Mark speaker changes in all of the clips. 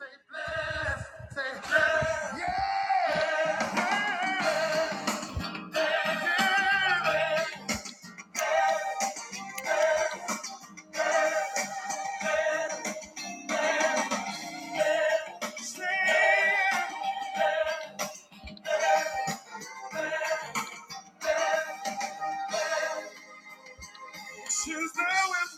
Speaker 1: Say bless, say bless, yeah. She's there with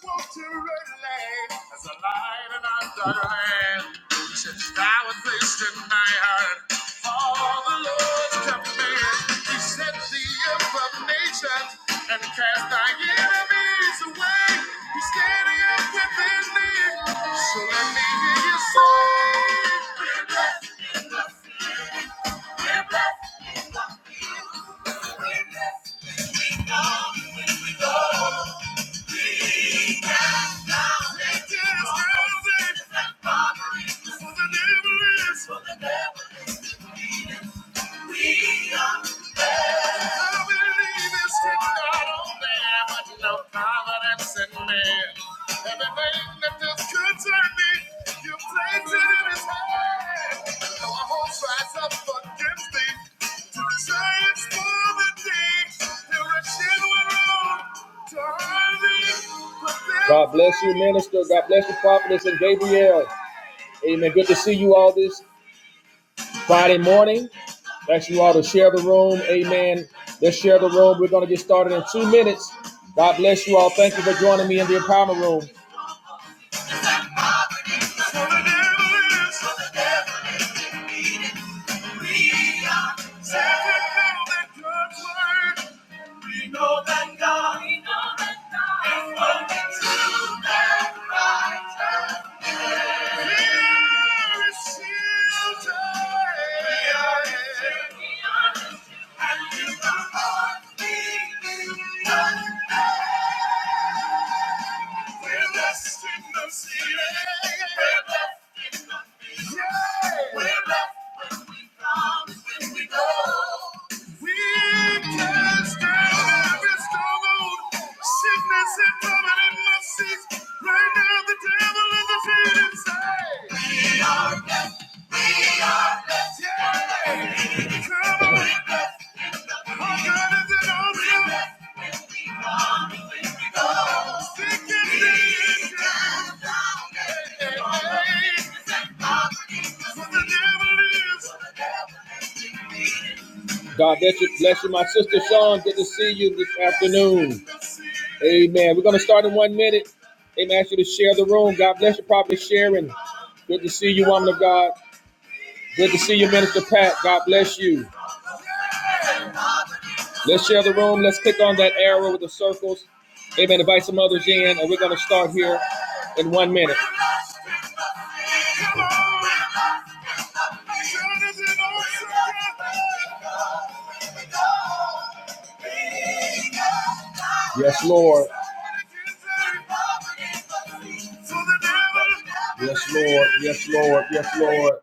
Speaker 1: Walter Redley as a lion in Ireland. Since I was raised my heart, all the Lord's command. He set the earth nations and cast thy enemies away. He's standing up within thee, so let me hear you say. God bless you, minister. God bless you, prophetess and Gabriel. Amen. Good to see you all this Friday morning. I Ask you all to share the room. Amen. Let's share the room. We're going to get started in two minutes. God bless you all. Thank you for joining me in the empowerment room. We can stand every storm sickness and poverty and disease. Right now, the devil is defeated. Say, come on, our God is an awesome, thick and thin. For the devil is God bless you, bless you, my sister Sean. Good to see you this afternoon. Amen. We're going to start in one minute. Amen. I Ask you to share the room. God bless you, Prophet Sharon. Good to see you, woman of God. Good to see you, Minister Pat. God bless you. Let's share the room. Let's click on that arrow with the circles. Amen. Invite some others in, and we're going to start here in one minute. Yes, Lord. Yes, Lord. Yes, Lord. Yes, Lord.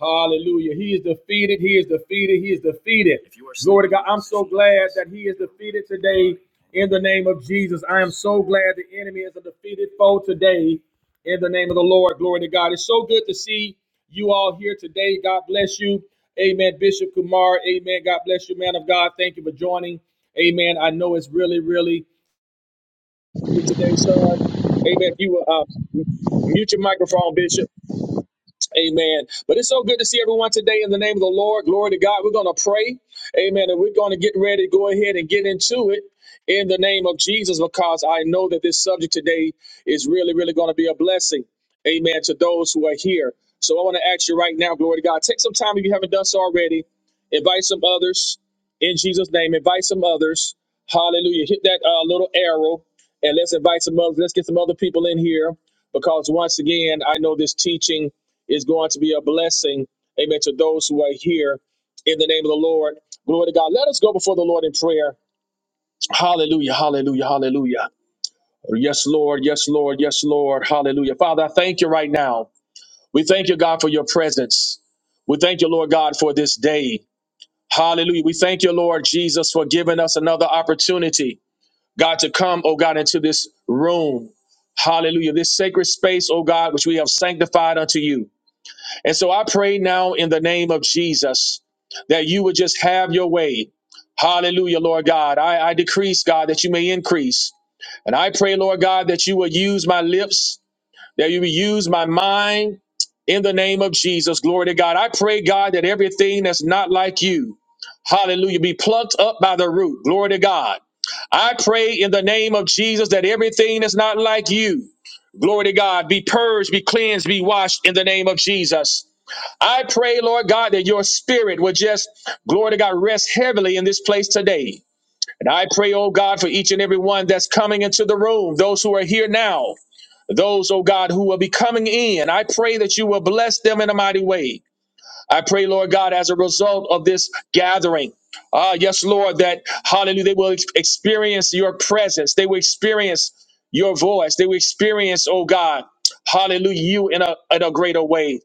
Speaker 1: Hallelujah. He is defeated. He is defeated. He is defeated. Glory to God. I'm so glad that he is defeated today in the name of Jesus. I am so glad the enemy is a defeated foe today in the name of the Lord. Glory to God. It's so good to see you all here today. God bless you. Amen. Bishop Kumar. Amen. God bless you, man of God. Thank you for joining. Amen. I know it's really, really you today, son. Amen. If you will uh, mute your microphone, Bishop. Amen. But it's so good to see everyone today in the name of the Lord. Glory to God. We're going to pray. Amen. And we're going to get ready to go ahead and get into it in the name of Jesus because I know that this subject today is really, really going to be a blessing. Amen. To those who are here. So I want to ask you right now, glory to God, take some time if you haven't done so already. Invite some others in Jesus' name. Invite some others. Hallelujah. Hit that uh, little arrow and let's invite some others. Let's get some other people in here because once again, I know this teaching is going to be a blessing, amen, to those who are here in the name of the Lord. Glory to God. Let us go before the Lord in prayer. Hallelujah, hallelujah, hallelujah. Yes, Lord, yes, Lord, yes, Lord. Hallelujah. Father, I thank you right now. We thank you, God, for your presence. We thank you, Lord God, for this day. Hallelujah. We thank you, Lord Jesus, for giving us another opportunity, God, to come, oh God, into this room. Hallelujah. This sacred space, oh God, which we have sanctified unto you. And so I pray now in the name of Jesus that you would just have your way. Hallelujah, Lord God. I, I decrease, God, that you may increase. And I pray, Lord God, that you will use my lips, that you will use my mind in the name of Jesus. Glory to God. I pray, God, that everything that's not like you, hallelujah, be plucked up by the root. Glory to God. I pray in the name of Jesus that everything that's not like you, glory to God, be purged, be cleansed, be washed in the name of Jesus. I pray, Lord God, that your spirit will just, glory to God, rest heavily in this place today. And I pray, oh God, for each and every one that's coming into the room, those who are here now, those, oh God, who will be coming in. I pray that you will bless them in a mighty way. I pray, Lord God, as a result of this gathering. Ah, yes, Lord, that hallelujah, they will ex- experience your presence. They will experience your voice. They will experience, oh God, hallelujah, you in a, in a greater way.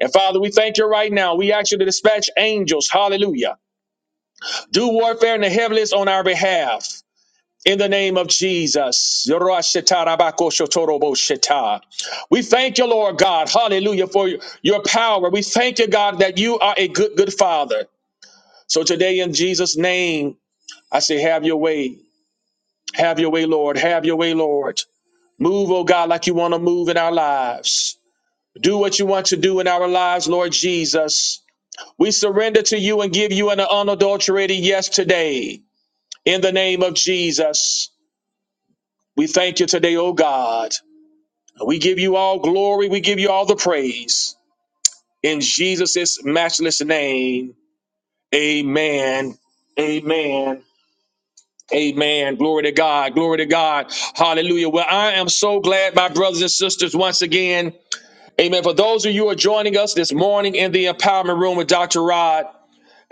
Speaker 1: And Father, we thank you right now. We ask you to dispatch angels, hallelujah, do warfare in the heavens on our behalf. In the name of Jesus. We thank you, Lord God, hallelujah, for your power. We thank you, God, that you are a good, good Father. So today, in Jesus' name, I say, have your way. Have your way, Lord. Have your way, Lord. Move, oh God, like you want to move in our lives. Do what you want to do in our lives, Lord Jesus. We surrender to you and give you an unadulterated yes today. In the name of Jesus, we thank you today, oh God. We give you all glory. We give you all the praise. In Jesus' matchless name, amen. Amen. Amen. Glory to God. Glory to God. Hallelujah. Well, I am so glad, my brothers and sisters, once again. Amen. For those of you who are joining us this morning in the empowerment room with Dr. Rod,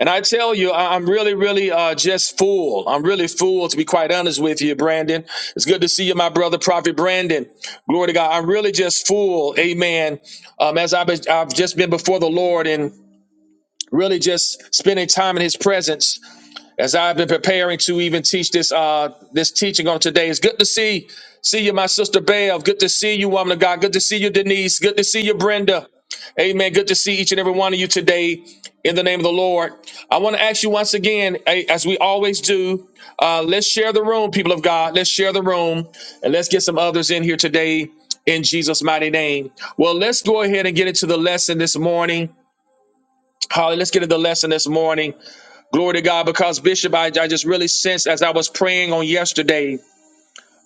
Speaker 1: And I tell you, I- I'm really, really uh, just fooled. I'm really fooled to be quite honest with you, Brandon. It's good to see you, my brother, Prophet Brandon. Glory to God. I'm really just fooled, amen. Um, as I've, been, I've just been before the Lord and really just spending time in his presence as I've been preparing to even teach this uh this teaching on today. It's good to see see you, my sister Belle. Good to see you, woman of God. Good to see you, Denise. Good to see you, Brenda. Amen. Good to see each and every one of you today in the name of the Lord. I want to ask you once again, a- as we always do, uh, let's share the room, people of God. Let's share the room and let's get some others in here today in Jesus' mighty name. Well, let's go ahead and get into the lesson this morning. Holly, let's get into the lesson this morning. Glory to God, because Bishop, I, I just really sensed as I was praying on yesterday,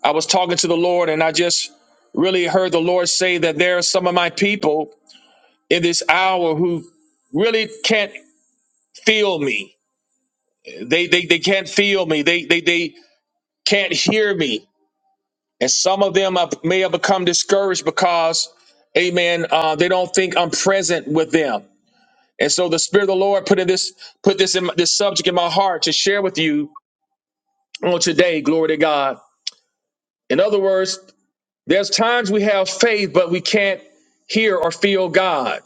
Speaker 1: I was talking to the Lord and I just really heard the Lord say that there are some of my people in this hour who really can't feel me. They they, they can't feel me. They, they they can't hear me. And some of them have, may have become discouraged because, amen, uh, they don't think I'm present with them. And so the Spirit of the Lord put in this put this in my- this subject in my heart to share with you on today. Glory to God In other words, there's times we have faith, but we can't hear or feel God.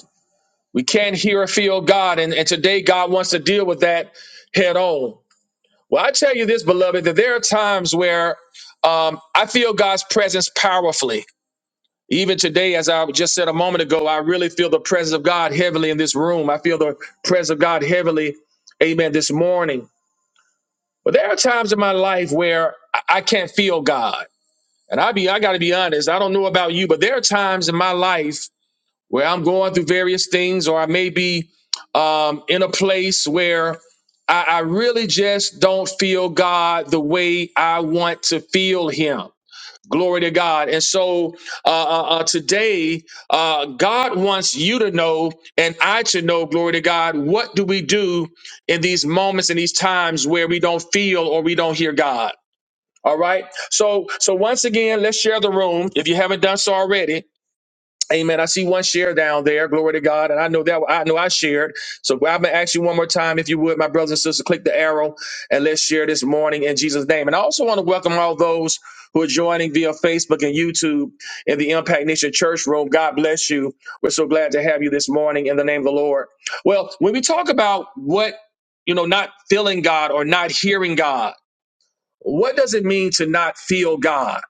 Speaker 1: We can't hear or feel God. And, and today, God wants to deal with that head on. Well, I tell you this, beloved, that there are times where um, I feel God's presence powerfully. Even today, as I just said a moment ago, I really feel the presence of God heavily in this room. I feel the presence of God heavily, amen, this morning. But there are times in my life where I I can't feel God. And I be I gotta be honest, I don't know about you, but there are times in my life where I'm going through various things, or I may be um, in a place where I, I really just don't feel God the way I want to feel Him. Glory to God. And so uh, uh, uh, today, uh, God wants you to know and I to know, glory to God, what do we do in these moments and these times where we don't feel or we don't hear God? All right. So so once again, let's share the room. If you haven't done so already, amen. I see one share down there. Glory to God. And I know that I know I shared. So I'm gonna ask you one more time, if you would, my brothers and sisters, click the arrow and let's share this morning in Jesus' name. And I also want to welcome all those who are joining via Facebook and YouTube in the Impact Nation Church Room. God bless you. We're so glad to have you this morning in the name of the Lord. Well, when we talk about what you know, not feeling God or not hearing God. What does it mean to not feel God?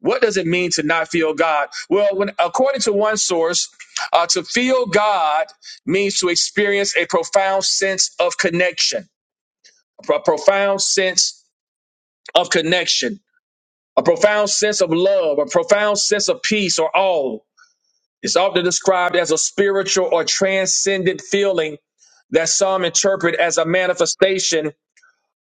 Speaker 1: What does it mean to not feel God? Well, when, according to one source, uh, to feel God means to experience a profound sense of connection, a pro- profound sense of connection, a profound sense of love, a profound sense of peace or awe. It's often described as a spiritual or transcendent feeling that some interpret as a manifestation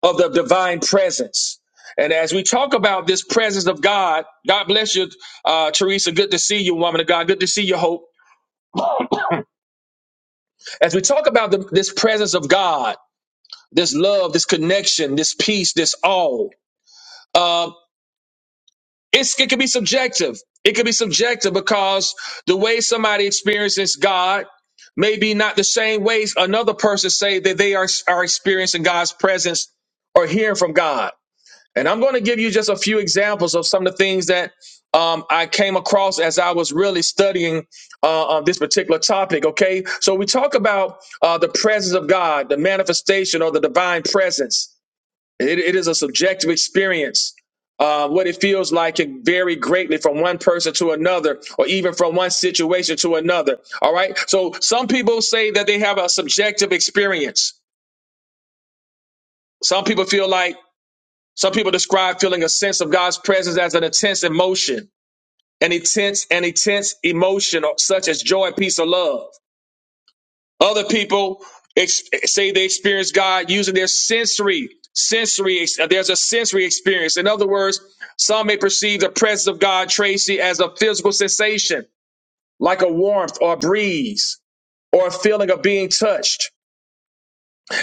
Speaker 1: of the divine presence. And as we talk about this presence of God, God bless you, uh, Teresa. Good to see you, woman of God. Good to see you, Hope. As we talk about the, this presence of God, this love, this connection, this peace, this all, uh, it's, it can be subjective. It can be subjective because the way somebody experiences God may be not the same ways another person say that they are, are experiencing God's presence or hearing from God. And I'm going to give you just a few examples of some of the things that um, I came across as I was really studying uh, on this particular topic. Okay, so we talk about uh, the presence of God, the manifestation or the divine presence. It, it is a subjective experience. Uh, what it feels like can vary greatly from one person to another, or even from one situation to another. All right. So some people say that they have a subjective experience. Some people feel like some people describe feeling a sense of God's presence as an intense emotion, an intense, an intense emotion such as joy, peace, or love. Other people ex- say they experience God using their sensory, sensory. ex- There's a sensory experience. In other words, some may perceive the presence of God, Tracy, as a physical sensation, like a warmth or a breeze, or a feeling of being touched.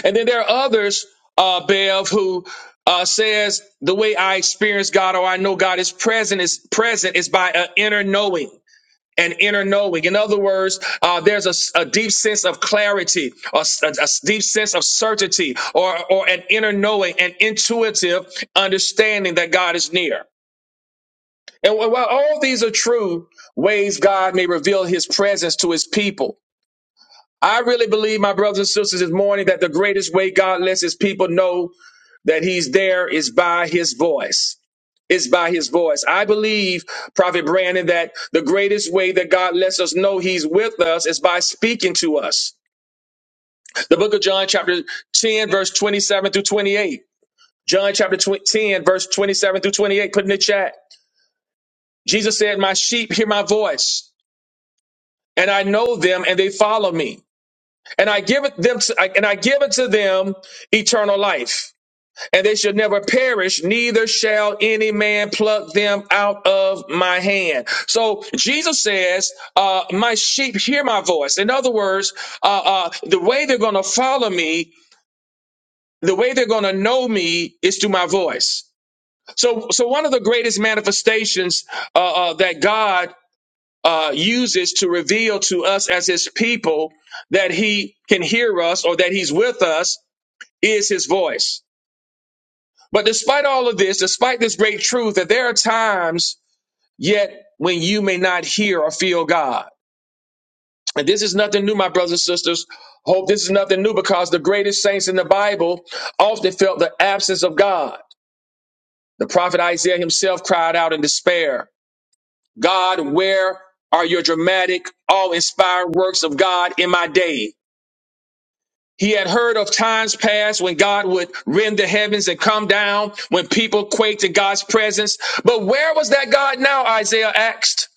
Speaker 1: And then there are others, uh, Bev, who uh, says the way I experience God or I know God is present is present is by an inner knowing. An inner knowing. In other words, uh, there's a, s- a deep sense of clarity, a, s- a- a s- deep sense of certainty, or, or an inner knowing, an intuitive understanding that God is near. And wh- while all these are true ways God may reveal his presence to his people, I really believe, my brothers and sisters, this morning that the greatest way God lets his people know that he's there is by his voice. It's by his voice. I believe, Prophet Brandon, that the greatest way that God lets us know he's with us is by speaking to us. The book of John, chapter 10, verse 27 through 28. John chapter tw- 10, verse 27 through 28, put in the chat. Jesus said, My sheep hear my voice, and I know them, and they follow me. And I give it them to, I- and I give it to them eternal life and they shall never perish, neither shall any man pluck them out of my hand. So Jesus says, uh, My sheep hear my voice. In other words, uh, uh, the way they're going to follow me, the way they're going to know me is through my voice. So, so one of the greatest manifestations uh, uh, that God uh, uses to reveal to us as His people that He can hear us or that He's with us is His voice. But despite all of this, despite this great truth, that there are times yet when you may not hear or feel God. And this is nothing new, my brothers and sisters. Hope this is nothing new because the greatest saints in the Bible often felt the absence of God. The prophet Isaiah himself cried out in despair God, where are your dramatic, awe inspiring works of God in my day? He had heard of times past when God would rend the heavens and come down, when people quaked in God's presence. But where was that God now? Isaiah asked.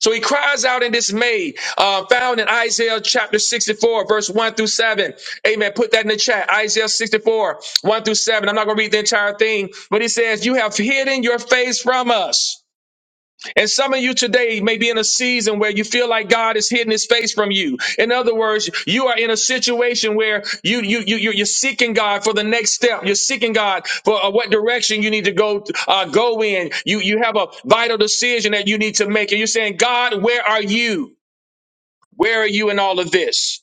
Speaker 1: So he cries out in dismay, uh, found in Isaiah chapter 64, verse 1 through 7. Amen. Put that in the chat. Isaiah 64, 1 through 7. I'm not going to read the entire thing, but he says, You have hidden your face from us and some of you today may be in a season where you feel like God is hiding his face from you. In other words, you are in a situation where you, you, you, you- you're seeking God for the next step. You're seeking God for uh, what direction you need to go, uh, go in. You, you have a vital decision that you need to make. And you're saying, God, where are you? Where are you in all of this?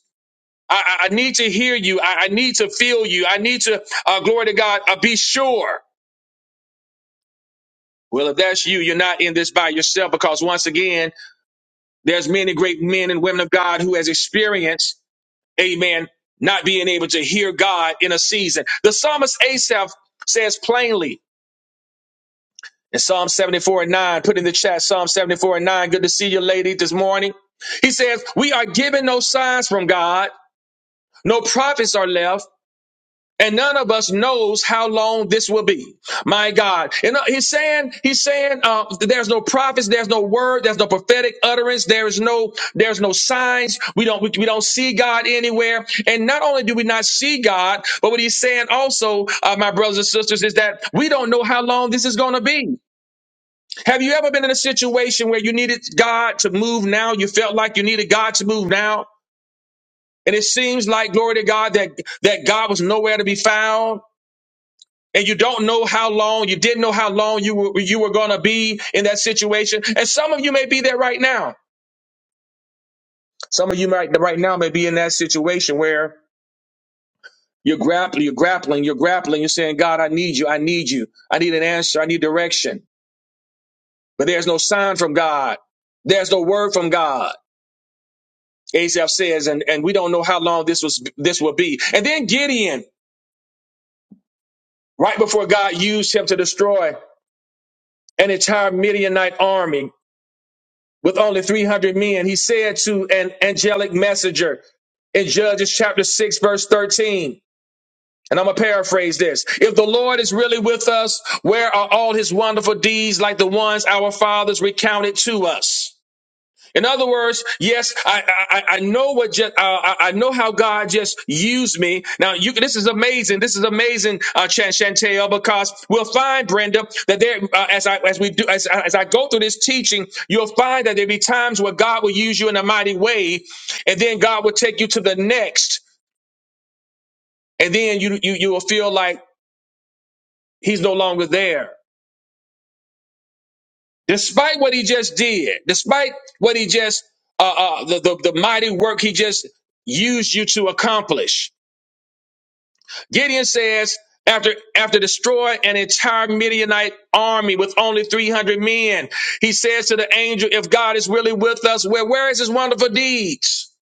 Speaker 1: I, I I need to hear you. I, I need to feel you. I need to, uh, glory to God, uh, be sure. Well, if that's you, you're not in this by yourself because once again, There's many great men and women of God who has experienced, amen, not being able to hear God in a season. The psalmist Asaph says plainly in Psalm 74 and 9, put in the chat Psalm 74 and 9, good to see you lady this morning. He says, we are given no signs from God, no prophets are left. and none of us knows how long this will be. My God, and uh, he's saying, he's saying, uh, there's no prophets, there's no word, there's no prophetic utterance, there is no, there's no signs. We don't, we, we don't see God anywhere. And not only do we not see God, but what he's saying also, uh, my brothers and sisters, is that we don't know how long this is going to be. Have you ever been in a situation where you needed God to move now? You felt like you needed God to move now, and it seems like glory to God that that God was nowhere to be found and you don't know how long you didn't know how long you were you were going to be in that situation and some of you may be there right now some of you might right now may be in that situation where you're grappling you're grappling you're grappling you're saying god i need you i need you i need an answer i need direction but there's no sign from god there's no word from god asaph says and and we don't know how long this was this will be and then gideon right before god used him to destroy an entire midianite army with only 300 men, he said to an angelic messenger in Judges chapter 6, verse 13, and I'm going to paraphrase this. If the Lord is really with us, where are all his wonderful deeds like the ones our fathers recounted to us? In other words, yes, I I, I know what just uh, I, I know how God just used me. Now you this is amazing. This is amazing, uh, Chan Chantel, because we'll find Brenda that there uh, as I as we do as, I- as I go through this teaching, you'll find that there be times where God will use you in a mighty way, and then God will take you to the next, and then you you you will feel like He's no longer there. despite what he just did, despite what he just uh, uh, the, the the mighty work he just used you to accomplish. Gideon says, after after destroying an entire Midianite army with only three hundred men, he says to the angel, "If God is really with us, where where is His wonderful deeds?"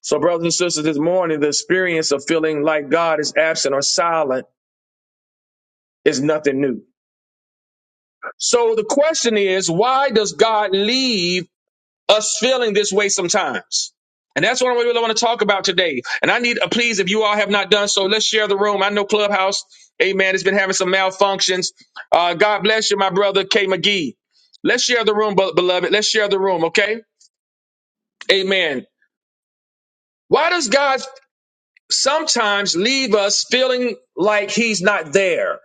Speaker 1: So, brothers and sisters, this morning the experience of feeling like God is absent or silent is nothing new. So the question is, why does God leave? us feeling this way sometimes. And that's what I really want to talk about today. And I need, a please, if you all have not done so, let's share the room. I know Clubhouse, amen, has been having some malfunctions. Uh, God bless you, my brother K. McGee. Let's share the room, be- beloved. Let's share the room, okay? Amen. Why does God sometimes leave us feeling like he's not there?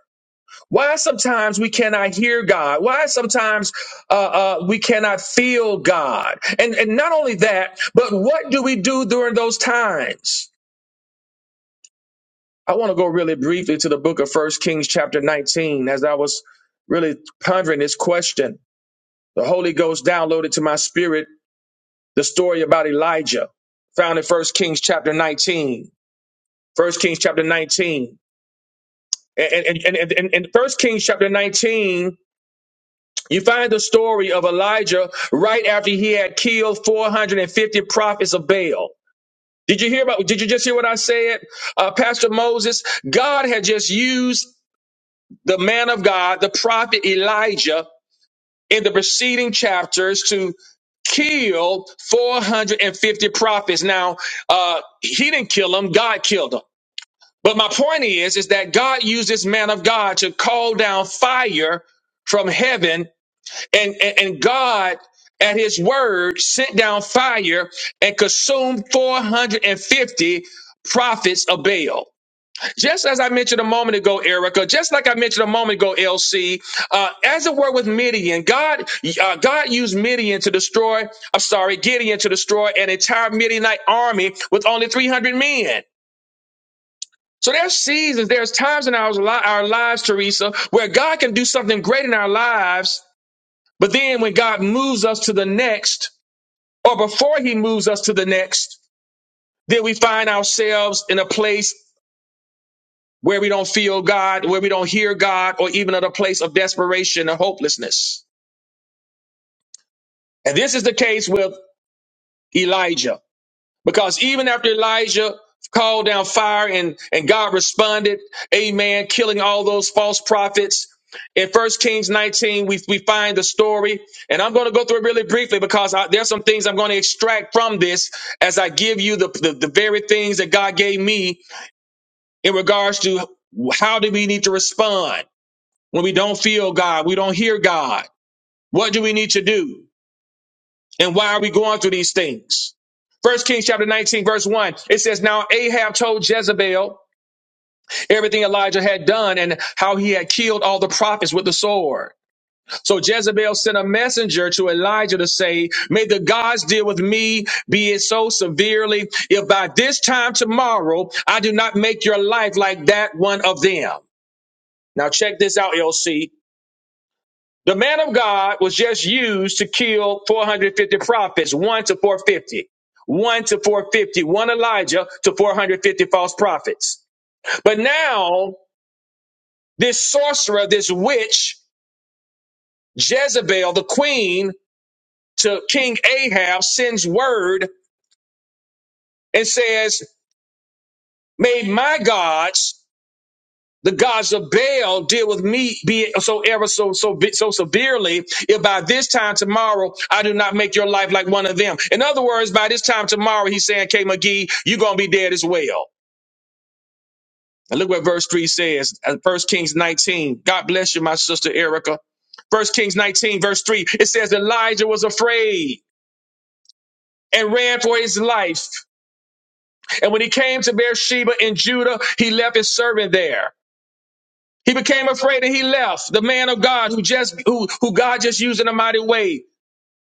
Speaker 1: Why sometimes we cannot hear God? Why sometimes uh, uh, we cannot feel God? And and not only that, but what do we do during those times? I want to go really briefly to the book of First Kings, chapter 19, as I was really pondering this question. The Holy Ghost downloaded to my spirit the story about Elijah, found in First Kings, chapter 19. First Kings, chapter 19. And and and and, and, and Kings chapter 19 You find the story of Elijah right after he had killed 450 prophets of Baal. Did you hear about? Did you just hear what I said, uh, Pastor Moses? God had just used the man of God, the prophet Elijah, in the preceding chapters to kill 450 prophets. Now, uh, he didn't kill them; God killed them. But my point is, is that God used this man of God to call down fire from heaven and, and, and God at his word sent down fire and consumed 450 prophets of Baal. Just as I mentioned a moment ago, Erica, just like I mentioned a moment ago, LC, uh, as it were with Midian, God, uh, God used Midian to destroy, I'm sorry, Gideon to destroy an entire Midianite army with only 300 men. So there's seasons, there's times in our, li- our lives, Teresa, where God can do something great in our lives but then when God moves us to the next, or before he moves us to the next, then we find ourselves in a place where we don't feel God, where we don't hear God, or even at a place of desperation or hopelessness. And this is the case with Elijah. Because even after Elijah called down fire and, and God responded, amen, killing all those false prophets. In First Kings 19, we, we find the story, and I'm going to go through it really briefly because I, there's some things I'm going to extract from this as I give you the, the, the very things that God gave me in regards to how do we need to respond when we don't feel God, we don't hear God. What do we need to do? And why are we going through these things? First Kings chapter 19, verse 1, it says, Now Ahab told Jezebel everything Elijah had done and how he had killed all the prophets with the sword. So Jezebel sent a messenger to Elijah to say, May the gods deal with me, be it so severely, if by this time tomorrow I do not make your life like that one of them. Now check this out, LC. The man of God was just used to kill 450 prophets, one to 450, one to 450, one Elijah to 450 false prophets. But now this sorcerer, this witch, Jezebel, the queen to King Ahab sends word and says, may my gods the gods of Baal deal with me be so ever so so so severely if by this time tomorrow I do not make your life like one of them. In other words, by this time tomorrow, he's saying, K McGee, you're gonna be dead as well. And look what verse 3 says, uh, First Kings 19. God bless you, my sister Erica. First Kings 19, verse 3, it says Elijah was afraid and ran for his life. And when he came to Beersheba in Judah, he left his servant there. He became afraid and he left. The man of God who just who, who God just used in a mighty way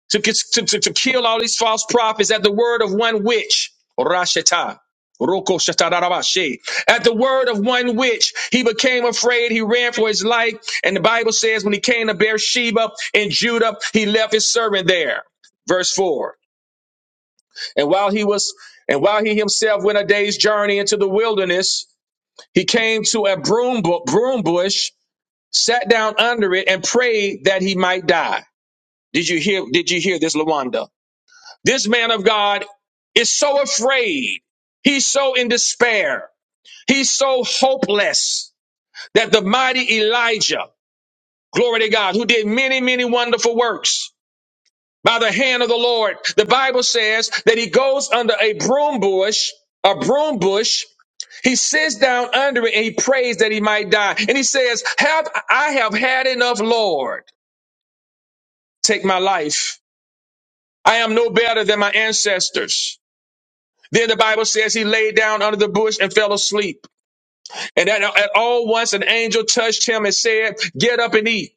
Speaker 1: to, to, to, to kill all these false prophets at the word of one witch. Rasheta. Roko shatarabashe. At the word of one witch, he became afraid. He ran for his life. And the Bible says when he came to Beersheba in Judah, he left his servant there. Verse 4. And while he was and while he himself went a day's journey into the wilderness, he came to a broom, bu- broom bush sat down under it and prayed that he might die. Did you hear? Did you hear this, Lawanda? This man of God is so afraid. He's so in despair. He's so hopeless that the mighty Elijah, glory to God, who did many, many wonderful works by the hand of the Lord, the Bible says that he goes under a broom bush, a broom bush. He sits down under it and he prays that he might die. And he says, have, I have had enough, Lord. take my life. I am no better than my ancestors. Then the Bible says he lay down under the bush and fell asleep. And at, at all once an angel touched him and said, Get up and eat.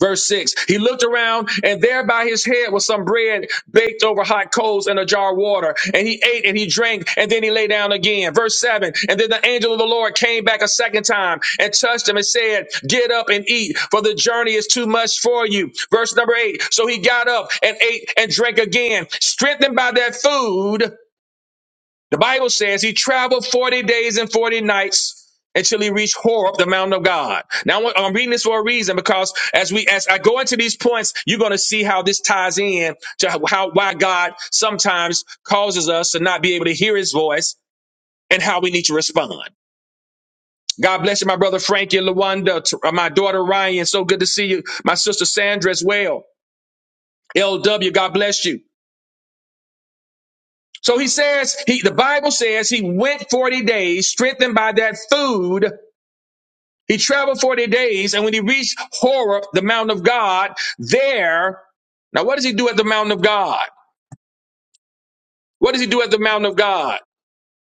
Speaker 1: Verse 6 He looked around, and there by his head was some bread baked over hot coals and a jar of water. And he ate and he drank, and then he lay down again. Verse 7 And then the angel of the Lord came back a second time and touched him and said, Get up and eat, for the journey is too much for you. Verse number 8 So he got up and ate and drank again, strengthened by that food. The Bible says he traveled 40 days and 40 nights until he reached Horeb, the mountain of God. Now I'm I'm reading this for a reason because as we as I go into these points, you're going to see how this ties in to how how- why God sometimes causes us to not be able to hear his voice and how we need to respond. God bless you, my brother Frankie and Lawanda, t- uh, my daughter Ryan. So good to see you. My sister Sandra as well. LW, God bless you. So he says, he, the Bible says he went 40 days strengthened by that food He traveled 40 days, and when he reached Horeb, the mountain of God, there, now what does he do at the mountain of God? What does he do at the mountain of God?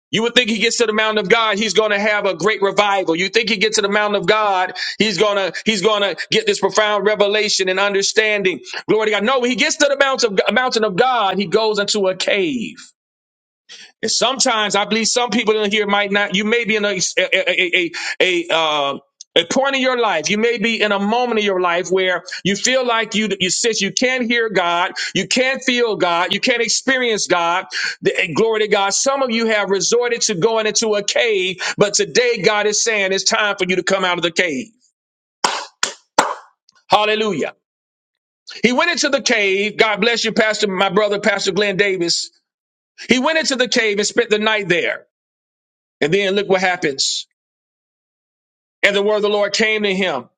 Speaker 1: You would think he gets to the mountain of God, he's going to have a great revival. You think he gets to the mountain of God, he's going to he's going to get this profound revelation and understanding. Glory to God. No, when he gets to the mountain of, mountain of God, he goes into a cave. And sometimes I believe some people in here might not. You may be in a a a a, a, uh, a point in your life. You may be in a moment in your life where you feel like you you sit. You can't hear God. You can't feel God. You can't experience God. The- eh, glory to God. Some of you have resorted to going into a cave, but today God is saying it's time for you to come out of the cave. Hallelujah. He went into the cave. God bless you, Pastor, my brother, Pastor Glenn Davis. He went into the cave and spent the night there. And then look what happens. And the word of the Lord came to him.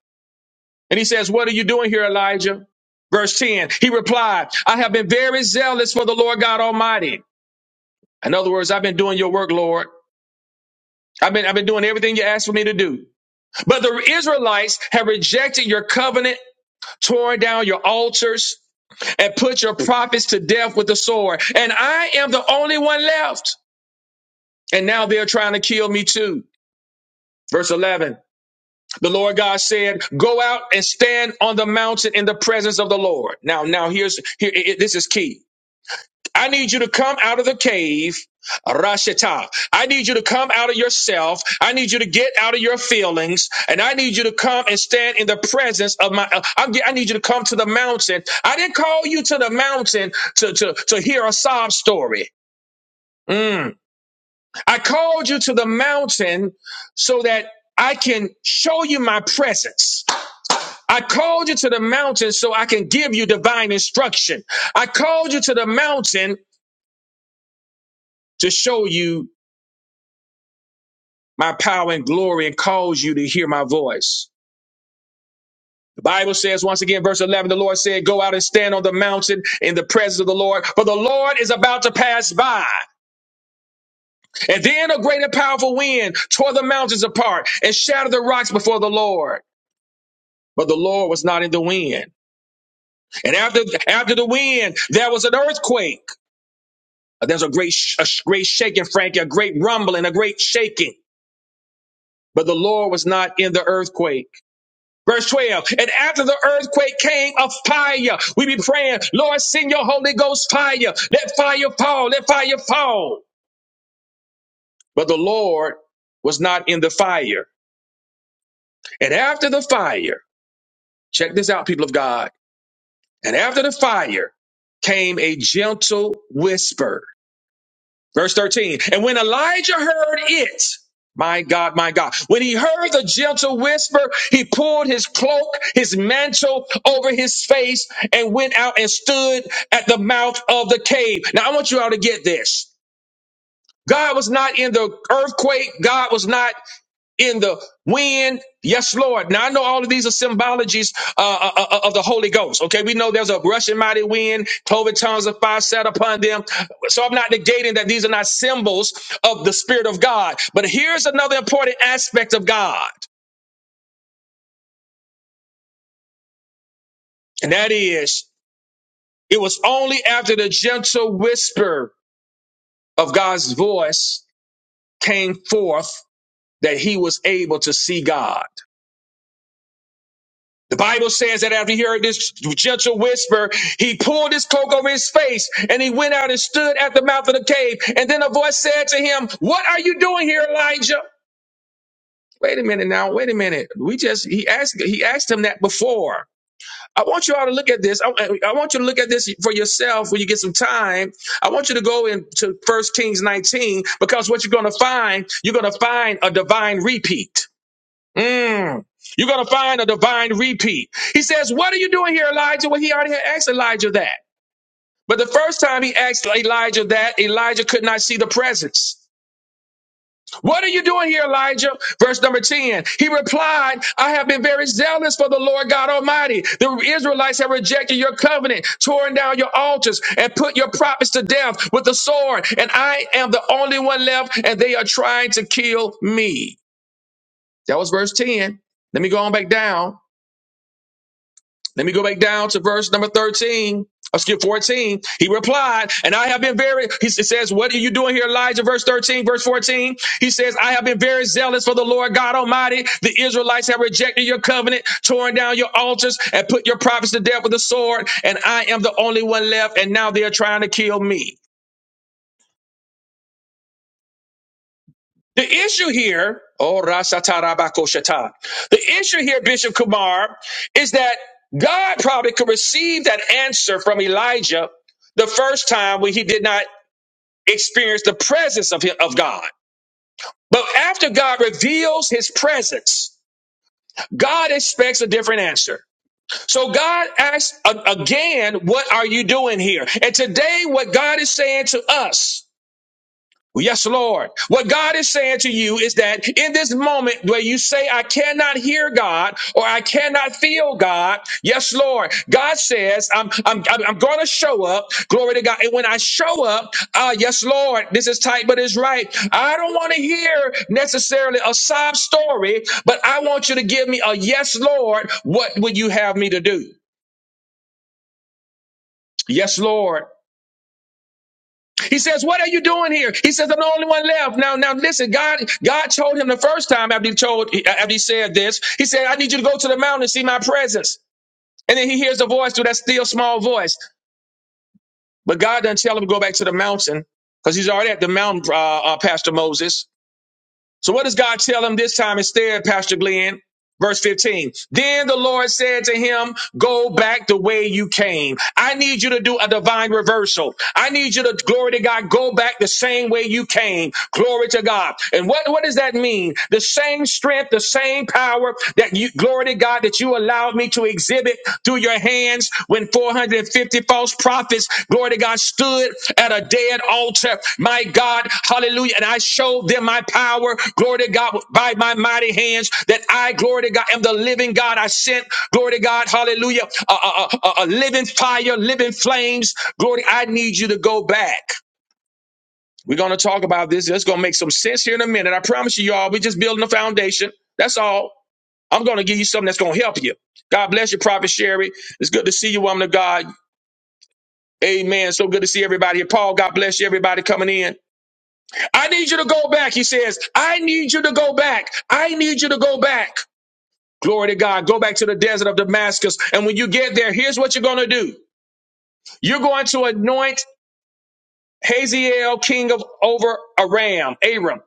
Speaker 1: And he says, What are you doing here, Elijah? Verse 10, he replied, I have been very zealous for the Lord God Almighty. In other words, I've been doing your work, Lord. I've been, I've been doing everything you asked for me to do. But the Israelites have rejected your covenant, torn down your altars, and put your prophets to death with the sword. And I am the only one left. And now they're trying to kill me too. Verse 11. The Lord God said, "Go out and stand on the mountain in the presence of the Lord." Now, now here's here. i- i- this is key. I need you to come out of the cave, Rashita. I need you to come out of yourself. I need you to get out of your feelings, and I need you to come and stand in the presence of my. uh, I'm, ge- I need you to come to the mountain. I didn't call you to the mountain to to to hear a sob story. Mm. I called you to the mountain so that I can show you my presence. I called you to the mountain so I can give you divine instruction. I called you to the mountain to show you my power and glory and cause you to hear my voice. The Bible says once again, verse 11, the Lord said, go out and stand on the mountain in the presence of the Lord, for the Lord is about to pass by. And then a great and powerful wind tore the mountains apart and shattered the rocks before the Lord. But the Lord was not in the wind. And after, after the wind, there was an earthquake There's a great, sh- a sh- great shaking, Frankie, a great rumbling, a great shaking. But the Lord was not in the earthquake. Verse 12, and after the earthquake came a fire. We be praying, Lord, send your Holy Ghost fire. Let fire fall, let fire fall. But the Lord was not in the fire. And after the fire, check this out, people of God. And after the fire came a gentle whisper Verse 13. And when Elijah heard it, my God, my God, when he heard the gentle whisper, he pulled his cloak, his mantle over his face and went out and stood at the mouth of the cave. Now I want you all to get this. God was not in the earthquake. God was not in the wind. Yes, Lord. Now I know all of these are symbologies uh, uh, uh, uh, of the Holy Ghost. Okay, we know there's a rushing mighty wind, cloven tongues of fire set upon them. So I'm not negating that these are not symbols of the Spirit of God. But here's another important aspect of God, and that is it was only after the gentle whisper of God's voice came forth that he was able to see God. The Bible says that after he heard this gentle whisper, he pulled his cloak over his face and he went out and stood at the mouth of the cave. And then a voice said to him, What are you doing here, Elijah? Wait a minute now. Wait a minute. We just, he asked, he asked him that before. I want you all to look at this. I, I want you to look at this for yourself when you get some time. I want you to go into First Kings 19 because what you're going to find, you're going to find a divine repeat. Mm. You're going to find a divine repeat. He says, What are you doing here, Elijah? Well, he already had asked Elijah that. But the first time he asked Elijah that, Elijah could not see the presence. What are you doing here, Elijah? Verse number 10. He replied, I have been very zealous for the Lord God Almighty. The Israelites have rejected your covenant, torn down your altars, and put your prophets to death with the sword. And I am the only one left, and they are trying to kill me. That was verse 10. Let me go on back down. Let me go back down to verse number 13. I'll skip 14. He replied, and I have been very, he says, what are you doing here, Elijah? Verse 13, verse 14. He says, I have been very zealous for the Lord God Almighty. The Israelites have rejected your covenant, torn down your altars, and put your prophets to death with the sword. And I am the only one left, and now they're trying to kill me. The issue here, oh Rasatarabakoshatar, the issue here, Bishop Kumar, is that God probably could receive that answer from Elijah the first time when he did not experience the presence of, him, of God. But after God reveals his presence, God expects a different answer. So God asks a- again, what are you doing here? And today, what God is saying to us Well, Yes, Lord. What God is saying to you is that in this moment where you say, I cannot hear God or I cannot feel God, yes, Lord, God says, I'm, I'm, I'm I'm going to show up. Glory to God. And when I show up, uh, yes, Lord, this is tight, but it's right. I don't want to hear necessarily a sob story, but I want you to give me a yes, Lord. What would you have me to do? Yes, Lord. He says, "What are you doing here?" He says, "I'm the only one left." Now, now listen. God, God told him the first time after he told after he said this. He said, "I need you to go to the mountain and see my presence." And then he hears a voice through that still small voice. But God doesn't tell him to go back to the mountain because he's already at the mountain, uh, uh, Pastor Moses. So what does God tell him this time instead, Pastor Glenn? Verse 15. Then the Lord said to him, Go back the way you came. I need you to do a divine reversal. I need you to, glory to God, go back the same way you came. Glory to God. And what, what does that mean? The same strength, the same power that you, glory to God, that you allowed me to exhibit through your hands when 450 false prophets, glory to God, stood at a dead altar. My God, hallelujah. And I showed them my power, glory to God, by my mighty hands, that I, glory to God, am the living God. I sent, glory to God, hallelujah, a, a, a, a- living fire, living flames. Glory, I need you to go back. We're going to talk about this. It's going to make some sense here in a minute. I promise you, y'all, we're just building a foundation. That's all. I'm going to give you something that's going to help you. God bless you, Prophet Sherry. It's good to see you, woman of God. Amen. So good to see everybody here. Paul, God bless you, everybody coming in. I need you to go back. He says, I need you to go back. I need you to go back. Glory to God. Go back to the desert of Damascus. And when you get there, here's what you're going to do. You're going to anoint Hazael, king of over Aram, Aram.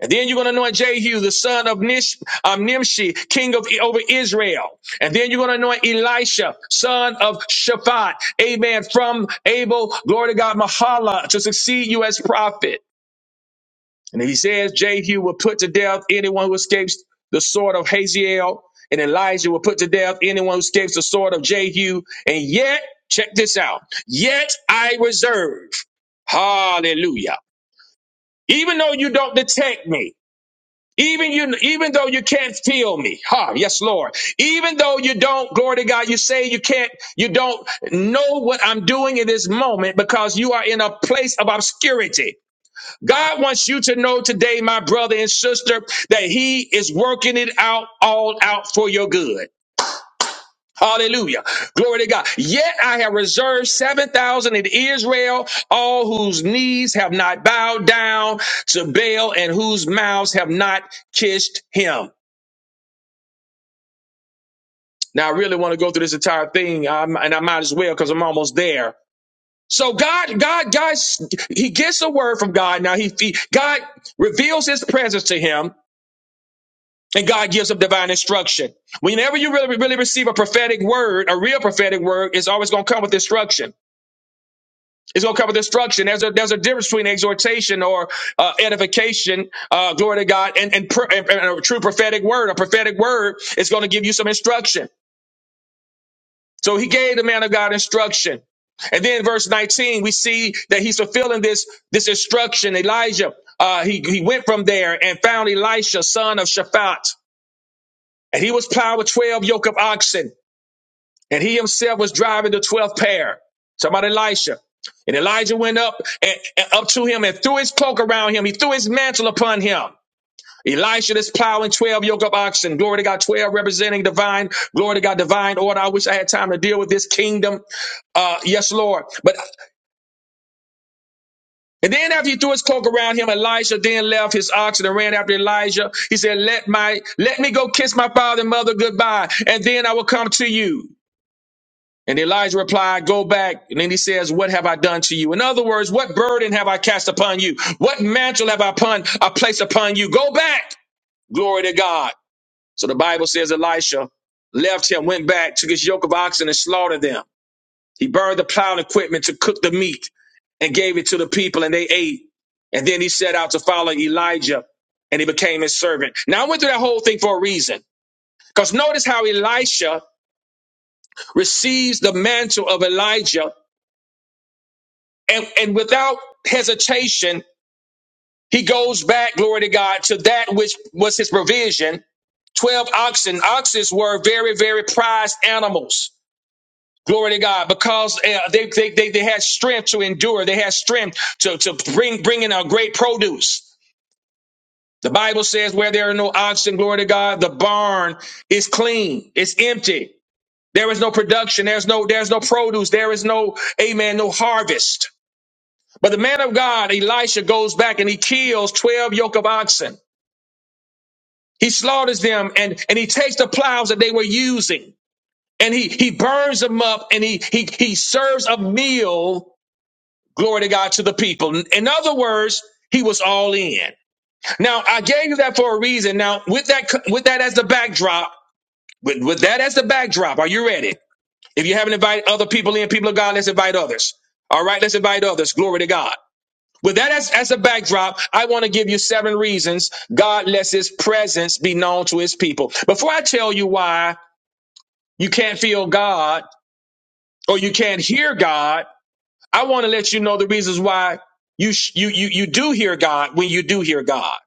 Speaker 1: And then you're going to anoint Jehu, the son of Nish, um, Nimshi, king of over Israel. And then you're going to anoint Elisha, son of Shaphat. Amen. From Abel, glory to God, Mahala, to succeed you as prophet. And he says Jehu will put to death anyone who escapes the sword of Haziel. And Elijah will put to death anyone who escapes the sword of Jehu. And yet, check this out. Yet I reserve. Hallelujah. Even though you don't detect me. Even you, even though you can't feel me, huh? Yes, Lord. Even though you don't, glory to God, you say you can't, you don't know what I'm doing in this moment because you are in a place of obscurity. God wants you to know today, my brother and sister, that He is working it out, all out for your good. Hallelujah. Glory to God. Yet I have reserved 7,000 in Israel, all whose knees have not bowed down to Baal and whose mouths have not kissed him. Now I really want to go through this entire thing, um, and I might as well because I'm almost there. So God, God, God, he gets a word from God. Now he, he, God reveals his presence to him, and God gives him divine instruction. Whenever you really, really receive a prophetic word, a real prophetic word, it's always going to come with instruction. It's going to come with instruction. There's a there's a difference between exhortation or uh, edification, uh, glory to God, and and, pr- and and a true prophetic word. A prophetic word is going to give you some instruction. So he gave the man of God instruction. And then verse 19, we see that he's fulfilling this, this instruction. Elijah, uh, he, he went from there and found Elisha, son of Shaphat. And he was plowed with 12 yoke of oxen. And he himself was driving the 12th pair. Talking about Elisha. And Elijah went up and, and up to him and threw his cloak around him. He threw his mantle upon him. Elisha is plowing 12 yoke of oxen. Glory to God. 12 representing divine. Glory to God. Divine order. I wish I had time to deal with this kingdom. Uh, yes, Lord. But, and then after he threw his cloak around him, Elisha then left his oxen and ran after Elijah. He said, let my, let me go kiss my father and mother goodbye. And then I will come to you. And Elijah replied, Go back. And then he says, What have I done to you? In other words, what burden have I cast upon you? What mantle have I, upon, I placed upon you? Go back. Glory to God. So the Bible says Elisha left him, went back, took his yoke of oxen and slaughtered them. He burned the plowing equipment to cook the meat and gave it to the people, and they ate. And then he set out to follow Elijah, and he became his servant. Now I went through that whole thing for a reason, because notice how Elisha receives the mantle of Elijah, and, and without hesitation, he goes back, glory to God, to that which was his provision. Twelve oxen. Oxen were very, very prized animals Glory to God, because uh, they, they, they, they had strength to endure. They had strength to, to bring, bring in a great produce. The Bible says where there are no oxen, glory to God, the barn is clean. It's empty. There is no production. There's no, there's no produce. There is no, amen, no harvest. But the man of God, Elisha, goes back and he kills 12 yoke of oxen. He slaughters them and, and he takes the plows that they were using and he, he burns them up and he, he, he serves a meal Glory to God to the people. In other words, he was all in. Now, I gave you that for a reason. Now, with that, with that as the backdrop, with, with that as the backdrop, are you ready? If you haven't invited other people in, people of God, let's invite others. All right, let's invite others. Glory to God. With that as, as a backdrop, I want to give you seven reasons God lets his presence be known to his people. Before I tell you why you can't feel God or you can't hear God, I want to let you know the reasons why you sh- you you you do hear God when you do hear God.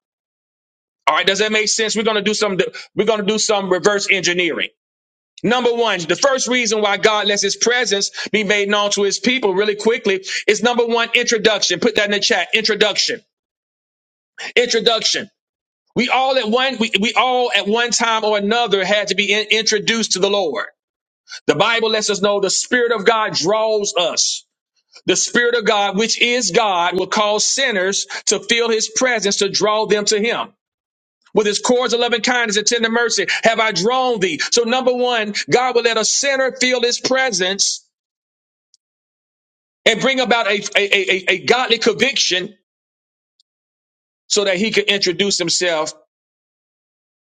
Speaker 1: All right, does that make sense? We're gonna do some we're gonna do some reverse engineering. Number one, the first reason why God lets His presence be made known to His people really quickly is number one introduction. Put that in the chat. Introduction. Introduction. We all at one we, we all at one time or another had to be in- introduced to the Lord. The Bible lets us know the Spirit of God draws us. The Spirit of God, which is God, will cause sinners to feel his presence to draw them to him. With his cords of loving kindness and tender mercy, have I drawn thee. So, number one, God will let a sinner feel his presence and bring about a, a, a, a a godly conviction so that he can introduce himself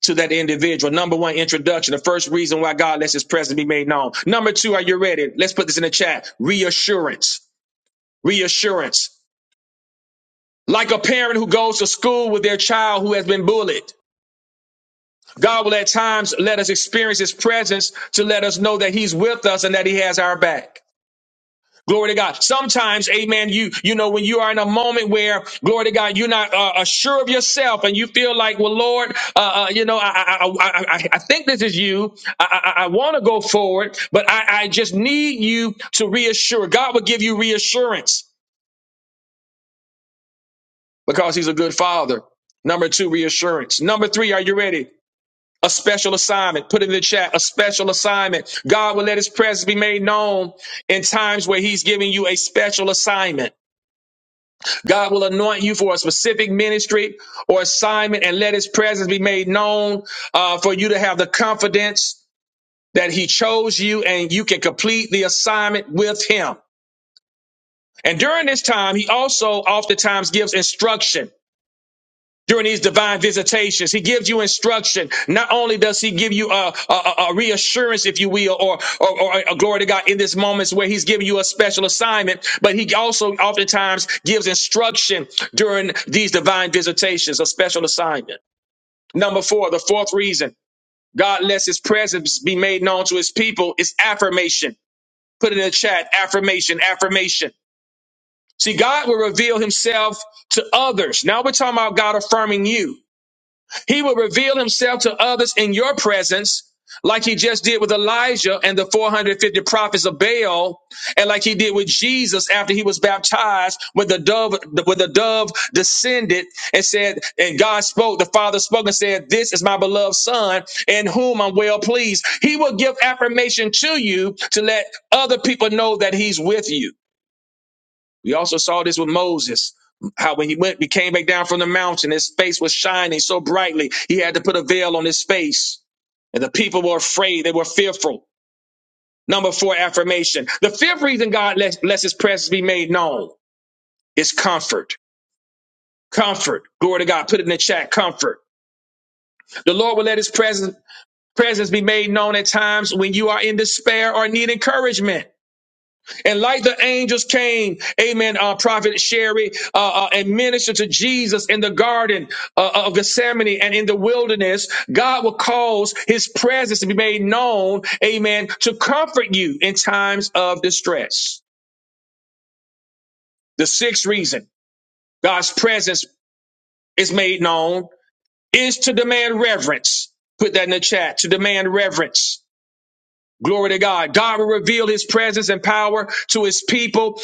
Speaker 1: to that individual. Number one, introduction, the first reason why God lets his presence be made known. Number two, are you ready? Let's put this in the chat. Reassurance. Reassurance. Like a parent who goes to school with their child who has been bullied. God will at times let us experience his presence to let us know that he's with us and that he has our back. Glory to God. Sometimes, amen, you, you know, when you are in a moment where, glory to God, you're not uh, uh, sure of yourself and you feel like, well, Lord, uh, uh, you know, I, I, I, I, I I think this is you. I, I, I want to go forward, but I, I just need you to reassure. God will give you reassurance because he's a good father. Number two, reassurance. Number three, are you ready? A special assignment. Put it in the chat. A special assignment. God will let his presence be made known in times where he's giving you a special assignment. God will anoint you for a specific ministry or assignment and let his presence be made known uh, for you to have the confidence that he chose you and you can complete the assignment with him. And during this time, he also oftentimes gives instruction during these divine visitations. He gives you instruction. Not only does he give you a, a, a- reassurance, if you will, or, or, or a glory to God in this moments where he's giving you a special assignment, but he also oftentimes gives instruction during these divine visitations, a special assignment. Number four, the fourth reason God lets his presence be made known to his people is affirmation. Put it in the chat, affirmation, affirmation. See, God will reveal himself to others. Now we're talking about God affirming you. He will reveal himself to others in your presence, like he just did with Elijah and the 450 prophets of Baal, and like he did with Jesus after he was baptized when the dove when the dove descended and said, and God spoke, the Father spoke and said, This is my beloved son in whom I'm well pleased. He will give affirmation to you to let other people know that he's with you. We also saw this with Moses. How when he went, he came back down from the mountain, his face was shining so brightly, he had to put a veil on his face. And the people were afraid, they were fearful. Number four affirmation. The fifth reason God lets, lets his presence be made known is comfort. Comfort. Glory to God. Put it in the chat. Comfort. The Lord will let his presence presence be made known at times when you are in despair or need encouragement. And like the angels came, amen, uh, Prophet Sherry, uh, uh, and ministered to Jesus in the garden uh, uh, of Gethsemane and in the wilderness, God will cause his presence to be made known, amen, to comfort you in times of distress. The sixth reason God's presence is made known is to demand reverence. Put that in the chat, to demand reverence. Glory to God. God will reveal his presence and power to his people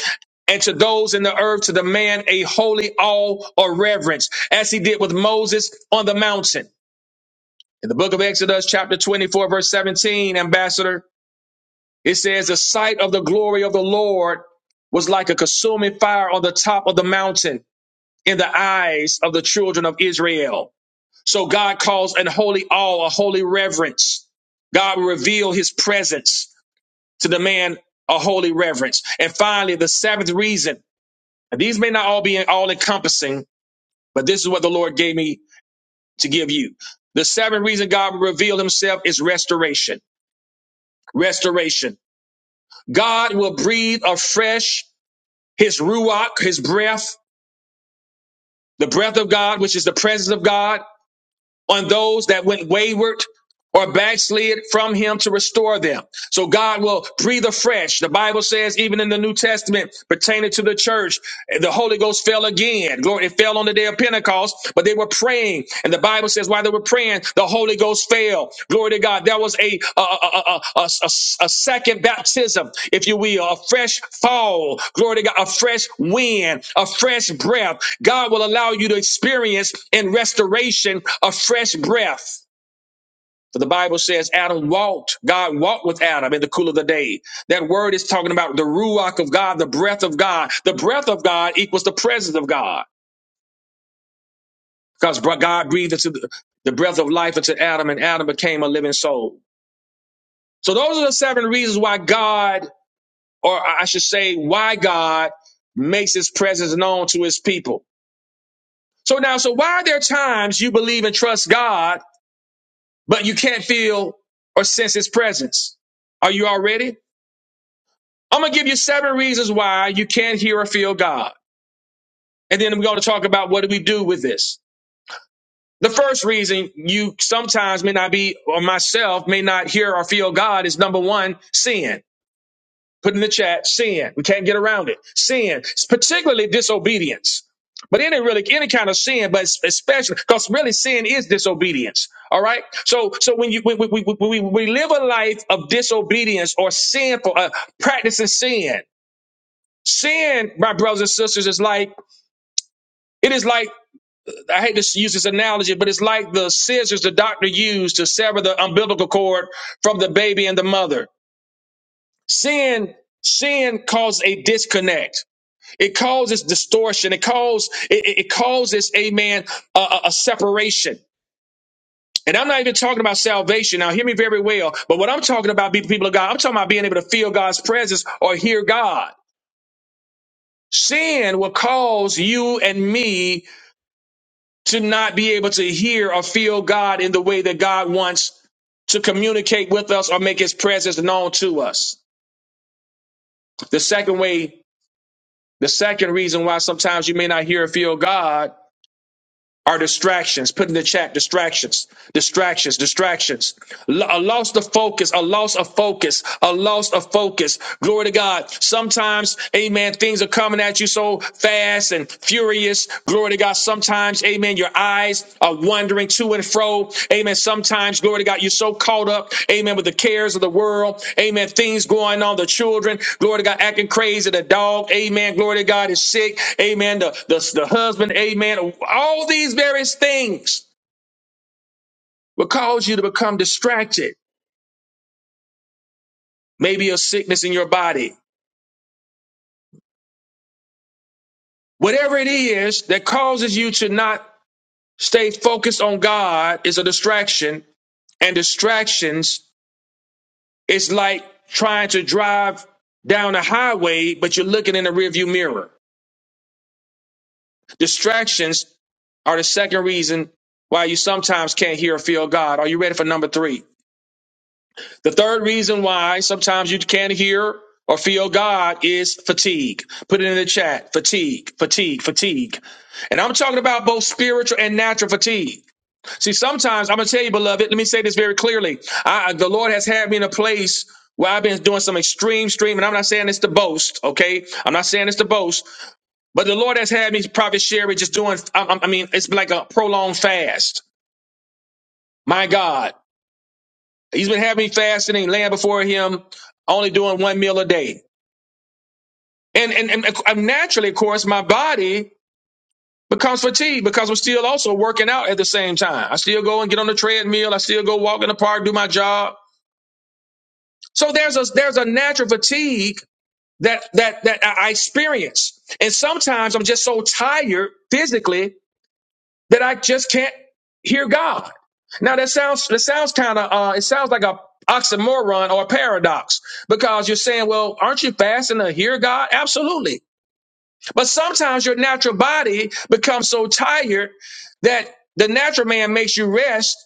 Speaker 1: and to those in the earth to demand a holy awe or reverence, as he did with Moses on the mountain. In the book of Exodus, chapter 24, verse 17, Ambassador, it says, The sight of the glory of the Lord was like a consuming fire on the top of the mountain in the eyes of the children of Israel. So God calls an holy awe, a holy reverence. God will reveal his presence to demand a holy reverence. And finally, the seventh reason, and these may not all be all encompassing, but this is what the Lord gave me to give you. The seventh reason God will reveal himself is restoration. Restoration. God will breathe afresh his ruach, his breath, the breath of God, which is the presence of God, on those that went wayward, or backslid from him to restore them. So God will breathe afresh. The Bible says, even in the New Testament, pertaining to the church, the Holy Ghost fell again. Glory, it fell on the day of Pentecost, but they were praying. And the Bible says, while they were praying, the Holy Ghost fell. Glory to God. That was a, a, a, a, a, a a second baptism, if you will, a fresh fall. Glory to God, a fresh wind, a fresh breath. God will allow you to experience in restoration a fresh breath. For the Bible says Adam walked, God walked with Adam in the cool of the day. That word is talking about the ruach of God, the breath of God. The breath of God equals the presence of God because God breathed into the, the breath of life into Adam and Adam became a living soul. So those are the seven reasons why God, or I should say, why God makes his presence known to his people. So now, so why are there times you believe and trust God, but you can't feel or sense his presence? Are you all ready? I'm gonna give you seven reasons why you can't hear or feel God. And then we're gonna talk about what do we do with this. The first reason you sometimes may not be, or myself may not hear or feel God is number one, sin. Put in the chat, sin. We can't get around it. Sin, particularly disobedience. But any really any kind of sin, but especially because really sin is disobedience. All right. So so when you when we, we, we, we live a life of disobedience or sinful, uh, practicing sin, Sin, my brothers and sisters, is like it is like I hate to use this analogy, but it's like the scissors the doctor used to sever the umbilical cord from the baby and the mother. Sin, sin causes a disconnect. It causes distortion. It causes it, it it causes, amen, a, a a separation. And I'm not even talking about salvation. Now, hear me very well. But what I'm talking about, be- people of God, I'm talking about being able to feel God's presence or hear God. Sin will cause you and me to not be able to hear or feel God in the way that God wants to communicate with us or make his presence known to us. The second way, the second reason why sometimes you may not hear or feel God are distractions. Put in the chat distractions, distractions, distractions. L- A loss of focus, a loss of focus, a loss of focus. Glory to God. Sometimes, amen, things are coming at you so fast and furious. Glory to God. Sometimes, amen, your eyes are wandering to and fro. Amen. Sometimes, glory to God, you're so caught up, amen, with the cares of the world. Amen. Things going on, the children, glory to God, acting crazy, the dog, amen. Glory to God is sick, amen. The, the, the husband, amen. All these various things will cause you to become distracted. Maybe a sickness in your body. Whatever it is that causes you to not stay focused on God is a distraction, and distractions It's like trying to drive down a highway, but you're looking in the rearview mirror. Distractions are the second reason why you sometimes can't hear or feel God. Are you ready for number three? The third reason why sometimes you can't hear or feel God is fatigue. Put it in the chat. Fatigue, fatigue, fatigue. And I'm talking about both spiritual and natural fatigue. See, sometimes I'm gonna tell you, beloved. Let me say this very clearly. I, the Lord has had me in a place where I've been doing some extreme stream, and I'm not saying this to boast. Okay, I'm not saying this to boast, but the Lord has had me, Prophet Sherry, just doing. I, I mean, it's like a prolonged fast. My God, He's been having me fasting and laying before Him, only doing one meal a day, and and and uh, naturally, of course, my body. Becomes fatigued because I'm still also working out at the same time. I still go and get on the treadmill. I still go walk in the park, do my job. So there's a there's a natural fatigue that that that I I experience, and sometimes I'm just so tired physically that I just can't hear God. Now that sounds that sounds kind of uh, it sounds like a oxymoron or a paradox because you're saying, well, aren't you fasting to hear God? Absolutely, but sometimes your natural body becomes so tired that the natural man makes you rest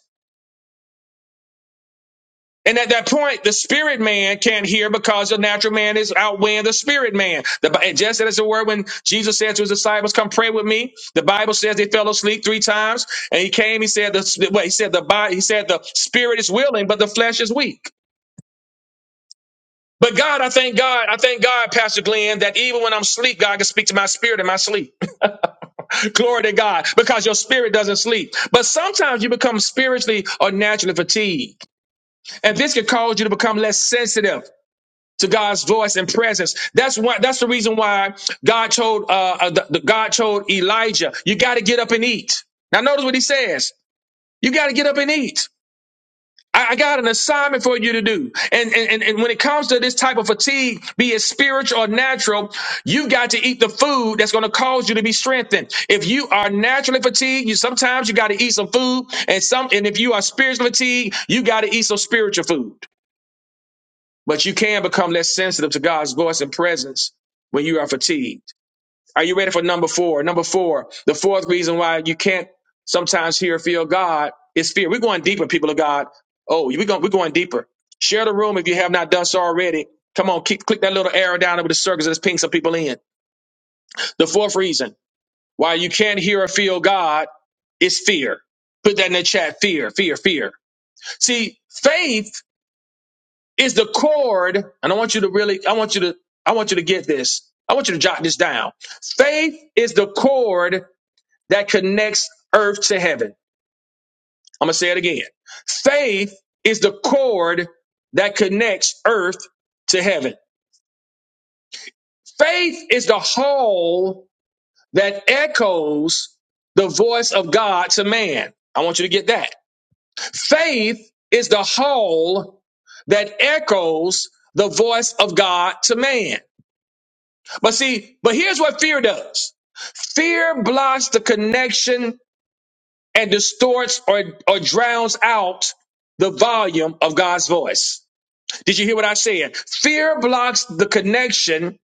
Speaker 1: And at that point, the spirit man can't hear because the natural man is outweighing the spirit man. The, Bi- just as it were, when Jesus said to his disciples, "Come pray with me," the Bible says they fell asleep three times, and he came. He said, "The well, he said the body, he said the spirit is willing, but the flesh is weak." But God, I thank God, I thank God, Pastor Glenn, that even when I'm asleep, God can speak to my spirit in my sleep. Glory to God, because your spirit doesn't sleep. But sometimes you become spiritually or naturally fatigued, and this can cause you to become less sensitive to God's voice and presence. That's why. That's the reason why God told uh, uh, the, the- God told Elijah, "You got to get up and eat." Now, notice what He says: "You got to get up and eat." I, I got an assignment for you to do. And, and and and when it comes to this type of fatigue, be it spiritual or natural, you got to eat the food that's going to cause you to be strengthened. If you are naturally fatigued, you sometimes you got to eat some food, and some and if you are spiritually fatigued, you got to eat some spiritual food. But you can become less sensitive to God's voice and presence when you are fatigued. Are you ready for number four? Number four, the fourth reason why you can't sometimes hear or feel God is fear. We're going deeper, people of God. Oh, we're going, we're going deeper. Share the room if you have not done so already. Come on, keep, click that little arrow down over the circles that's ping some people in. The fourth reason why you can't hear or feel God is fear. Put that in the chat. Fear, fear, fear. See, faith is the cord, and I want you to really, I want you to, I want you to get this. I want you to jot this down. Faith is the cord that connects earth to heaven. I'm gonna say it again. Faith is the cord that connects earth to heaven. Faith is the hall that echoes the voice of God to man. I want you to get that. Faith is the hall that echoes the voice of God to man. But see, but here's what fear does. Fear blocks the connection and distorts or, or drowns out the volume of God's voice. Did you hear what I said? Fear blocks the connection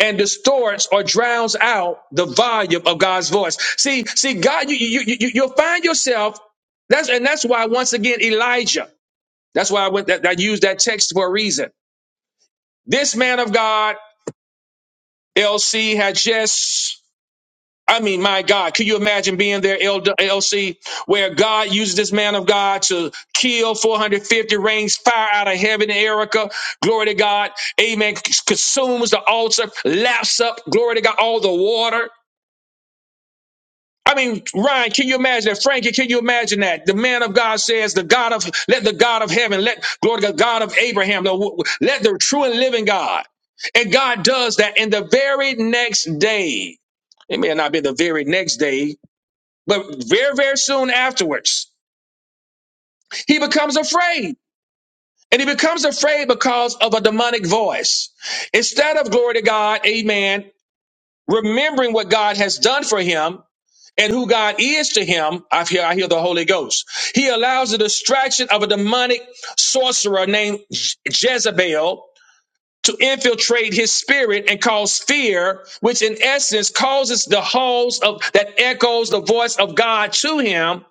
Speaker 1: and distorts or drowns out the volume of God's voice. See, see, God, you, you, you, you- you'll find yourself. That's, and that's why, once again, Elijah, that's why I went, that, I used that text for a reason. This man of God, LC, had just I mean, my God, can you imagine being there, L- LC, where God uses this man of God to kill 450, rains fire out of heaven, Erica, glory to God, amen, c- consumes the altar, laps up, glory to God, all the water. I mean, Ryan, can you imagine that? Frankie, can you imagine that? The man of God says, the God of, let the God of heaven, let, glory to God, God of Abraham, the, w- w- let the true and living God. And God does that. And the very next day, it may not be the very next day, but very, very soon afterwards, he becomes afraid. And he becomes afraid because of a demonic voice. Instead of glory to God, amen, remembering what God has done for him and who God is to him, I hear, I hear the Holy Ghost. He allows the distraction of a demonic sorcerer named Jezebel to infiltrate his spirit and cause fear, which in essence causes the halls of that echoes the voice of God to him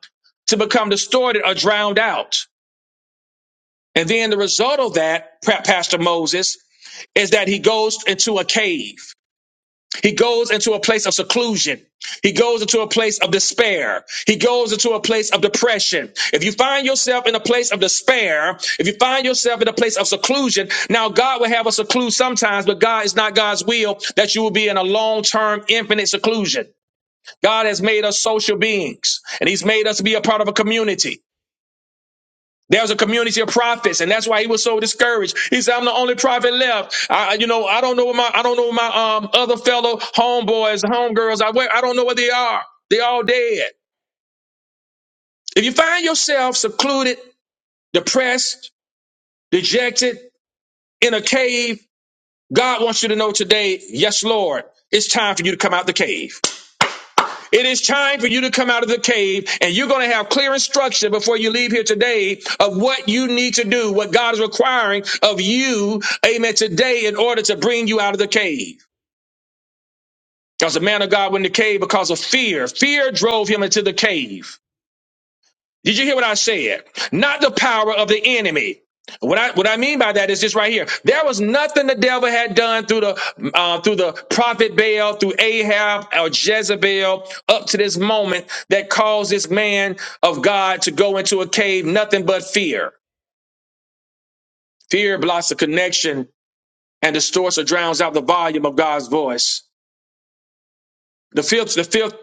Speaker 1: to become distorted or drowned out. And then the result of that, Pastor Moses, is that he goes into a cave. He goes into a place of seclusion. He goes into a place of despair. He goes into a place of depression. If you find yourself in a place of despair, if you find yourself in a place of seclusion, now God will have us seclude sometimes, but God is not God's will that you will be in a long term, infinite seclusion. God has made us social beings and He's made us to be a part of a community. There's a community of prophets, and that's why he was so discouraged. He said, "I'm the only prophet left. I, you know, I don't know what my, I don't know what my um other fellow homeboys, homegirls. I where- I don't know where they are. They all dead. If you find yourself secluded, depressed, dejected in a cave, God wants you to know today, yes, Lord, it's time for you to come out the cave. It is time for you to come out of the cave and you're going to have clear instruction before you leave here today of what you need to do, what God is requiring of you, amen, today in order to bring you out of the cave. because the man of God went in the cave because of fear. Fear drove him into the cave. Did you hear what I said? Not the power of the enemy. What I what I mean by that is this right here. There was nothing the devil had done through the uh, through the prophet Baal, through Ahab or Jezebel, up to this moment that caused this man of God to go into a cave. Nothing but fear. Fear blocks the connection and distorts or drowns out the volume of God's voice. The fifth the fifth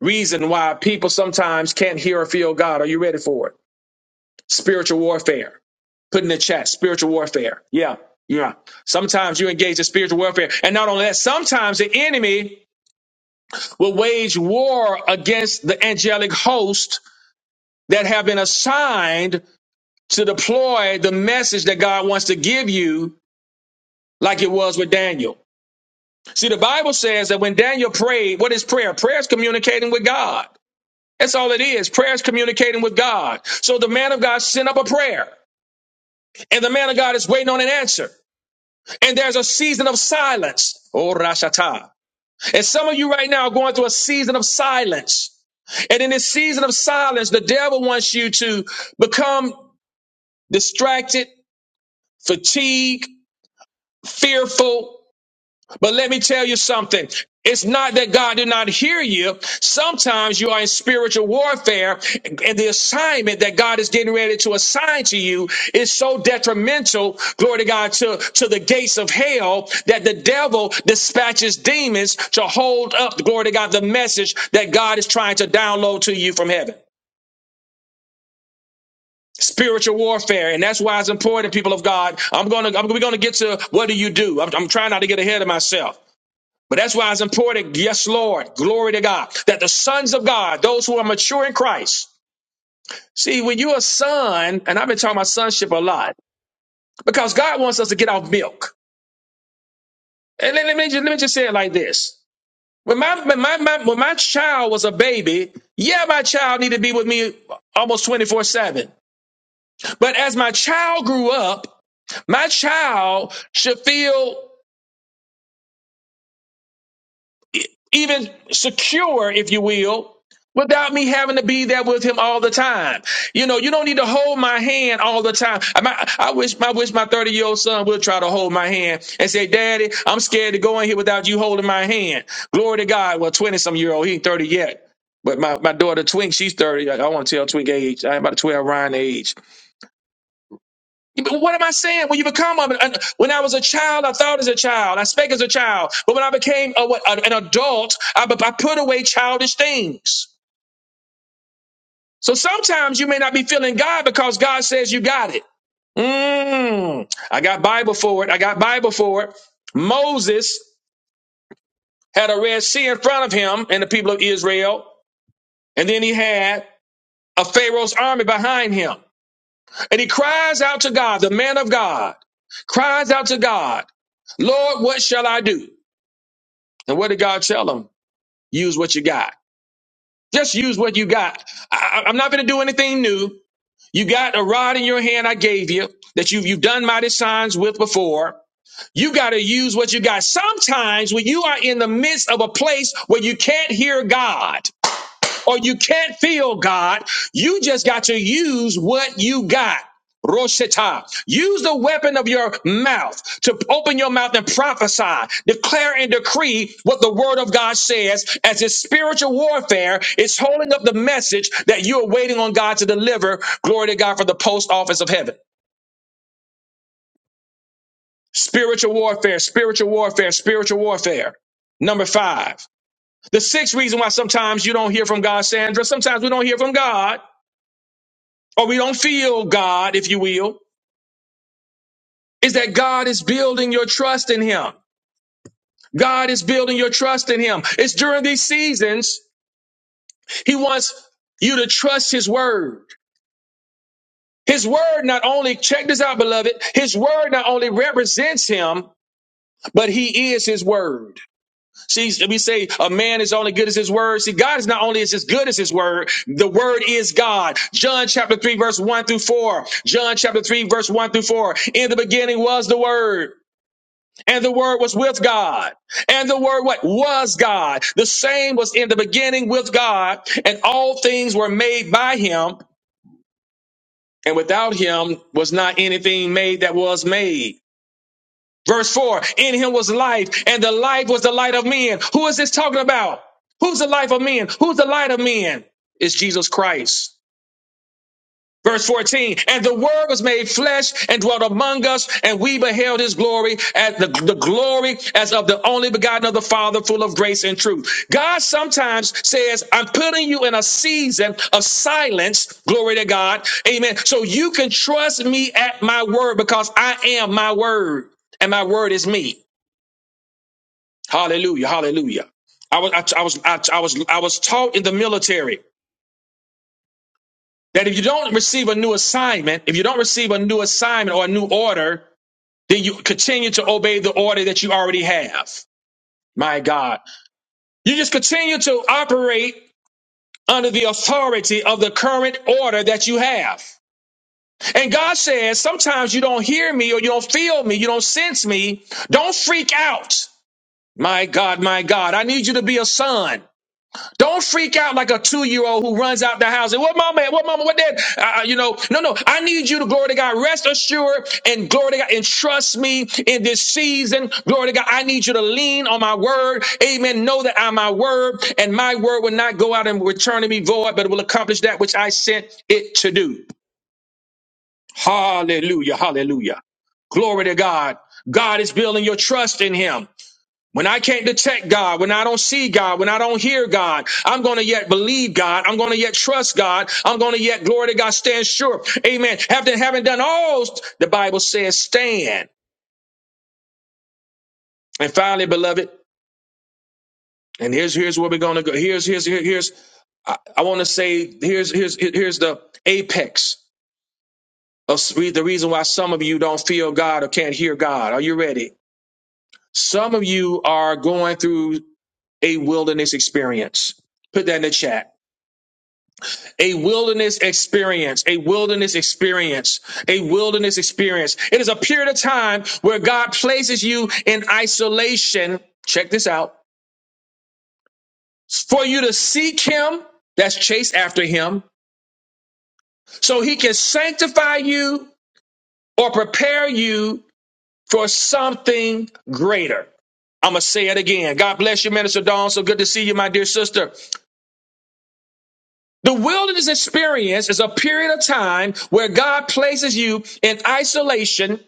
Speaker 1: reason why people sometimes can't hear or feel God. Are you ready for it? Spiritual warfare. Put in the chat, spiritual warfare. Yeah. Yeah. Sometimes you engage in spiritual warfare. And not only that, sometimes the enemy will wage war against the angelic host that have been assigned to deploy the message that God wants to give you, like it was with Daniel. See, the Bible says that when Daniel prayed, what is prayer? Prayer is communicating with God. That's all it is. Prayer is communicating with God. So the man of God sent up a prayer, and the man of God is waiting on an answer. And there's a season of silence. Oh, Rashata. And some of you right now are going through a season of silence. And in this season of silence, the devil wants you to become distracted, fatigued, fearful. But let me tell you something. It's not that God did not hear you. Sometimes you are in spiritual warfare and the assignment that God is getting ready to assign to you is so detrimental, glory to God, to, to the gates of hell that the devil dispatches demons to hold up, glory to God, the message that God is trying to download to you from heaven spiritual warfare and that's why it's important people of god i'm gonna i'm, we're gonna get to what do you do I'm, I'm trying not to get ahead of myself but that's why it's important, yes, Lord, glory to God, that the sons of God, those who are mature in Christ, see, when you're a son, and I've been talking about sonship a lot, because God wants us to get off milk. And let, let me, just, let me just say it like this. When my, when, my, my, when my child was a baby, yeah, my child needed to be with me almost 24 7. But as my child grew up, my child should feel even secure, if you will, without me having to be there with him all the time. You know, you don't need to hold my hand all the time. I, my- I wish, I wish my 30 year old son would try to hold my hand and say, Daddy, I'm scared to go in here without you holding my hand. Glory to God. Well, 20 some year old, he ain't 30 yet. But my, my daughter Twink, she's 30. I, I want to tell Twink age. I ain't about to tell Ryan age. But What am I saying? When you become a, an- when I was a child, I thought as a child, I spake as a child. But when I became a, what, an adult, I, I put away childish things. So sometimes you may not be feeling God because God says you got it. Mm, I got Bible for it. I got Bible for it. Moses had a Red Sea in front of him and the people of Israel, and then he had a Pharaoh's army behind him. And he cries out to God, the man of God cries out to God, Lord, what shall I do? And what did God tell him? Use what you got. Just use what you got. I, I- I'm not going to do anything new. You got a rod in your hand I gave you that you've, you've done mighty signs with before. You got to use what you got. Sometimes when you are in the midst of a place where you can't hear God, or you can't feel God. You just got to use what you got. Roshita. Use the weapon of your mouth to open your mouth and prophesy, declare and decree what the word of God says as it's spiritual warfare. It's holding up the message that you are waiting on God to deliver. Glory to God for the post office of heaven. Spiritual warfare, spiritual warfare, spiritual warfare. Number five. The sixth reason why sometimes you don't hear from God, Sandra, sometimes we don't hear from God or we don't feel God, if you will, is that God is building your trust in Him. God is building your trust in Him. It's during these seasons He wants you to trust His Word. His Word not only, check this out, beloved, His Word not only represents Him, but He is His Word. See, we say a man is only good as His Word. See, God is not only is as good as His Word, the Word is God. John chapter 3, verse 1 through 4. John chapter 3, verse 1 through 4. In the beginning was the Word And the word was with God. And the word what was God. The same was in the beginning with God, and all things were made by him, and without him was not anything made that was made. Verse 4, in him was life, and the life was the light of men. Who is this talking about? Who's the life of men? Who's the light of men? It's Jesus Christ. Verse 14, and the word was made flesh and dwelt among us, and we beheld his glory as the, the glory as of the only begotten of the Father, full of grace and truth. God sometimes says, I'm putting you in a season of silence, glory to God. Amen. So you can trust me at my word because I am my word, and my word is me. Hallelujah. Hallelujah. I was I, I was I, I was I was taught in the military. that if you don't receive a new assignment, if you don't receive a new assignment or a new order, then you continue to obey the order that you already have. My God. You just continue to operate under the authority of the current order that you have. And God says, sometimes you don't hear me or you don't feel me, you don't sense me. Don't freak out. My God, my God, I need you to be a son. Don't freak out like a two year old who runs out the house and what mama, at? what mama, what dad, uh, you know, no, no. I need you to glory to God, rest assured and glory to God and trust me in this season. Glory to God. I need you to lean on my word. Amen. Know that I'm my word and my word will not go out and return to me void, but it will accomplish that which I sent it to do. Hallelujah. Hallelujah. Glory to God. God is building your trust in him. When I can't detect God, when I don't see God, when I don't hear God, I'm going to yet believe God. I'm going to yet trust God. I'm going to yet glory to God, stand sure. Amen. After having done all, the Bible says stand. And finally, beloved, and here's here's where we're going to go. Here's here's here- here's I, I want to say here's here's here's the apex of s- the reason why some of you don't feel God or can't hear God. Are you ready? Some of you are going through a wilderness experience. Put that in the chat. A wilderness experience, a wilderness experience, a wilderness experience. It is a period of time where God places you in isolation. Check this out for you to seek Him, that's chase after Him, so He can sanctify you or prepare you for something greater. I'm going to say it again. God bless you, Minister Dawn. So good to see you, my dear sister. The wilderness experience is a period of time where God places you in isolation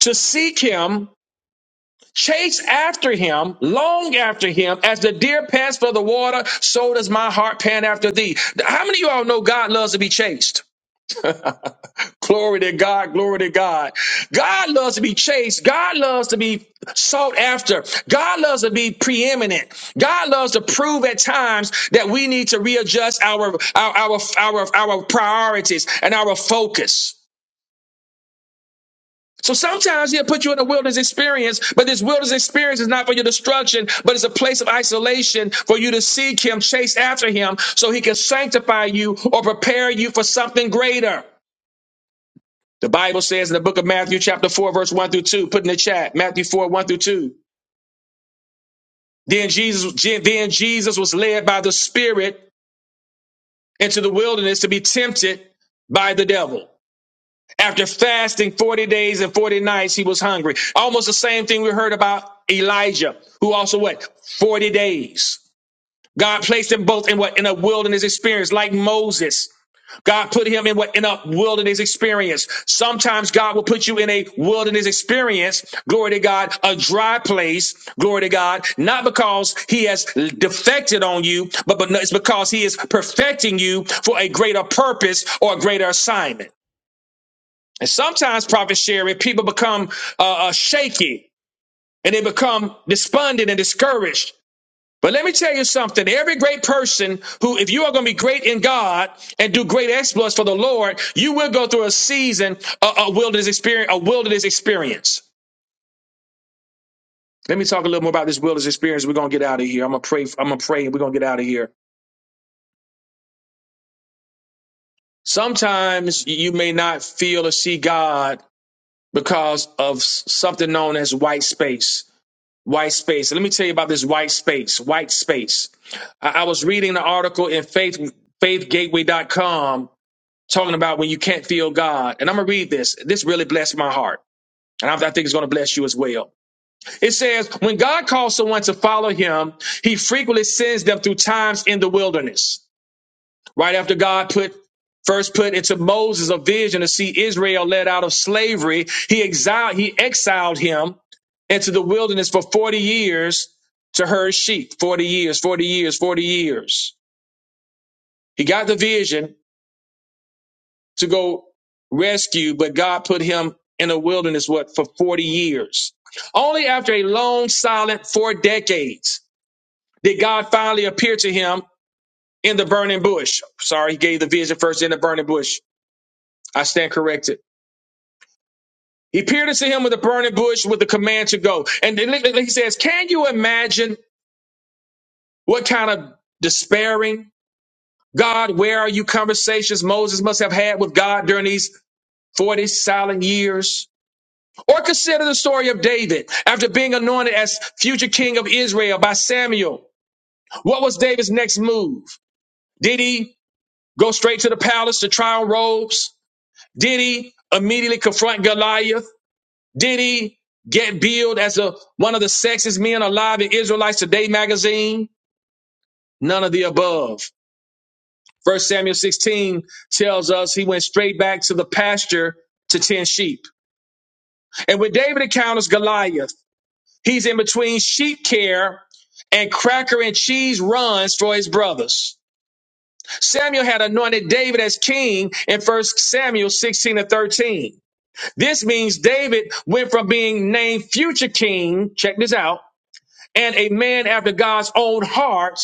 Speaker 1: to seek him, chase after him, long after him, as the deer pants for the water, so does my heart pant after thee. How many of y'all know God loves to be chased? Glory to God, glory to God. God loves to be chased. God loves to be sought after. God loves to be preeminent. God loves to prove at times that we need to readjust our our our our, our priorities and our focus. So sometimes he'll put you in a wilderness experience, but this wilderness experience is not for your destruction, but it's a place of isolation for you to seek him, chase after him, so he can sanctify you or prepare you for something greater. The Bible says in the book of Matthew, chapter 4, verse 1 through 2, put in the chat, Matthew 4, 1 through 2. Then Jesus, then Jesus was led by the Spirit into the wilderness to be tempted by the devil. After fasting 40 days and 40 nights, he was hungry. Almost the same thing we heard about Elijah, who also what? 40 days. God placed them both in what? In a wilderness experience, like Moses. God put him in what? In a wilderness experience. Sometimes God will put you in a wilderness experience. Glory to God. A dry place. Glory to God. Not because he has defected on you, but, but no, it's because he is perfecting you for a greater purpose or a greater assignment. And sometimes, Prophet Sherry, people become uh, uh, shaky and they become despondent and discouraged. But let me tell you something. Every great person who, if you are going to be great in God and do great exploits for the Lord, you will go through a season, a, a wilderness experience, a wilderness experience. Let me talk a little more about this wilderness experience. We're going to get out of here. I'm going to pray. I'm going to pray and we're going to get out of here. Sometimes you may not feel or see God because of something known as white space. White space. Let me tell you about this white space. White space. I, I was reading an article in faith faith gateway dot com talking about when you can't feel God. And I'm gonna read this. This really blessed my heart. And I I think it's going to bless you as well. It says, when God calls someone to follow him, he frequently sends them through times in the wilderness. Right after God put first put into Moses a vision to see Israel led out of slavery, he exiled he exiled him into the wilderness for 40 years to herd sheep. 40 years, 40 years, 40 years. He got the vision to go rescue, but God put him in a wilderness what for 40 years. Only after a long silent four decades did God finally appear to him in the burning bush. Sorry, he gave the vision first in the burning bush. I stand corrected. He pierced him with a burning bush with the command to go. And then he says, Can you imagine what kind of despairing, God, where are you conversations Moses must have had with God during these 40 silent years? Or consider the story of David after being anointed as future king of Israel by Samuel. What was David's next move? Did he go straight to the palace to try on robes? Did he immediately confront Goliath? Did he get billed as a, one of the sexiest men alive in Israelites Today magazine? None of the above. First Samuel 16 tells us he went straight back to the pasture to tend sheep. And when David encounters Goliath, he's in between sheep care and cracker and cheese runs for his brothers. Samuel had anointed David as king in First Samuel 16 and 13. This means David went from being named future king, check this out, and a man after God's own heart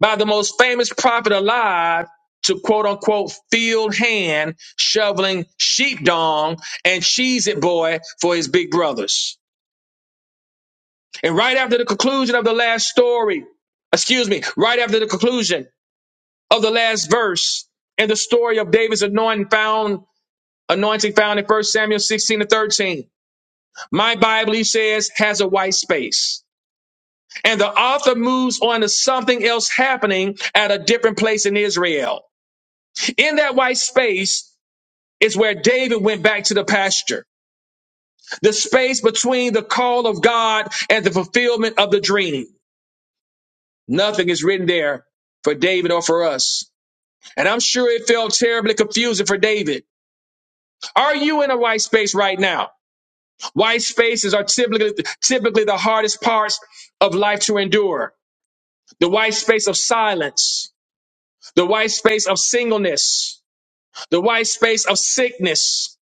Speaker 1: by the most famous prophet alive to quote unquote field hand shoveling sheep dung and cheese it boy for his big brothers. And right after the conclusion of the last story, excuse me, right after the conclusion of the last verse in the story of David's anointing found anointing found in First Samuel 16 to 13. My Bible, he says, has a white space. And the author moves on to something else happening at a different place in Israel. In that white space is where David went back to the pasture, the space between the call of God and the fulfillment of the dream. Nothing is written there for David or for us. And I'm sure it felt terribly confusing for David. Are you in a white space right now? White spaces are typically, typically the hardest parts of life to endure. The white space of silence, the white space of singleness, the white space of sickness,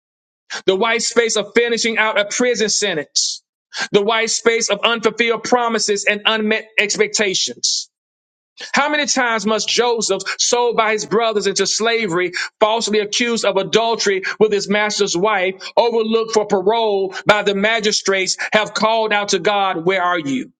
Speaker 1: the white space of finishing out a prison sentence, the white space of unfulfilled promises and unmet expectations. How many times must Joseph, sold by his brothers into slavery, falsely accused of adultery with his master's wife, overlooked for parole by the magistrates, have called out to God, Where are you?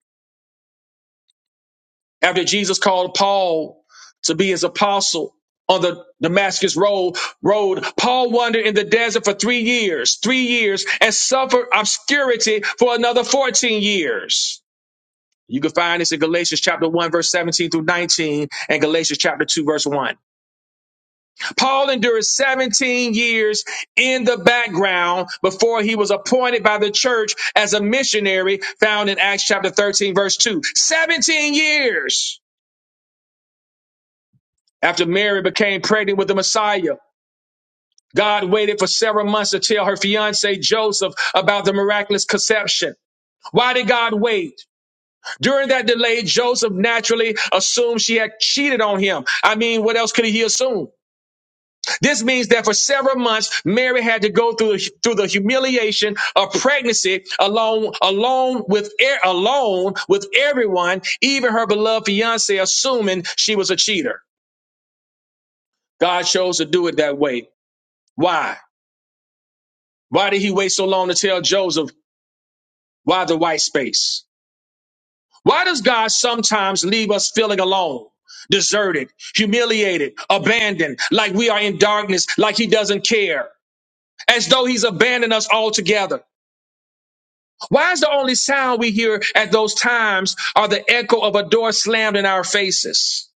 Speaker 1: After Jesus called Paul to be his apostle on the Damascus road, road, Paul wandered in the desert for three years, three years, and suffered obscurity for another 14 years. You can find this in Galatians chapter 1, verse 17 through 19, and Galatians chapter 2, verse 1. Paul endured 17 years in the background before he was appointed by the church as a missionary, found in Acts chapter 13, verse 2. 17 years! After Mary became pregnant with the Messiah, God waited for several months to tell her fiance Joseph about the miraculous conception. Why did God wait? During that delay, Joseph naturally assumed she had cheated on him. I mean, what else could he assume? This means that for several months, Mary had to go through, through the humiliation of pregnancy alone, alone with e- alone with everyone, even her beloved fiance, assuming she was a cheater. God chose to do it that way. Why? Why did he wait so long to tell Joseph why the white space? Why does God sometimes leave us feeling alone, deserted, humiliated, abandoned, like we are in darkness, like he doesn't care, as though he's abandoned us altogether? Why is the only sound we hear at those times are the echo of a door slammed in our faces?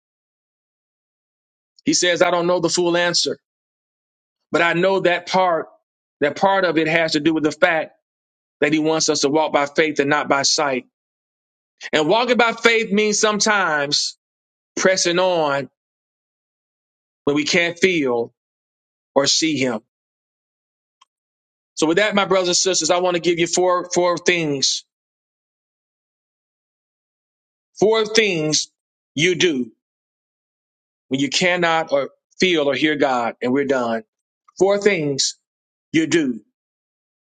Speaker 1: He says, I don't know the full answer, but I know that part, that part of it has to do with the fact that he wants us to walk by faith and not by sight. And walking by faith means sometimes pressing on when we can't feel or see him. So with that, my brothers and sisters, I want to give you four, four things, four things you do when you cannot or feel or hear God. And we're done. Four things you do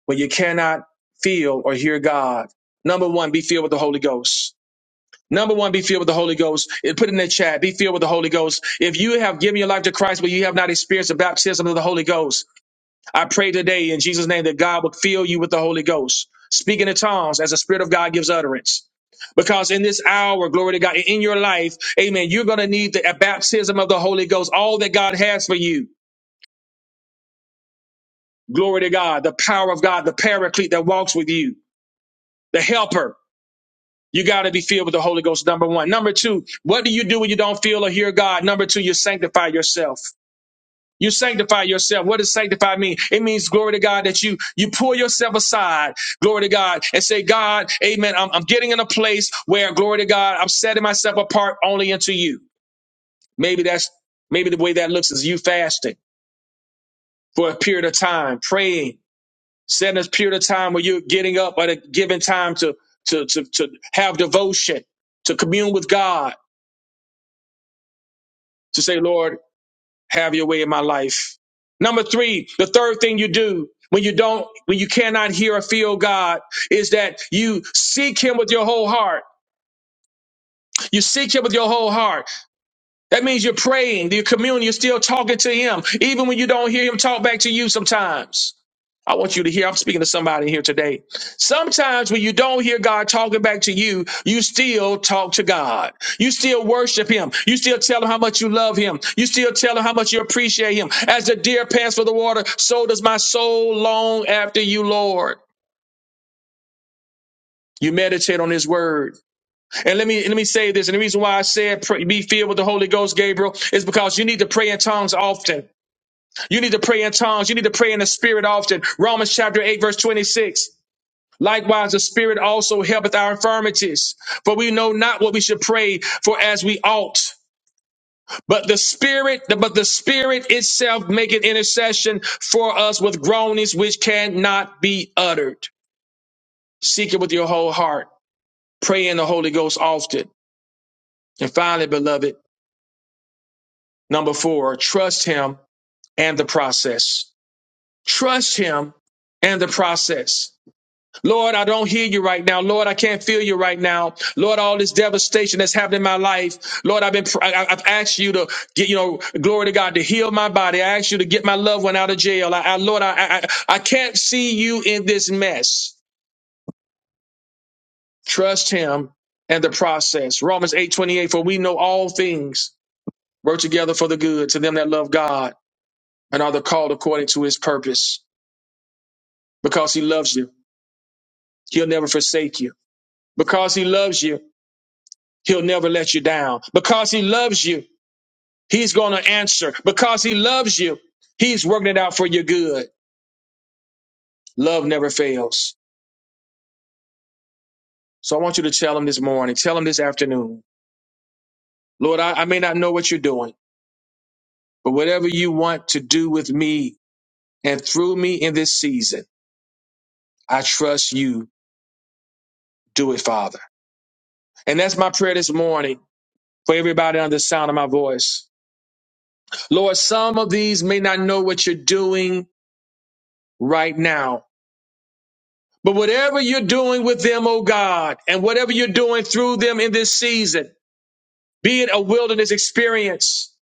Speaker 1: when you cannot feel or hear God. Number one, be filled with the Holy Ghost. Number one, be filled with the Holy Ghost. And Put it in the chat. Be filled with the Holy Ghost. If you have given your life to Christ, but you have not experienced the baptism of the Holy Ghost, I pray today in Jesus' name that God would fill you with the Holy Ghost, speaking in tongues as the Spirit of God gives utterance. Because in this hour, glory to God, in your life, amen, you're going to need the baptism of the Holy Ghost, all that God has for you. Glory to God, the power of God, the paraclete that walks with you, the helper. You got to be filled with the Holy Ghost, number one. Number two, what do you do when you don't feel or hear God? Number two, you sanctify yourself. You sanctify yourself. What does sanctify mean? It means glory to God that you you pull yourself aside, glory to God, and say, God, Amen. I'm, I'm getting in a place where glory to God, I'm setting myself apart only unto you. Maybe that's maybe the way that looks is you fasting for a period of time, praying, setting a period of time where you're getting up at a given time to to to, to have devotion, to commune with God, to say, Lord. Have your way in my life. Number three, the third thing you do when you don't, when you cannot hear or feel God is that you seek him with your whole heart. You seek him with your whole heart. That means you're praying, you're communing, you're still talking to him, even when you don't hear him talk back to you sometimes. I want you to hear, I'm speaking to somebody here today. Sometimes when you don't hear God talking back to you, you still talk to God. You still worship him. You still tell him how much you love him. You still tell him how much you appreciate him. As the deer pants for the water, so does my soul long after you, Lord. You meditate on his word. And let me let me say this. And the reason why I said pray, be filled with the Holy Ghost, Gabriel, is because you need to pray in tongues often. You need to pray in tongues. You need to pray in the Spirit often. Romans chapter eight verse twenty six. Likewise, the Spirit also helpeth our infirmities, for we know not what we should pray for as we ought. But the Spirit, but the Spirit itself maketh intercession for us with groanings which cannot be uttered. Seek it with your whole heart. Pray in the Holy Ghost often. And finally, beloved. Number four, trust him and the process. Trust him and the process. Lord, I don't hear you right now. Lord, I can't feel you right now. Lord, all this devastation that's happened in my life. Lord, I've been, I- I've asked you to get, you know, glory to God, to heal my body. I asked you to get my loved one out of jail. I, I Lord, I, I, I I can't see you in this mess. Trust him and the process. Romans eight twenty eight. for we know all things work together for the good to them that love God and are the called according to his purpose. Because he loves you, he'll never forsake you. Because he loves you, he'll never let you down. Because he loves you, he's going to answer. Because he loves you, he's working it out for your good. Love never fails. So I want you to tell him this morning, tell him this afternoon, Lord, I, I may not know what you're doing, but whatever you want to do with me and through me in this season, I trust you. Do it, Father. And that's my prayer this morning for everybody under the sound of my voice. Lord, some of these may not know what you're doing right now. But whatever you're doing with them, oh God, and whatever you're doing through them in this season, be it a wilderness experience,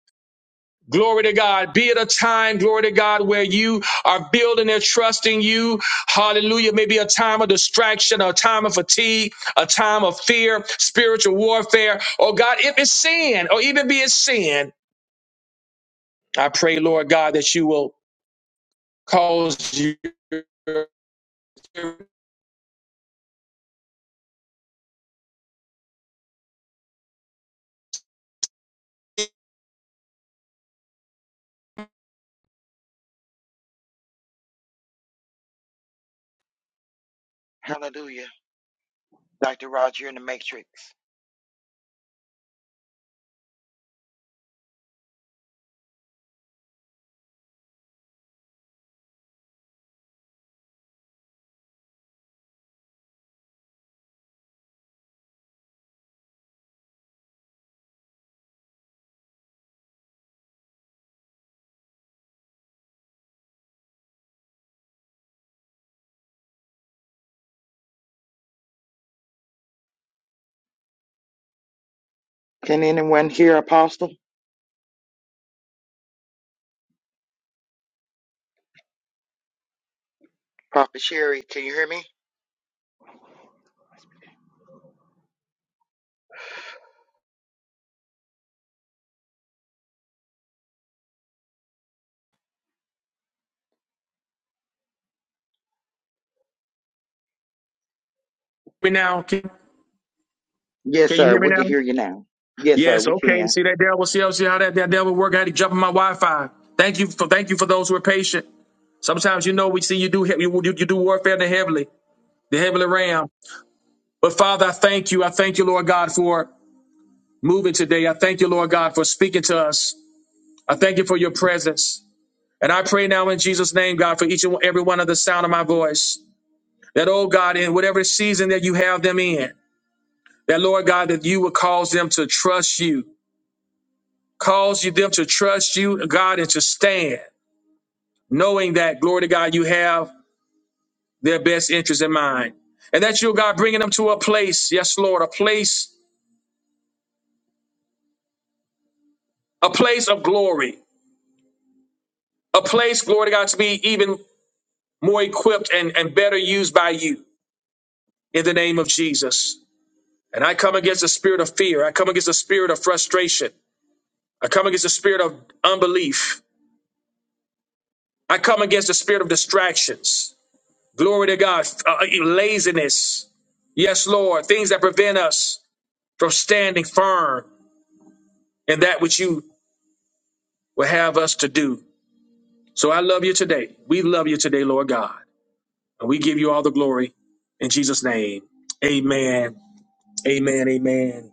Speaker 1: glory to God, be it a time, glory to God, where you are building their trust in you, hallelujah, maybe a time of distraction, a time of fatigue, a time of fear, spiritual warfare, oh God, if it's sin, or even be it sin, I pray, Lord God, that you will cause you
Speaker 2: Hallelujah. Dr. Roger in the Matrix. Can anyone hear Apostle? Prophet Sherry, can you hear me?
Speaker 1: me now? Can,
Speaker 2: Yes,
Speaker 1: can you
Speaker 2: sir.
Speaker 1: hear me
Speaker 2: We can
Speaker 1: now?
Speaker 2: hear you now. Yes, sir.
Speaker 1: Yes.
Speaker 2: We
Speaker 1: Okay.
Speaker 2: can.
Speaker 1: See that devil. See how see how that, that devil work? How to jump on my Wi-Fi. Thank you for thank you for those who are patient. Sometimes you know we see you do you, you you do warfare in the heavenly the heavenly realm. But Father, I thank you. I thank you, Lord God, for moving today. I thank you, Lord God, for speaking to us. I thank you for your presence. And I pray now in Jesus' name, God, for each and every one of the sound of my voice. That oh God, in whatever season that you have them in, that Lord God, that you would cause them to trust you cause you them to trust you, God, and to stand, knowing that, glory to God, you have their best interest in mind. And that you, God, bringing them to a place, yes, Lord, a place, a place of glory, a place, glory to God, to be even more equipped and, and better used by you in the name of Jesus. And I come against the spirit of fear. I come against the spirit of frustration. I come against the spirit of unbelief. I come against the spirit of distractions. Glory to God. Uh, uh, laziness. Yes, Lord. Things that prevent us from standing firm in that which you will have us to do. So I love you today. We love you today, Lord God. And we give you all the glory in Jesus' name. Amen. Amen. Amen.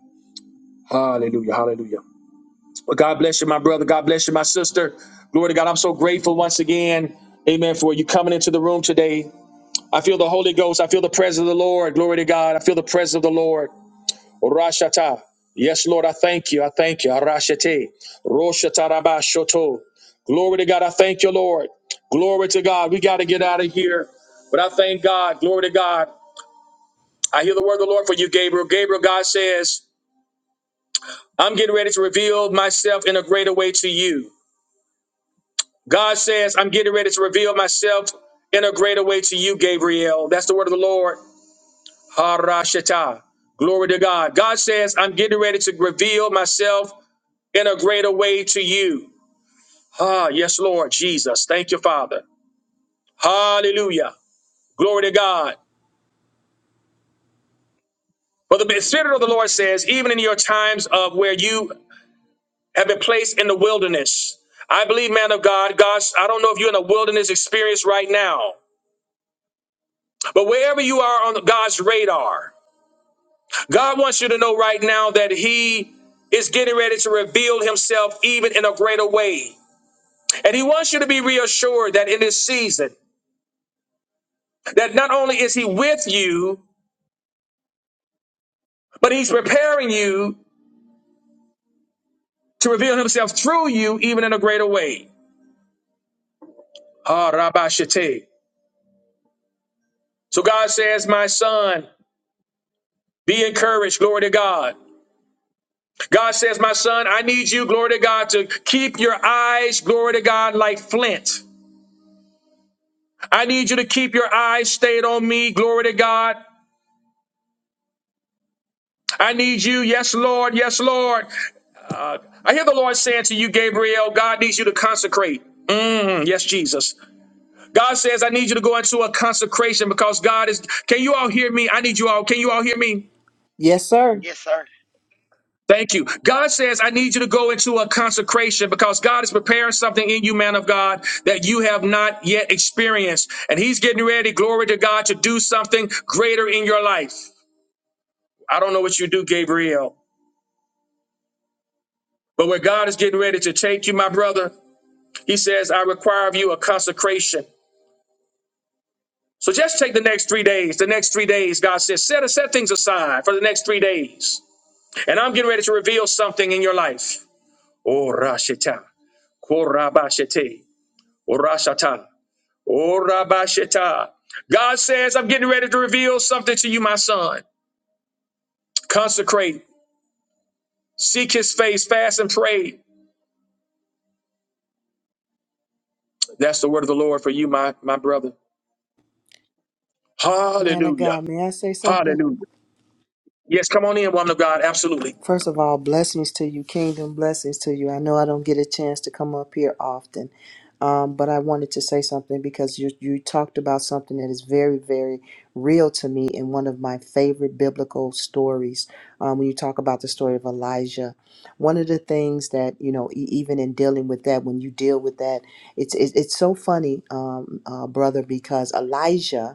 Speaker 1: Hallelujah. Hallelujah. Well, God bless you, my brother. God bless you, my sister. Glory to God. I'm so grateful once again. Amen. For you coming into the room today. I feel the Holy Ghost. I feel the presence of the Lord. Glory to God. I feel the presence of the Lord. Rashata. Yes, Lord, I thank you. I thank you. Arashate. Roshata rabashoto. Glory to God. I thank you, Lord. Glory to God. We got to get out of here. But I thank God. Glory to God. I hear the word of the Lord for you, Gabriel. Gabriel, God says, I'm getting ready to reveal myself in a greater way to you. God says, I'm getting ready to reveal myself in a greater way to you, Gabriel. That's the word of the Lord. Harashata. Glory to God. God says, I'm getting ready to reveal myself in a greater way to you. Ah, yes, Lord Jesus. Thank you, Father. Hallelujah. Glory to God. For the Spirit of the Lord says, even in your times of where you have been placed in the wilderness, I believe, man of God, God. I don't know if you're in a wilderness experience right now, but wherever you are on God's radar, God wants you to know right now that He is getting ready to reveal Himself even in a greater way. And He wants you to be reassured that in this season, that not only is He with you, But he's preparing you to reveal himself through you even in a greater way. Ah, Rabbi So God says, My son, be encouraged, glory to God. God says, My son, I need you, glory to God, to keep your eyes, glory to God, like flint. I need you to keep your eyes stayed on me, glory to God. I need you, yes, Lord, yes, Lord. I hear the Lord saying to you, Gabriel, God needs you to consecrate. Mm, yes, Jesus. God says, I need you to go into a consecration because God is. Can you all hear me? I need you all. Can you all hear me?
Speaker 3: Yes, sir.
Speaker 2: Yes, sir.
Speaker 1: Thank you. God says, I need you to go into a consecration because God is preparing something in you, man of God, that you have not yet experienced. And He's getting ready, glory to God, to do something greater in your life. I don't know what you do, Gabriel, but where God is getting ready to take you, my brother, He says, I require of you a consecration. So just take the next three days. The next three days, God says, set, set things aside for the next three days. And I'm getting ready to reveal something in your life. Orashita, korabashite, orashata, orabashita. God says, I'm getting ready to reveal something to you, my son. Consecrate, seek his face, fast and pray. That's the word of the Lord for you, my, my brother.
Speaker 3: Man of
Speaker 1: Hallelujah.
Speaker 3: God, may I say something?
Speaker 1: Hallelujah. Yes, come on in, woman of God. Absolutely.
Speaker 3: First of all, blessings to you, kingdom blessings to you. I know I don't get a chance to come up here often, um, but I wanted to say something because you you talked about something that is very, very real to me in one of my favorite biblical stories. Um, when you talk about the story of Elijah, one of the things that you know, e- even in dealing with that, when you deal with that, it's it's, it's so funny, um, uh, brother, because Elijah.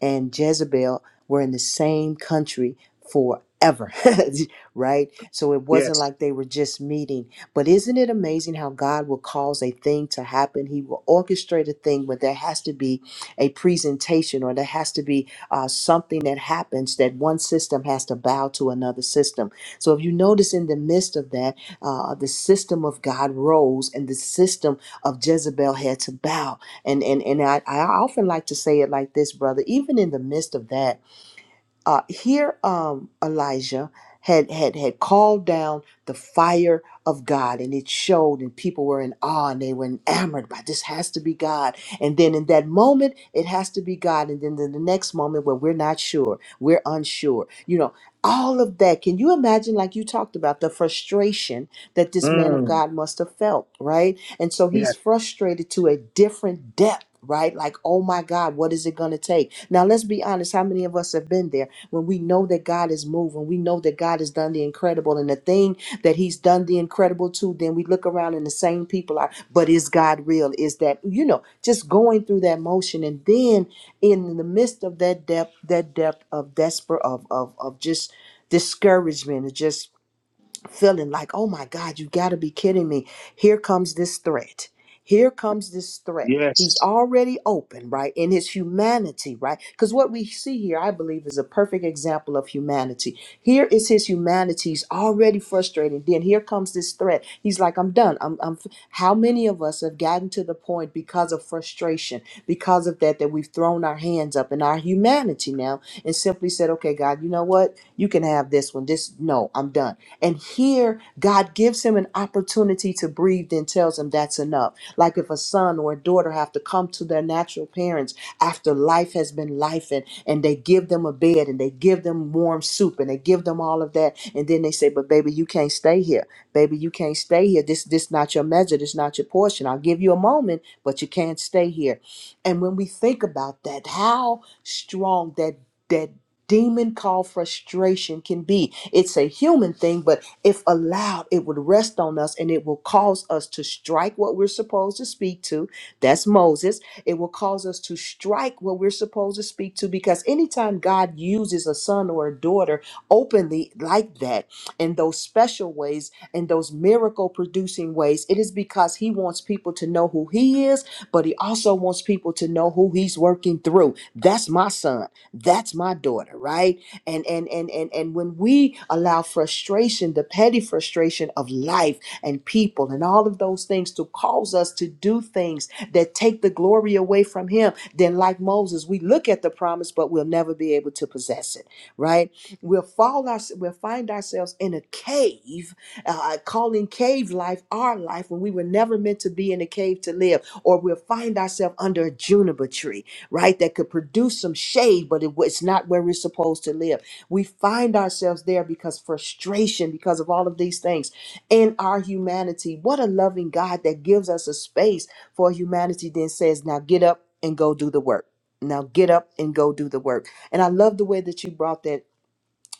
Speaker 3: and Jezebel were in the same country forever, right? So it wasn't
Speaker 1: Yes.
Speaker 3: like they were just meeting. But isn't it amazing how God will cause a thing to happen? He will orchestrate a thing, but there has to be a presentation or there has to be uh, something that happens that one system has to bow to another system. So if you notice in the midst of that, uh, the system of God rose and the system of Jezebel had to bow and and and I, I often like to say it like this, brother. Even in the midst of that, uh, here um, Elijah had had had called down the fire of God, and it showed, and people were in awe, and they were enamored by this has to be God. And then in that moment, it has to be God, and then in the next moment, where we're not sure, we're unsure, you know. All of that. Can you imagine, like you talked about, the frustration that this man of God must have felt, right? And so he's frustrated to a different depth, right? Like, oh my God, what is it going to take? Now, let's be honest. How many of us have been there? when we know that God is moving, we know that God has done the incredible and the thing that He's done the incredible to, then we look around and the same people are, but is God real? Is that, you know, just going through that motion and then in the midst of that depth, that depth of desperate of of of just discouragement, of just feeling like, oh my God, you got to be kidding me. Here comes this threat. Here comes this threat.
Speaker 1: Yes.
Speaker 3: He's already open, right? In his humanity, right? Because what we see here, I believe, is a perfect example of humanity. Here is his humanity. He's already frustrated. Then here comes this threat. He's like, I'm done. I'm, I'm. How many of us have gotten to the point because of frustration, because of that, that we've thrown our hands up in our humanity now and simply said, okay, God, you know what? You can have this one. This, no, I'm done and here, God gives him an opportunity to breathe and tells him that's enough. Like if a son or a daughter have to come to their natural parents after life has been life and, and they give them a bed and they give them warm soup and they give them all of that. And then they say, but baby, you can't stay here. Baby, you can't stay here. This, this not your measure. This not your portion. I'll give you a moment, but you can't stay here. And when we think about that, how strong that, that demon called frustration can be. It's a human thing, but if allowed, it would rest on us and it will cause us to strike what we're supposed to speak to. That's Moses. It will cause us to strike what we're supposed to speak to because anytime God uses a son or a daughter openly like that in those special ways, in those miracle producing ways, it is because he wants people to know who he is, but he also wants people to know who he's working through. That's my son that's my daughter right and and and and and when we allow frustration the petty frustration of life and people and all of those things to cause us to do things that take the glory away from him then like moses we look at the promise but we'll never be able to possess it right we'll fall our, we'll find ourselves in a cave uh, calling cave life our life when we were never meant to be in a cave to live or we'll find ourselves under a juniper tree right? That could produce some shade, but it, it's not where we're supposed to live. We find ourselves there because frustration, because of all of these things in our humanity. What a loving God that gives us a space for humanity, then says, now get up and go do the work. Now get up and go do the work. And I love the way that you brought that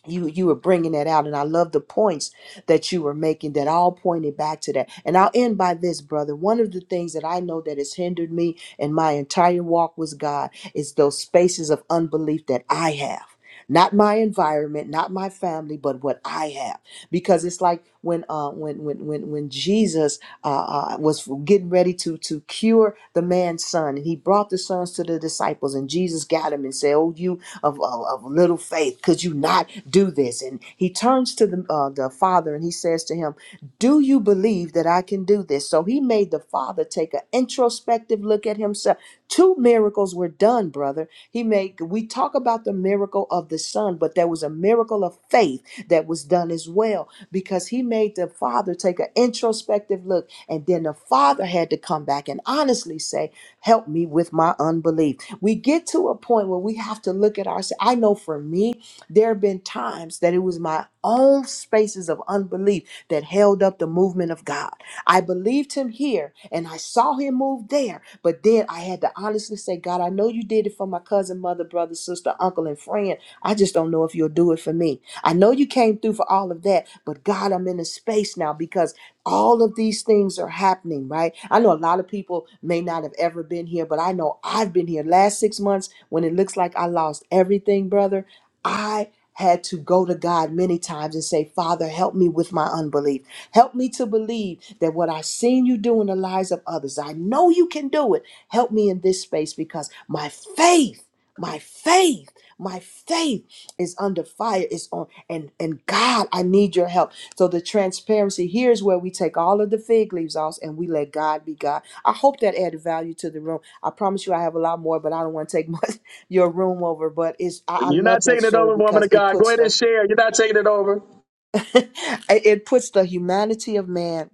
Speaker 3: you you were bringing that out and i love the points that you were making that all pointed back to that and i'll end by this brother one of the things that i know that has hindered me in my entire walk with god is those spaces of unbelief that i have not my environment not my family but what i have because it's like when uh when when when, when jesus uh, uh was getting ready to to cure the man's son and he brought the sons to the disciples and jesus got him and said oh you of, of, of little faith. Could you not do this? And he turns to the, uh, the father and he says to him, Do you believe that I can do this? So he made the father take an introspective look at himself. Two miracles were done, brother. He made, we talk about the miracle of the son, but there was a miracle of faith that was done as well because he made the father take an introspective look. And then the father had to come back and honestly say, Help me with my unbelief. We get to a point where we have to look at ourselves. I know for me, there have been times that it was my own spaces of unbelief that held up the movement of God. I believed him here and I saw him move there, but then I had to honestly say, God, I know you did it for my cousin, mother, brother, sister, uncle, and friend. I just don't know if you'll do it for me. I know you came through for all of that, but God, I'm in a space now because all of these things are happening right i know a lot of people may not have ever been here but i know i've been here last six months when it looks like i lost everything brother i had to go to god many times and say father help me with my unbelief help me to believe that what i've seen you do in the lives of others i know you can do it help me in this space because my faith my faith my faith is under fire is on and and god i need your help so the transparency here is where we take all of the fig leaves off and we let god be god i hope that added value to the room i promise you i have a lot more but i don't want to take much your room over but it's i, I
Speaker 1: You're not
Speaker 3: love that
Speaker 1: taking it
Speaker 3: story
Speaker 1: over, woman
Speaker 3: because
Speaker 1: of
Speaker 3: it
Speaker 1: God. Go
Speaker 3: puts
Speaker 1: ahead and
Speaker 3: the
Speaker 1: share. You're not taking it over.
Speaker 3: it it puts the humanity of man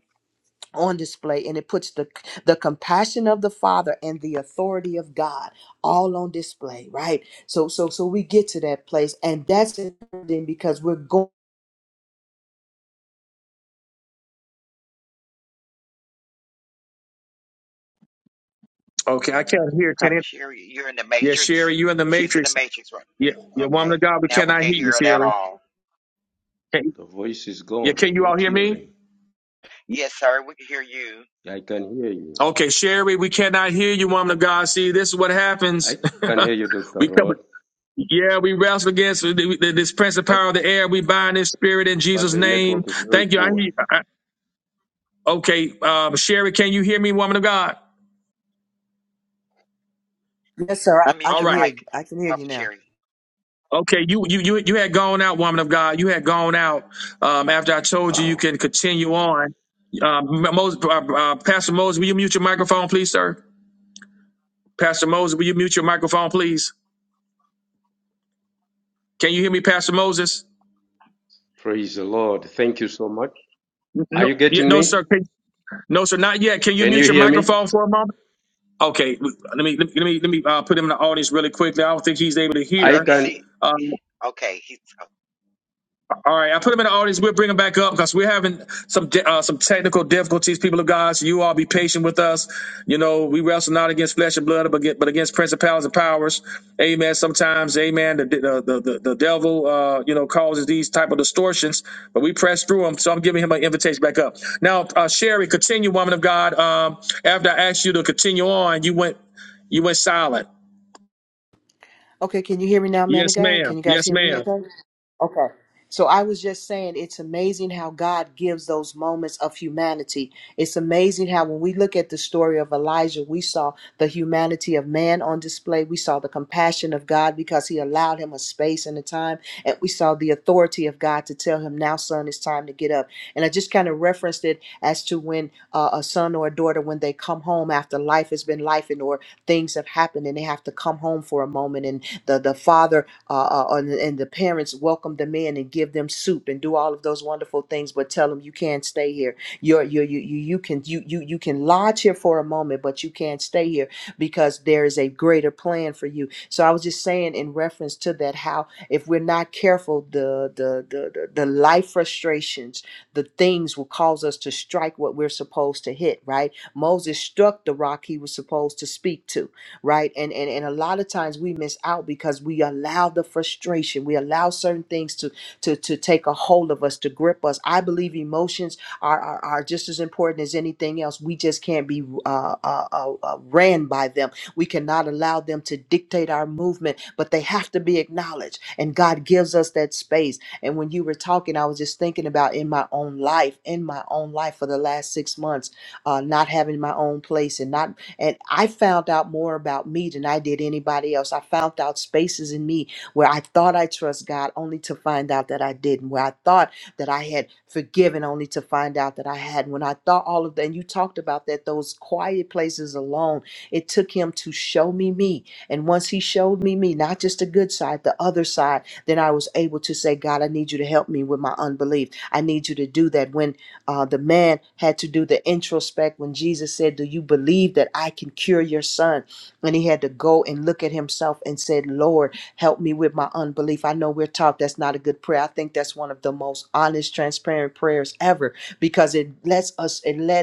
Speaker 3: on display and it puts the the compassion of the father and the authority of god all on display right so so so we get to that place and that's important because we're going
Speaker 1: Okay, I can't hear. Can
Speaker 2: Prophet
Speaker 1: it?
Speaker 2: Sherry, you're in the
Speaker 1: Yes,
Speaker 2: Matrix.
Speaker 1: Sherry, you in the
Speaker 2: She's in the
Speaker 1: matrix.
Speaker 2: Matrix, right?
Speaker 1: Yeah,
Speaker 2: Yeah.
Speaker 1: yeah, woman
Speaker 2: Okay.
Speaker 1: of God, we
Speaker 2: Now we
Speaker 1: cannot
Speaker 2: can't
Speaker 1: hear you,
Speaker 2: hear it at
Speaker 1: Sherry.
Speaker 2: all.
Speaker 1: Can,
Speaker 4: The voice is
Speaker 1: yeah,
Speaker 4: gone.
Speaker 1: can
Speaker 4: I'm
Speaker 1: you all
Speaker 4: not
Speaker 1: hear
Speaker 4: hearing.
Speaker 1: me?
Speaker 2: Yes, sir. We can hear you.
Speaker 4: Yeah, I can hear you.
Speaker 1: Okay, Sherry, we cannot hear you, woman of God. See, this is what
Speaker 4: I
Speaker 1: happens.
Speaker 4: can hear you, Dr.
Speaker 1: we come,
Speaker 4: Rod,
Speaker 1: yeah, we wrestle against th- th- this prince of
Speaker 4: but,
Speaker 1: power of the air. We bind this spirit in
Speaker 4: but
Speaker 1: Jesus'
Speaker 4: the
Speaker 1: name.
Speaker 4: network is very
Speaker 1: Thank you. I hear.
Speaker 4: poor.
Speaker 1: You. I, I- okay, um, Sherry, can you hear me, woman of God?
Speaker 3: Yes, sir. I, I
Speaker 2: Unmute
Speaker 1: All
Speaker 2: your
Speaker 3: can
Speaker 1: right.
Speaker 3: hear
Speaker 2: mic,
Speaker 3: you. I can hear you
Speaker 2: Prophet
Speaker 3: now.
Speaker 2: Sherry.
Speaker 1: Okay, you you you you had gone out, woman of God. You had gone out um, after I told you you
Speaker 4: Wow.
Speaker 1: can continue on. Um, Moses, uh, uh, Pastor Moses, will you mute your microphone, please, sir? Pastor Moses, will you mute your microphone, please? Can you hear me, Pastor Moses?
Speaker 4: Praise the Lord. Thank you so much. Are
Speaker 1: No,
Speaker 4: you
Speaker 1: yeah,
Speaker 4: getting
Speaker 1: no,
Speaker 4: me?
Speaker 1: sir. Can, no, sir, not yet. Can you
Speaker 4: Can
Speaker 1: mute
Speaker 4: you
Speaker 1: your
Speaker 4: hear me?
Speaker 1: microphone for a moment? Okay, let me let me let me uh, put him in the audience really quickly. I don't think he's able to
Speaker 4: I
Speaker 2: Let me
Speaker 1: hear.
Speaker 4: can.
Speaker 2: see.
Speaker 1: Um,
Speaker 2: Okay. He's uh,
Speaker 1: All right, I put him in the audience. We'll bring him back up because we're having some uh, some technical difficulties. People of God, so you all be patient with us. You know, we wrestle not against flesh and blood, but against, but against principalities and powers. Amen. Sometimes, amen. The the the, the the devil, uh, you know, causes these type of distortions, but we press through them. So I'm giving him an invitation back up. Now, uh, Sherry, continue, woman of God. Um, after I asked you to continue on, you went you went silent.
Speaker 3: Okay, can you hear me now, man
Speaker 1: Yes,
Speaker 3: of God?
Speaker 1: ma'am.
Speaker 3: Can you guys
Speaker 1: Yes,
Speaker 3: hear me?
Speaker 1: ma'am.
Speaker 3: Okay. Okay. So I was just saying it's amazing how God gives those moments of humanity. It's amazing how when we look at the story of Elijah, we saw the humanity of man on display. We saw the compassion of God because he allowed him a space and a time. And we saw the authority of God to tell him, now, son, it's time to get up. And I just kind of referenced it as to when uh, a son or a daughter, when they come home after life has been life and or things have happened and they have to come home for a moment the the father uh, uh, and, and the parents welcome them in and give them soup and do all of those wonderful things, but tell them you can't stay here. You're you you you you can you you you can lodge here for a moment, but you can't stay here because there is a greater plan for you. So I was just saying in reference to that how if we're not careful, the the the the, the life frustrations, the things will cause us to strike what we're supposed to hit. Right? Moses struck the rock he was supposed to speak to right and and and a lot of times we miss out because we allow the frustration we allow certain things to to to take a hold of us to grip us i believe emotions are are, are just as important as anything else we just can't be uh, uh, uh uh, ran by them we cannot allow them to dictate our movement but they have to be acknowledged and god gives us that space and when you were talking i was just thinking about in my own life in my own life for the last six months uh, not having my own place and not and I found out more about me than I did anybody else. I found out spaces in me where I thought I trust God only to find out that I didn't, where I thought that I had forgiven only to find out that I hadn't. When I thought all of that, and you talked about that, those quiet places alone, it took him to show me me. And once he showed me me, not just the good side, the other side, then I was able to say, God, I need you to help me with my unbelief. I need you to do that. When uh, the man had to do the introspect when Jesus said, "Do you believe that I can cure your son?" And he had to go and look at himself and said, "Lord, help me with my unbelief." I know we're taught that's not a good prayer. I think that's one of the most honest, transparent prayers ever because it lets us. It led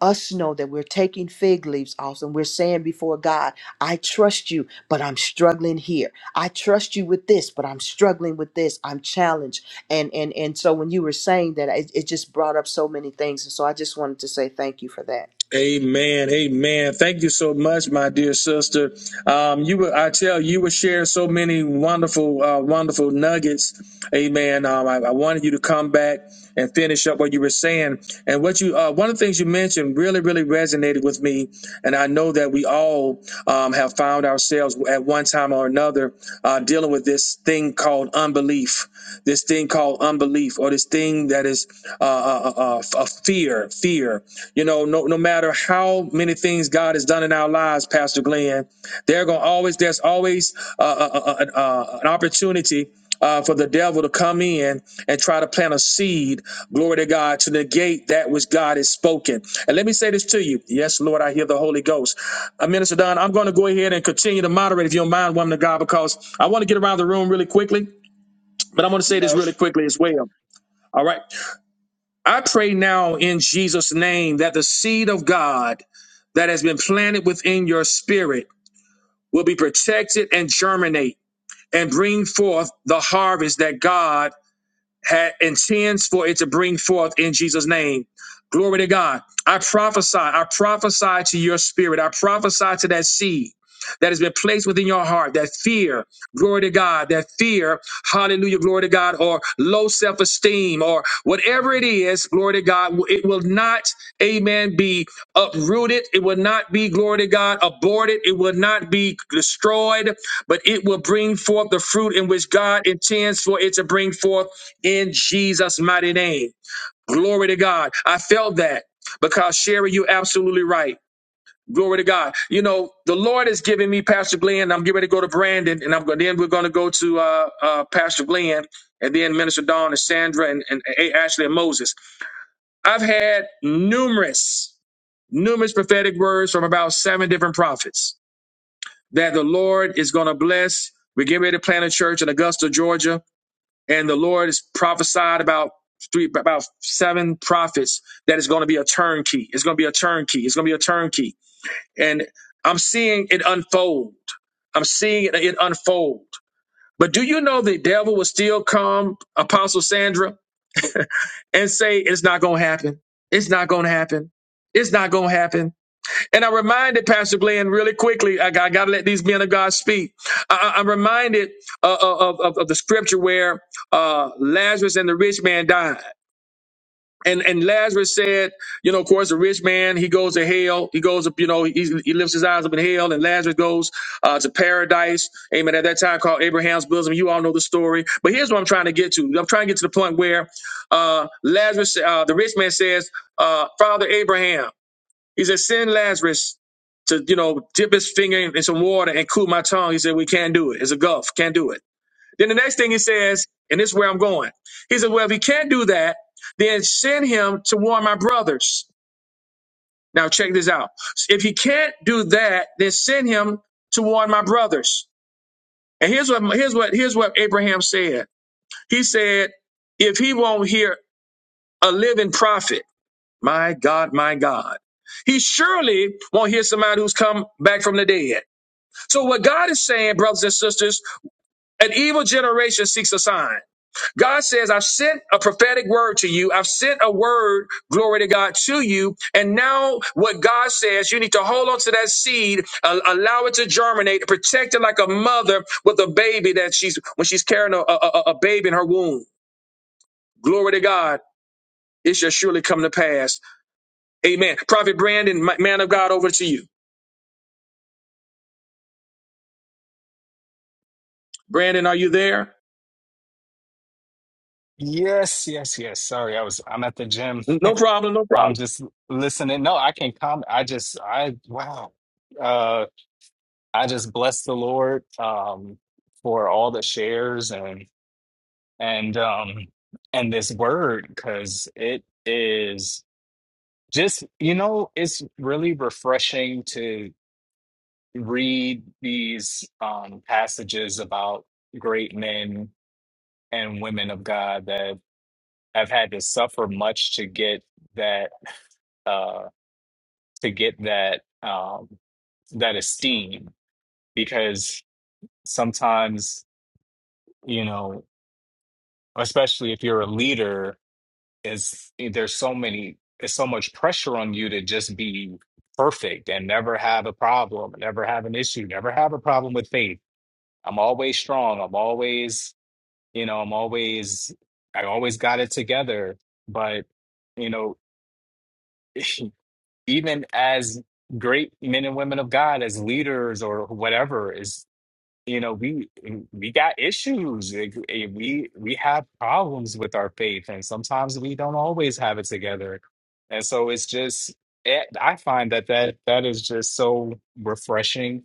Speaker 3: us know that we're taking fig leaves off and we're saying before God, I trust you, but I'm struggling here. I trust you with this, but I'm struggling with this. I'm challenged. And and and so when you were saying that, it, it just brought up so many things. And so I just wanted to say thank you for that.
Speaker 1: Amen. Amen. Thank you so much, my dear sister. Um, you were, I tell you, you were sharing so many wonderful, uh, wonderful nuggets. Amen. Um, I, I wanted you to come back and finish up what you were saying. And what you, uh, one of the things you mentioned really, really resonated with me. And I know that we all, um, have found ourselves at one time or another, uh, dealing with this thing called unbelief, this thing called unbelief, or this thing that is uh, uh, uh, uh, fear, fear. You know, no, no matter how many things God has done in our lives, Pastor Glenn, they're going to always, there's always uh, uh, uh, uh, an opportunity uh, for the devil to come in and try to plant a seed, glory to God, to negate that which God has spoken. And let me say this to you. Yes, Lord, I hear the Holy Ghost. Uh, Minister Don, I'm going to go ahead and continue to moderate if you don't mind, woman of God, because I want to get around the room really quickly, but I want to say this
Speaker 2: no.
Speaker 1: really
Speaker 2: s-
Speaker 1: quickly as well. All right. I pray now in Jesus' name that the seed of God that has been planted within your spirit will be protected and germinate and bring forth the harvest that God had intends for it to bring forth in Jesus' name. Glory to God. I prophesy, I prophesy to your spirit, I prophesy to that seed that has been placed within your heart, that fear, glory to God, that fear, hallelujah, glory to God, or low self esteem, or whatever it is, glory to God, it will not, amen, be uprooted. It will not be, glory to God, aborted. It will not be destroyed, but it will bring forth the fruit in which God intends for it to bring forth in Jesus' mighty name. Glory to God. I felt that because Sherry, you're absolutely right. Glory to God. You know, the Lord is giving me Pastor Glenn. I'm getting ready to go to Brandon, and I'm going. Then we're going to go to uh, uh, Pastor Glenn, and then Minister Dawn and Sandra and, and A- Ashley and Moses. I've had numerous, numerous prophetic words from about seven different prophets that the Lord is going to bless. We're getting ready to plant a church in Augusta, Georgia and the Lord has prophesied about three about seven prophets that it's going to be a turnkey. It's going to be a turnkey. It's going to be a turnkey, and I'm seeing it unfold. I'm seeing it, it unfold. But do you know the devil will still come, Apostle Sandra, and say it's not going to happen. It's not going to happen. It's not going to happen and i reminded, Pastor Glenn, really quickly, I, I got to let these men of God speak. I, am reminded uh, uh, of, of, of the scripture where uh, Lazarus and the rich man died. And, and Lazarus said, you know, of course, the rich man, he goes to hell. He goes up, you know, he, he lifts his eyes up in hell, and Lazarus goes uh, to paradise. Amen. At that time called Abraham's bosom. You all know the story. But here's what I'm trying to get to. I'm trying to get to the point where uh, Lazarus, uh, the rich man says, uh, Father Abraham. He said, send Lazarus to, you know, dip his finger in, in some water and cool my tongue. He said, we can't do it. It's a gulf. Can't do it. Then the next thing he says, and this is where I'm going. He said, well, if he can't do that, then send him to warn my brothers. Now check this out. If he can't do that, then send him to warn my brothers. And here's what, here's what, here's what Abraham said. He said, if he won't hear a living prophet, My God, my God. He surely won't hear somebody who's come back from the dead. So, what God is saying, brothers and sisters, an evil generation seeks a sign. God says, I've sent a prophetic word to you. I've sent a word, glory to God, to you. And now, what God says, you need to hold on to that seed, uh, allow it to germinate, protect it like a mother with a baby that she's, when she's carrying a, a, a a baby in her womb. Glory to God. It shall surely come to pass. Amen. Prophet Brandon, ma- man of God, over to you. Brandon, are you there?
Speaker 5: Yes, yes, yes. Sorry, I was I'm at the gym.
Speaker 1: No problem, no
Speaker 5: I'm
Speaker 1: problem.
Speaker 5: just listening. No, I can comment. I just I wow. Uh I just bless the Lord um for all the shares and and um and this word because it is just you know it's really refreshing to read these um passages about great men and women of God that have had to suffer much to get that uh, to get that um, that esteem because sometimes you know, especially if you're a leader, is there's so many there's so much pressure on you to just be perfect and never have a problem, never have an issue, never have a problem with faith. I'm always strong. I'm always, you know, I'm always, I always got it together. But, you know, even as great men and women of God, as leaders or whatever, is you know we we got issues. Like, eh, We we have problems with our faith, and sometimes we don't always have it together. And so it's just eh, I find that that that is just so refreshing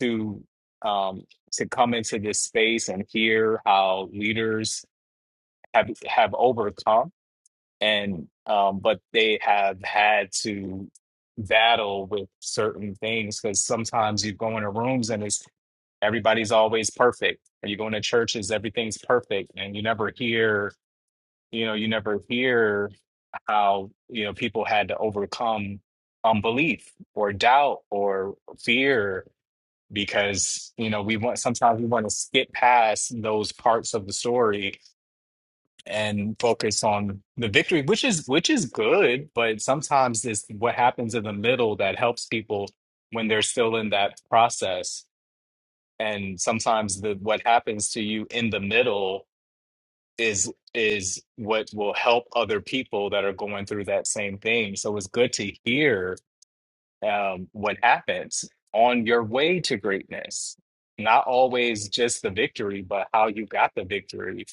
Speaker 5: to um to come into this space and hear how leaders have have overcome and um, but they have had to battle with certain things because sometimes you go into rooms and it's everybody's always perfect, or you go into churches, everything's perfect, and you never hear, you know, you never hear how you know people had to overcome unbelief or doubt or fear because you know we want sometimes we want to skip past those parts of the story and focus on the victory, which is which is good, but sometimes it's what happens in the middle that helps people when they're still in that process. And sometimes the what happens to you in the middle is is what will help other people that are going through that same thing. So it's good to hear um, what happens on your way to greatness. Not always just the victory, but how you got the victory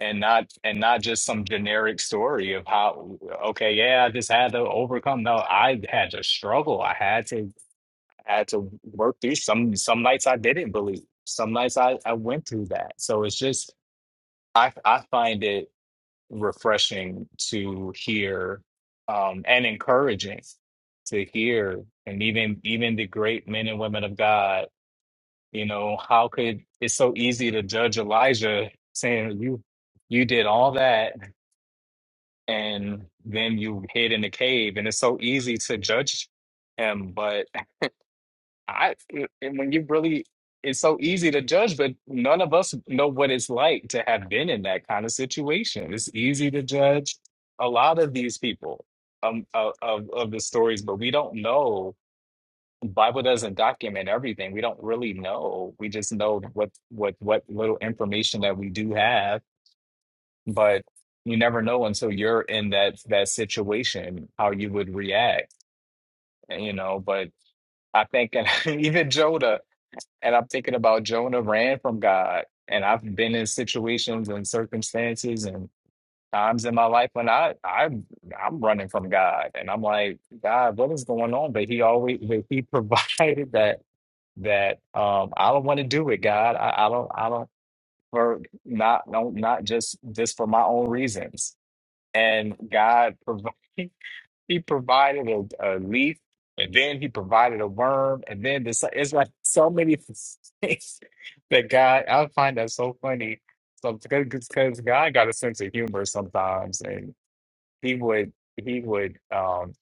Speaker 5: and not and not just some generic story of how okay yeah i just had to overcome no i had to struggle i had to had to work through some some nights i didn't believe some nights i i went through that so it's just i i find it refreshing to hear um and encouraging to hear and even even the great men and women of god you know how could it's so easy to judge elijah saying you you did all that and then you hid in the cave and it's so easy to judge him but i and when you really it's so easy to judge but none of us know what it's like to have been in that kind of situation it's easy to judge a lot of these people um, of, of, of the stories but we don't know bible doesn't document everything we don't really know we just know what what what little information that we do have but you never know until you're in that that situation how you would react you know but i think and even jonah and i'm thinking about jonah ran from god and i've been in situations and circumstances and times in my life when i i i'm running from god and i'm like god what is going on but he always but he provided that that um i don't want to do it god i, I don't i don't for not don't not just just for my own reasons and God provided. He provided a, a leaf, and then He provided a worm, and then this. It's like so many things that God. I find that so funny. So because God got a sense of humor sometimes, and He would He would um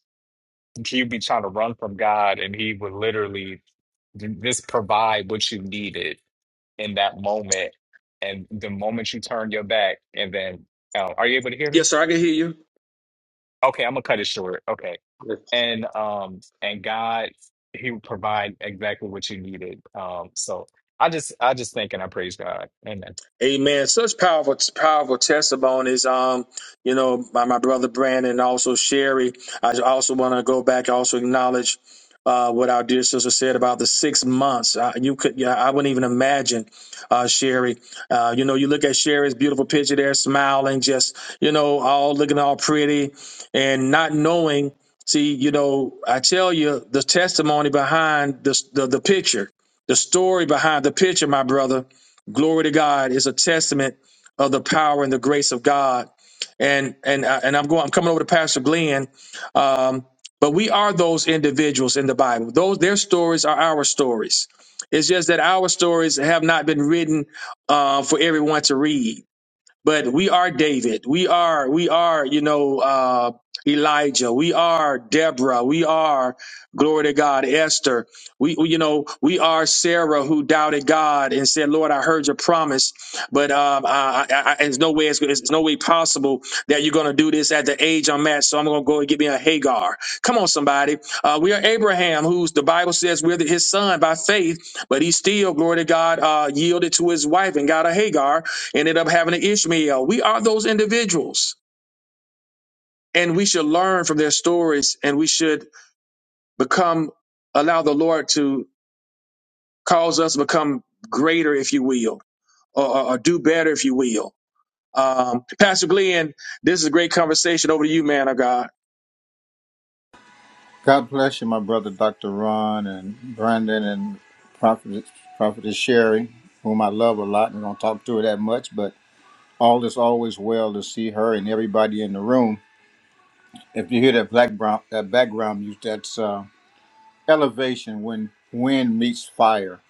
Speaker 5: He'd be trying to run from God, and He would literally j- just provide what you needed in that moment. And the moment you turn your back, and then, um, are you able to hear me?
Speaker 1: Yes, sir, I can hear you.
Speaker 5: Okay, I'm gonna cut it short. Okay.
Speaker 4: Yes.
Speaker 5: And um and God he would provide exactly what you needed. Um so I just I just think and I praise God. Amen.
Speaker 1: Amen. Such powerful, powerful testimonies. Um, you know, by my brother Brandon and also Sherry. I also want to go back. Also acknowledge uh, what our dear sister said about the six months. Uh, you could, yeah, I wouldn't even imagine, uh, Sherry. Uh, you know, you look at Sherry's beautiful picture there, smiling, just you know, all looking all pretty, and not knowing. See, you know, I tell you the testimony behind the the, the picture, the story behind the picture, my brother glory to God is a testament of the power and the grace of God. And and uh, and I'm going. I'm coming over to Pastor Glenn. Um, but we are those individuals in the Bible. Those their stories are our stories. It's just that our stories have not been written uh, for everyone to read but we are David. We are, we are, you know, uh, Elijah. We are Deborah. We are, glory to God, Esther. We, we, you know, we are Sarah who doubted God and said, Lord, I heard your promise, but um, I, I, I, there's no way, it's, it's no way possible that you're going to do this at the age I'm at. So I'm going to go and get me a Hagar. Come on, somebody. Uh, we are Abraham, who's the Bible says we're the, his son by faith, but he still, glory to God, uh, yielded to his wife and got a Hagar ended up having an Ishmael. We are those individuals, and we should learn from their stories, and we should become allow the Lord to cause us to become greater, if you will, or, or, or do better, if you will. Um, Pastor Glenn, this is a great conversation. Over to you, man of God.
Speaker 6: God bless you, my brother, Dr. Ron and Brandon and Prophet, Prophetess Sherry, whom I love a lot and don't talk to her that much, but all is always well to see her and everybody in the room. If you hear that black brown, that background music, that's uh, elevation when wind meets fire,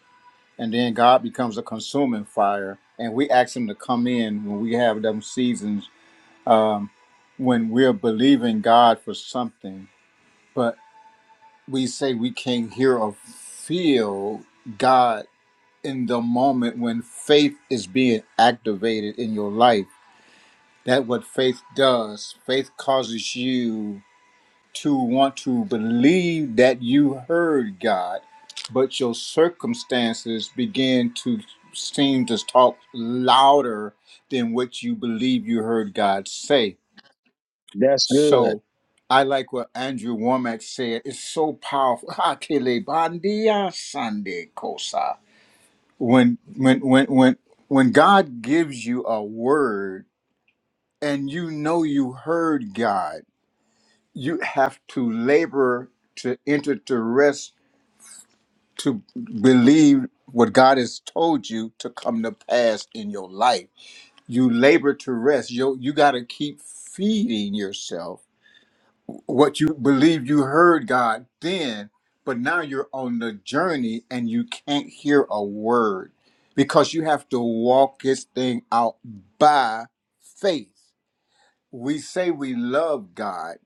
Speaker 6: and then God becomes a consuming fire, and we ask Him to come in when we have them seasons um, when we're believing God for something. but. we say we can hear or feel God in the moment when faith is being activated in your life. That what faith does. Faith causes you to want to believe that you heard God, but your circumstances begin to seem to talk louder than what you believe you heard God say so I like what Andrew Womack said. It's so powerful. Hakele bandia sande kosa. When when when when when God gives you a word and you know you heard God, you have to labor to enter to rest to believe what God has told you to come to pass in your life. You labor to rest. You you got to keep feeding yourself what you believe you heard God then, but now you're on the journey and you can't hear a word because you have to walk this thing out by faith. We say we love God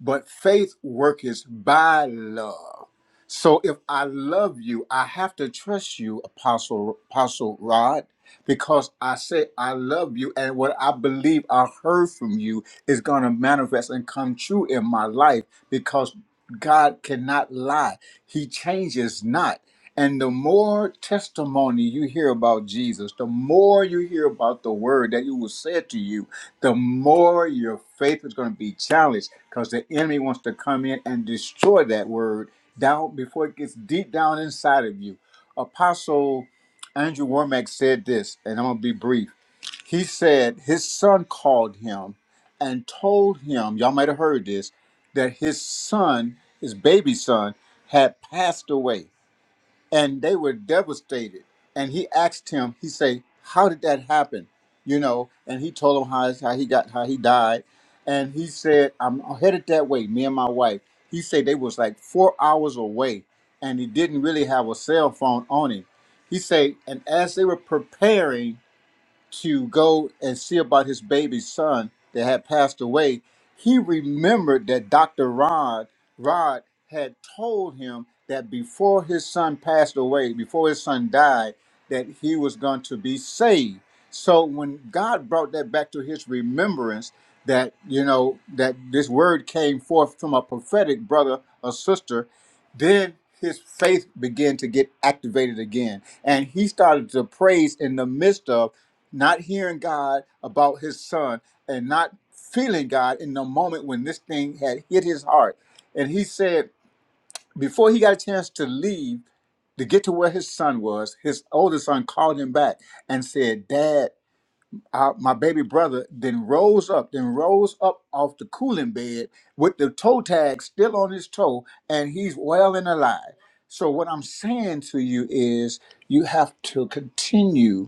Speaker 6: but faith worketh by love. So if I love you, I have to trust you, Apostle Apostle Rod, because I say I love you, and what I believe I heard from you is going to manifest and come true in my life because God cannot lie; He changes not. And the more testimony you hear about Jesus, the more you hear about the word that He was said to you, the more your faith is going to be challenged because the enemy wants to come in and destroy that word down before it gets deep down inside of you. Apostle Andrew Womack said this, and I'm gonna be brief. He said his son called him and told him, y'all might have heard this, that his son, his baby son, had passed away and they were devastated. And he asked him, he said, "How did that happen?" You know, and he told him how, how he got how he died, and he said, "I'm headed that way, me and my wife." He said they was like four hours away, and he didn't really have a cell phone on him. He said, and as they were preparing to go and see about his baby son that had passed away, he remembered that Dr. Rod Rod had told him that before his son passed away, before his son died, that he was going to be saved. So when God brought that back to his remembrance, that you know that this word came forth from a prophetic brother or sister, then his faith began to get activated again, and he started to praise in the midst of not hearing God about his son and not feeling God in the moment when this thing had hit his heart. And he said, before he got a chance to leave to get to where his son was, his older son called him back and said, Dad, uh, my baby brother then rose up, then rose up off the cooling bed with the toe tag still on his toe, and he's well and alive. So, what I'm saying to you is, you have to continue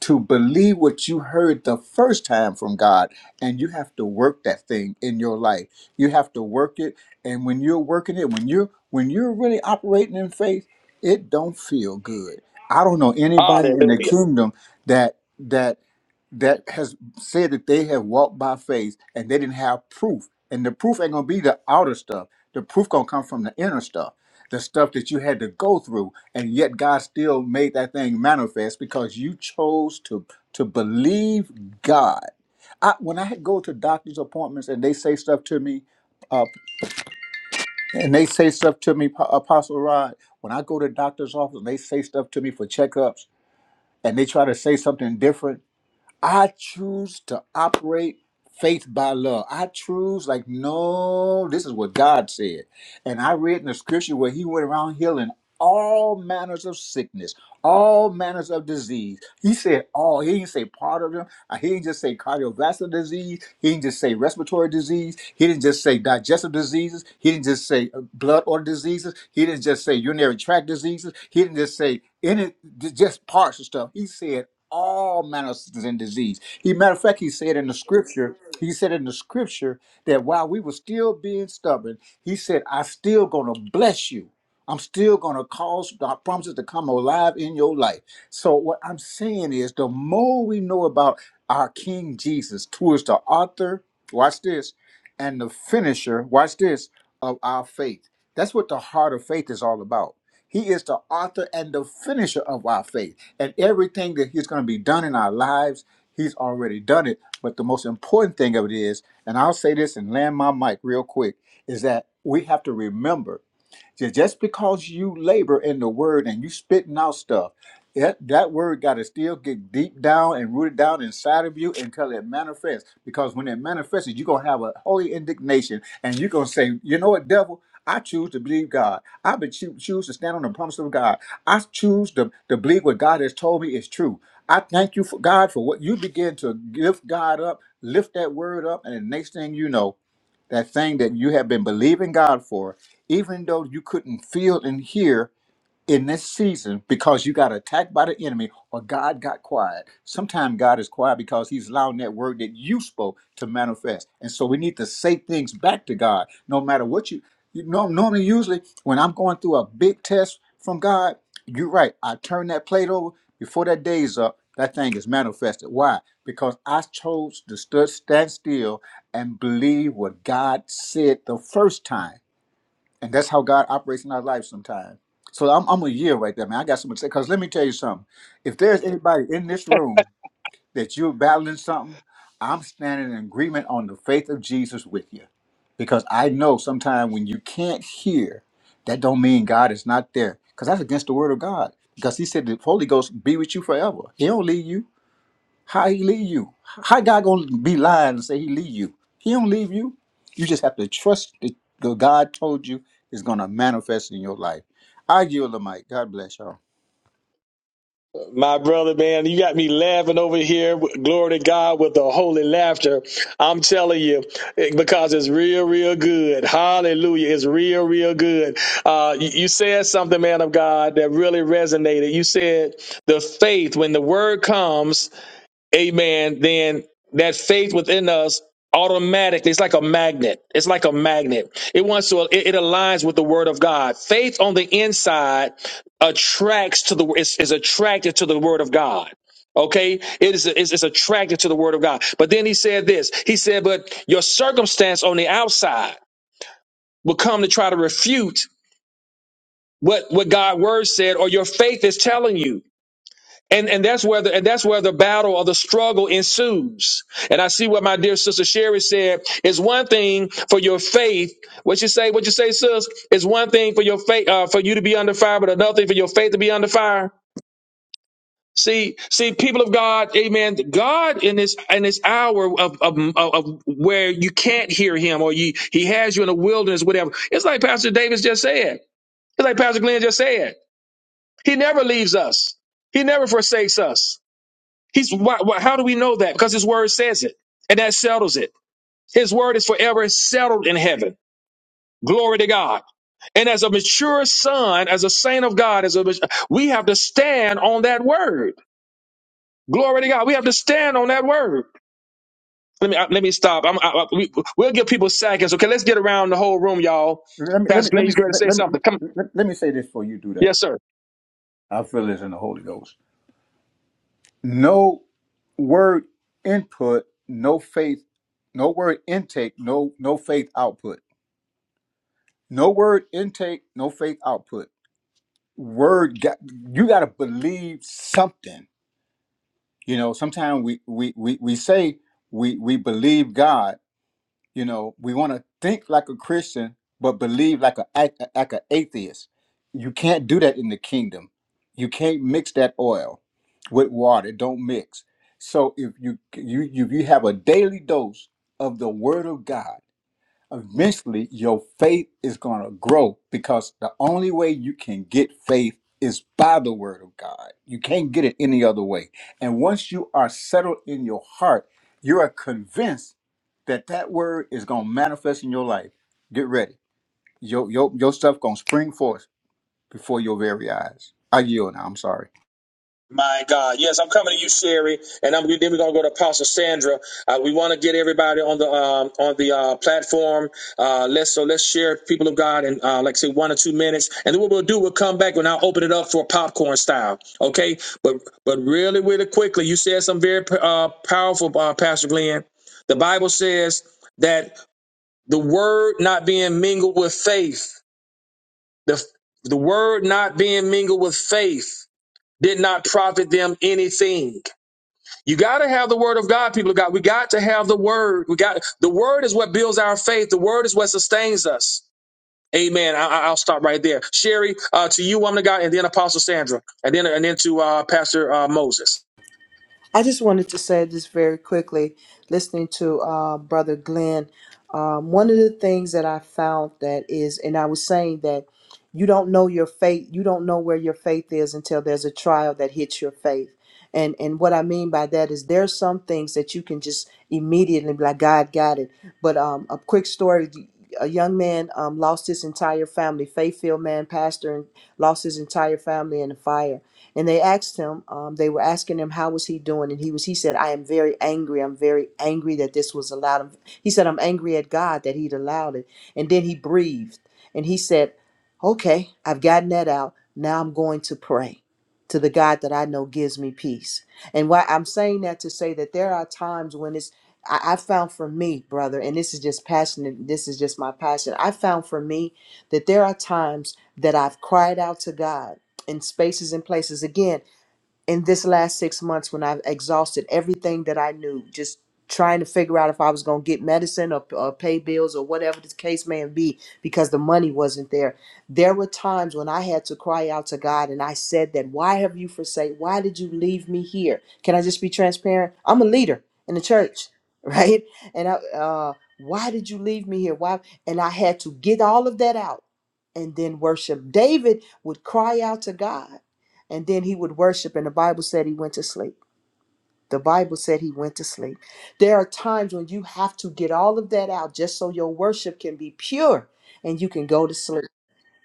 Speaker 6: to believe what you heard the first time from God, and you have to work that thing in your life. You have to work it, and when you're working it, when you're when you're really operating in faith, it don't feel good. I don't know anybody in
Speaker 1: Hallelujah.
Speaker 6: the kingdom that that that has said that they have walked by faith and they didn't have proof. And the proof ain't gonna be the outer stuff. The proof gonna come from the inner stuff, the stuff that you had to go through, and yet God still made that thing manifest because you chose to to believe God. I, when I go to doctor's appointments and they say stuff to me, uh, and they say stuff to me, Pa- Apostle Rod. When I go to doctor's office and they say stuff to me for checkups, and they try to say something different I choose to operate faith by love. I choose, like, no, this is what God said. And I read in the scripture where he went around healing all manners of sickness all manners of disease. He said all. He didn't say part of them. Uh, He didn't just say cardiovascular disease. He didn't just say respiratory disease. He didn't just say digestive diseases. He didn't just say uh, blood order diseases. He didn't just say urinary tract diseases. He didn't just say any d- just parts of stuff. He said all manners of sin disease. He matter of fact, he said in the scripture, he said in the scripture that while we were still being stubborn, he said, I still gonna bless you. I'm still going to cause God promises to come alive in your life. So, what I'm saying is, the more we know about our King Jesus, who is the author, watch this, and the finisher, watch this, of our faith. That's what the heart of faith is all about. He is the author and the finisher of our faith. And everything that He's going to be done in our lives, He's already done it. But the most important thing of it is, and I'll say this and land my mic real quick, is that we have to remember Ju- Just because you labor in the word and you spitting out stuff, that, that word got to still get deep down and rooted down inside of you until it manifests. Because when it manifests, you're going to have a holy indignation and you're going to say, you know what, devil? I choose to believe God. I be choo- choose to stand on the promise of God. I choose to, to believe what God has told me is true. I thank you for God for what you begin to lift God up, lift that word up, and the next thing you know, that thing that you have been believing God for, even though you couldn't feel and hear in this season because you got attacked by the enemy or God got quiet. Sometimes God is quiet because he's allowing that word that you spoke to manifest. And so we need to say things back to God no matter what you you know normally usually when I'm going through a big test from God, you're right. I turn that plate over before that day's up. That thing is manifested. Why? Because I chose to stu- stand still and believe what God said the first time. And that's how God operates in our life sometimes. So I'm, I'm a year right there, man. I got something to say. Because let me tell you something. If there's anybody in this room that you're battling something, I'm standing in agreement on the faith of Jesus with you. Because I know sometimes when you can't hear, that don't mean God is not there. Because that's against the word of God. Because he said the Holy Ghost be with you forever. He don't leave you. How he leave you? How God gonna be lying and say he leave you? He don't leave you. You just have to trust that the God told you is gonna manifest in your life. I yield the mic. God bless y'all.
Speaker 1: My brother, man, you got me laughing over here. Glory to God with the holy laughter. I'm telling you, because it's real, real good. Hallelujah. It's real, real good. Uh, you, you said something, man of God, that really resonated. You said the faith, when the word comes, amen, then that faith within us automatically, it's like a magnet. It's like a magnet. It wants to, it, it aligns with the word of God. Faith on the inside attracts to the, is, is attracted to the word of God. Okay, it is is it's attracted to the word of God. But then he said this. He said, "But your circumstance on the outside will come to try to refute what what God's word said, or your faith is telling you." And, and that's where the and that's where the battle or the struggle ensues. And I see what my dear sister Sherry said. It's one thing for your faith. What you say? What you say, sis? It's one thing for your faith uh, for you to be under fire, but another thing for your faith to be under fire. See, see, people of God, Amen. God in this in this hour of of, of of where you can't hear Him or you He has you in a wilderness, whatever. It's like Pastor Davis just said. It's like Pastor Glenn just said. He never leaves us. He never forsakes us. He's why, why, how do we know that? Because his word says it, and that settles it. His word is forever settled in heaven. Glory to God. And as a mature son, as a saint of God, as a we have to stand on that word. Glory to God. We have to stand on that word. Let me I- let me stop. I'm, I, I- we, will give people seconds. Okay, let's get around the whole room, y'all.
Speaker 6: Let me let me
Speaker 1: Pastor
Speaker 6: let
Speaker 1: Glenn,
Speaker 6: me
Speaker 1: you're going to
Speaker 6: let,
Speaker 1: say
Speaker 6: let me
Speaker 1: something. Come,
Speaker 6: let, let me say this before you do that.
Speaker 1: yes, sir.
Speaker 6: I feel this in the Holy Ghost. No word input, no faith, no word intake, no no faith output. No word intake, no faith output. Word, got- you got to believe something you know sometimes we we we, we say we we believe god you know we want to think like a christian but believe like a ath- like an atheist you can't do that in the kingdom you can't mix that oil with water It don't mix so if you you you, you have a daily dose of the word of god eventually your faith is going to grow because the only way you can get faith is by the word of God. You can't get it any other way. And once you are settled in your heart, you are convinced that that word is going to manifest in your life. Get ready. Your, your, your stuff going to spring forth before your very eyes. I yield now. I'm sorry.
Speaker 1: Sandra. Uh, we want to get everybody on the um, on the uh, platform. Uh, let's so let's share people of God in uh, like I say one or two minutes, and then what we'll do, we'll come back and I'll open it up for popcorn style. Okay, but but really, really quickly, you said some very uh, powerful, uh, Pastor Glenn. The Bible says that the word not being mingled with faith, the the word not being mingled with faith, did not profit them anything. You got to have the word of God, people of God. We got to have the word. We got the word is what builds our faith. The word is what sustains us. Amen. I, I- will stop right there. Sherry, uh, to you, woman of God, and then Apostle Sandra, and then and then to uh, Pastor uh, Moses.
Speaker 3: I just wanted to say this very quickly. Listening to uh, Brother Glenn, um, one of the things that I found that is, and I was saying that you don't know your faith, you don't know where your faith is until there's a trial that hits your faith. And and what I mean by that is there's some things that you can just immediately be like, God got it. But um, a quick story. A young man um, lost his entire family, faith-filled man, pastor, and lost his entire family in a fire and they asked him um, they were asking him how was he doing and he was he said i am very angry i'm very angry that this was allowed he said i'm angry at god that he'd allowed it and then he breathed and he said okay i've gotten that out now i'm going to pray to the god that i know gives me peace and why i'm saying that to say that there are times when it's I I found for me, brother, and this is just passionate. This is just my passion. I found for me that there are times that I've cried out to God in spaces and places. Again, in this last six months when I've exhausted everything that I knew, just trying to figure out if I was going to get medicine or, or pay bills or whatever the case may be because the money wasn't there. There were times when I had to cry out to God and I said that, why have you forsaken? Why did you leave me here? Can I just be transparent? I'm a leader in the church, right? And I, uh, why did you leave me here? Why? And I had to get all of that out and then worship. David would cry out to God and then he would worship and the bible said he went to sleep the bible said he went to sleep there are times when you have to get all of that out just so your worship can be pure and you can go to sleep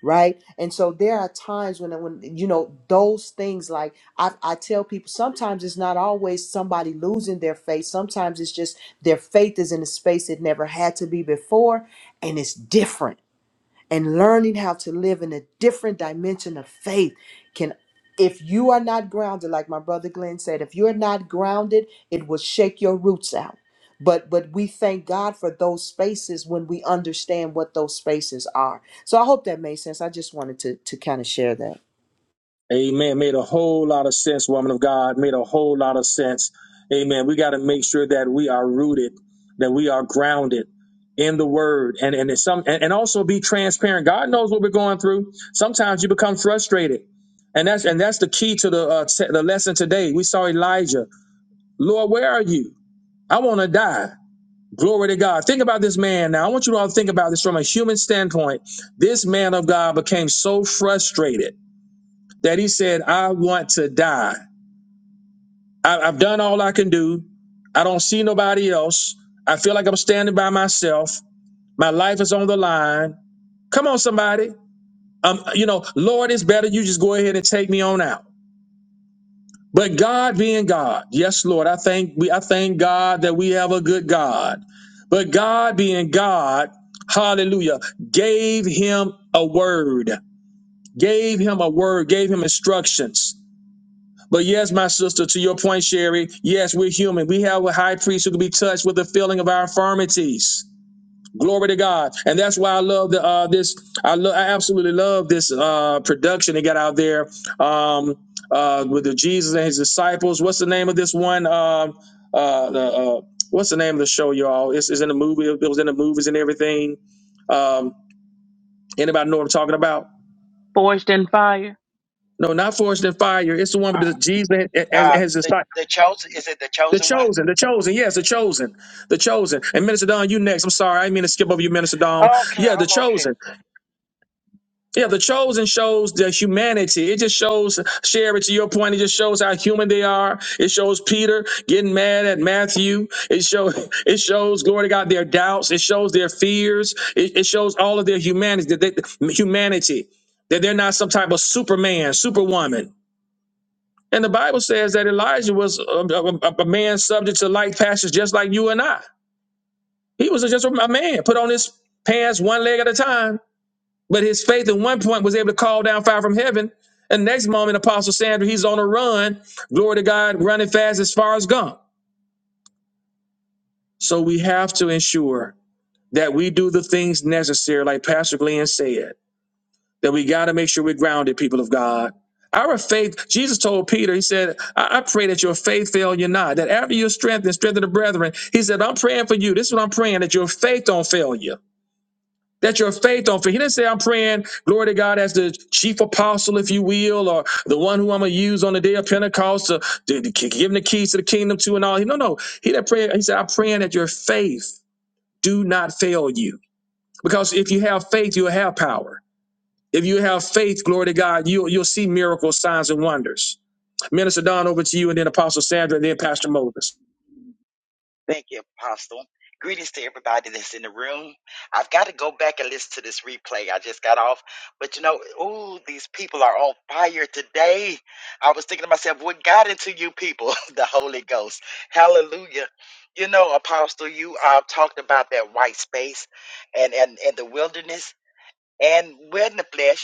Speaker 3: right and so there are times when when you know those things like i, I tell people sometimes it's not always somebody losing their faith sometimes it's just their faith is in a space it never had to be before and it's different and learning how to live in a different dimension of faith can if you are not grounded like my brother glenn said if you're not grounded it will shake your roots out but but we thank god for those spaces when we understand what those spaces are so i hope that made sense i just wanted to to kind of share that
Speaker 1: Amen. Made a whole lot of sense, woman of God. Made a whole lot of sense. Amen. We got to make sure that we are rooted, that we are grounded in the word and, and it's some and, and also be transparent. God knows what we're going through. Sometimes you become frustrated. And that's and that's the key to the uh, t- the lesson today. We saw Elijah. Lord, where are you? I want to die. Glory to God. Think about this man now. I want you all to think about this from a human standpoint. This man of God became so frustrated that he said, I want to die. I, I've done all I can do. I don't see nobody else. I feel like I'm standing by myself. My life is on the line. Come on, somebody. Um, you know, Lord, it's better you just go ahead and take me on out. But God being God, yes, Lord, I thank we I thank God that we have a good God. But God being God, hallelujah, gave him a word, gave him a word, gave him instructions But yes, my sister, to your point, Sherry, yes, we're human. We have a high priest who can be touched with the feeling of our infirmities. Glory to God, and that's why I love the uh, this. I love, I absolutely love this uh, production they got out there um, uh, with the Jesus and his disciples. What's the name of this one? Um, uh, uh, uh, what's the name of the show, y'all? It's, it's in the movie. It was in the movies and everything. Um, anybody know what I'm talking about?
Speaker 7: Forged in Fire.
Speaker 1: No, not Forest and Fire. It's the one
Speaker 2: Uh,
Speaker 1: with the Jesus and, and
Speaker 2: uh,
Speaker 1: his
Speaker 2: the
Speaker 1: disciples.
Speaker 2: the chosen is it the
Speaker 1: The
Speaker 2: chosen one?
Speaker 1: chosen, the chosen, yes, the chosen, the chosen. And Minister Don, you next. I'm sorry, I didn't mean to skip over you, Minister Don.
Speaker 2: Okay,
Speaker 1: Yeah, the
Speaker 2: I'm okay.
Speaker 1: chosen. Yeah, the chosen shows the humanity. It just shows, Sherry, to your point, it just shows how human they are. It shows Peter getting mad at Matthew. It shows, it shows, glory to God, their doubts. It shows their fears. It, it shows all of their humanity. That they, humanity. That they're not some type of Superman, Superwoman. And the Bible says that Elijah was a, a- a man subject to like passions, just like you and I. He was just a man, put on his pants one leg at a time. But his faith at one point was able to call down fire from heaven. And next moment, Apostle Sandra, he's on a run. Glory to God, running fast as far as gone. So we have to ensure that we do the things necessary, like Pastor Glenn said that we got to make sure we're grounded, people of God. Our faith, Jesus told Peter, He said, I, I pray that your faith fail you not, that after your strength and strength of the brethren, He said, I'm praying for you. This is what I'm praying, that your faith don't fail you. That your faith don't fail. He didn't say, I'm praying, glory to God, as the chief apostle, if you will, or the one who I'm going to use on the day of Pentecost to, to, to give him the keys to the kingdom to and all. No, no. He didn't pray. He said, I'm praying that your faith do not fail you. Because if you have faith, you'll have power. If you have faith, glory to God, you you'll see miracles, signs, and wonders. Minister Don, over to you, and then Apostle Sandra, and then Pastor Moses.
Speaker 2: Thank you, Apostle. Greetings to everybody that's in the room. I've got to go back and listen to this replay. I just got off. But you know, ooh, these people are on fire today. I was thinking to myself, what got into you people? the Holy Ghost. Hallelujah. You know, Apostle, you uh, talked about that white space and, and, and the wilderness and we're in the flesh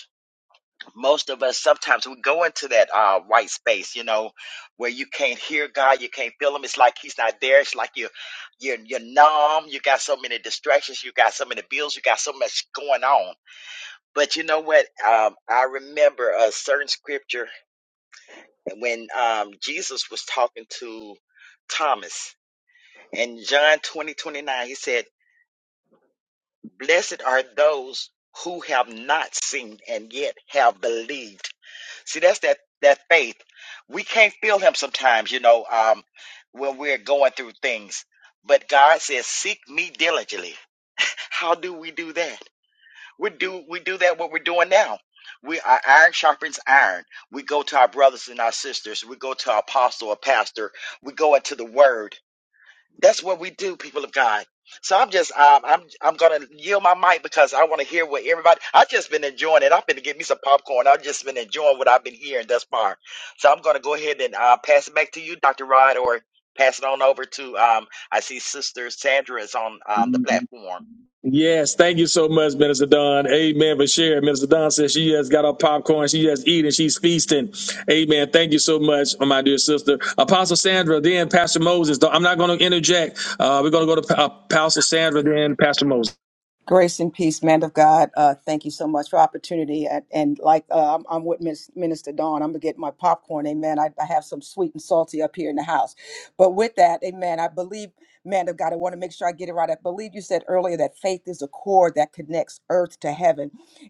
Speaker 2: most of us sometimes we go into that uh, white space, you know, where you can't hear God, you can't feel Him. It's like He's not there. It's like you, you're you're numb. You got so many distractions. You got so many bills. You got so much going on. But you know what? Um, I remember a certain scripture when um, Jesus was talking to Thomas in John twenty twenty nine. He said, "Blessed are those." Who have not seen and yet have believed See, that's that that faith. We can't feel him sometimes, you know, um, when we're going through things. But God says, "Seek me diligently." How do we do that? We do we do that what we're doing now. We our iron sharpens iron. We go to our brothers and our sisters. We go to our apostle or pastor. We go into the Word that's what we do, people of God. So I'm just um, I'm I'm gonna yield my mic because I want to hear what everybody. I've just been enjoying it. I've been to get me some popcorn. I've just been enjoying what I've been hearing thus far. So I'm gonna go ahead and uh, pass it back to you, Dr. Rod, or pass it on over to um. I see Sister Sandra is on um, the platform.
Speaker 1: Yes, thank you so much, Minister Don. Amen for sharing. Minister Don says she has got her popcorn, she has eaten, she's feasting. Amen. Thank you so much, my dear sister. Apostle Sandra, then Pastor Moses. I'm not going to interject. Uh, we're going to go to uh, Apostle Sandra, then Pastor Moses.
Speaker 8: Grace and peace, man of God. Uh, thank you so much for opportunity. And, and like uh, I'm, I'm with Miss- Minister Dawn, I'm gonna get my popcorn. Amen. I, I have some sweet and salty up here in the house. But with that, Amen. I believe, man of God. I want to make sure I get it right. I believe you said earlier that faith is a cord that connects earth to heaven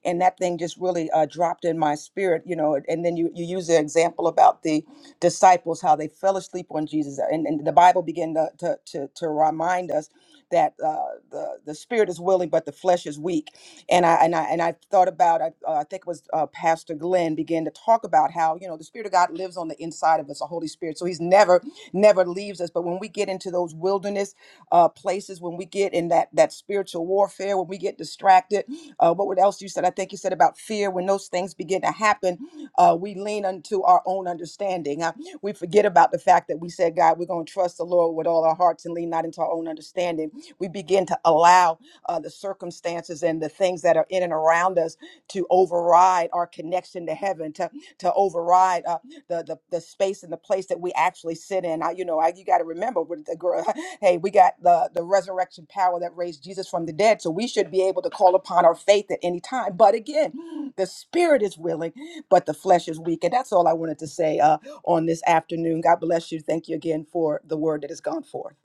Speaker 8: and that thing just really uh, dropped in my spirit you know and then you, you use the example about the disciples how they fell asleep on jesus and, and the bible began to, to, to, to remind us that uh, the, the spirit is willing but the flesh is weak and i and i, and I thought about i, uh, I think it was uh, pastor glenn began to talk about how you know the spirit of god lives on the inside of us the holy spirit so he's never never leaves us but when we get into those wilderness uh, places when we get in that that spiritual warfare when we when we get distracted. Uh, what else you said? I think you said about fear. When those things begin to happen, uh, we lean unto our own understanding. Uh, we forget about the fact that we said, God, we're going to trust the Lord with all our hearts and lean not into our own understanding. We begin to allow uh, the circumstances and the things that are in and around us to override our connection to heaven, to to override uh, the, the the space and the place that we actually sit in. I, you know, I, you got to remember with the girl. Hey, we got the the resurrection resurrection power that raised Jesus from the dead. So we should be able to call upon our faith at any time. But again, the spirit is willing, but the flesh is weak. And that's all I wanted to say uh, on this afternoon. God bless you. Thank you again for the word that has gone forth.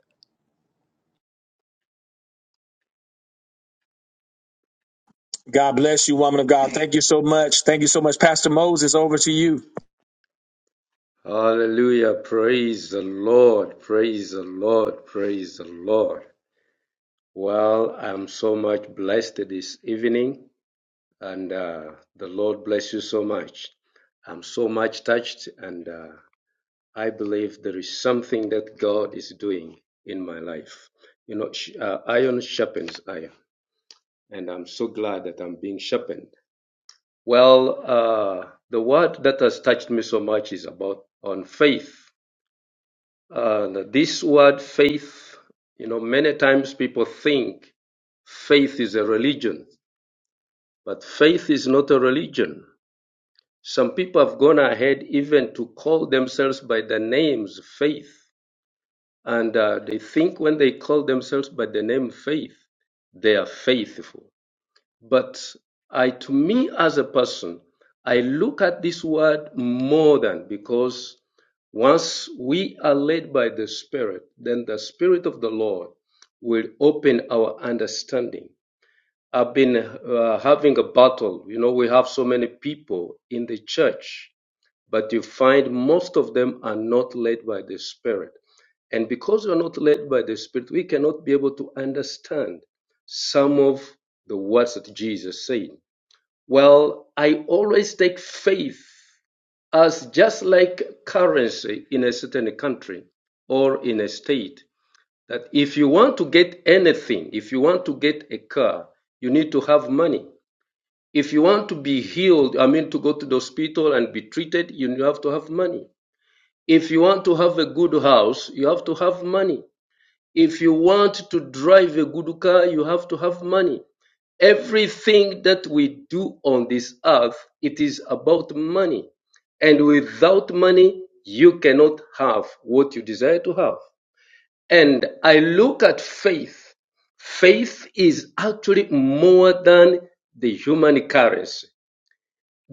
Speaker 1: God bless you, woman of God. Thank you so much. Thank you so much, Pastor Moses. Over to you.
Speaker 4: Hallelujah. Praise the Lord. Praise the Lord. Praise the Lord. Well, I'm so much blessed this evening, and uh, the Lord bless you so much. I'm so much touched, and uh, I believe there is something that God is doing in my life. You know, sh- uh, iron sharpens iron, and I'm so glad that I'm being sharpened. Well, uh, the word that has touched me so much is about on faith. Uh, this word faith, you know, many times people think faith is a religion, but faith is not a religion. Some people have gone ahead even to call themselves by the names faith And uh, they think when they call themselves by the name faith, they are faithful. But I, to me as a person, I look at this word more than because once we are led by the Spirit, then the Spirit of the Lord will open our understanding. I've been uh, having a battle. You know, we have so many people in the church but you find most of them are not led by the Spirit. And because we're not led by the Spirit, we cannot be able to understand some of the words that Jesus said. Well, I always take faith as just like currency in a certain country or in a state. That if you want to get anything, if you want to get a car, you need to have money. If you want to be healed, I mean, to go to the hospital and be treated, you have to have money. If you want to have a good house, you have to have money. If you want to drive a good car, you have to have money. Everything that we do on this earth, it is about money. And without money, you cannot have what you desire to have. And I look at faith. Faith is actually more than the human currency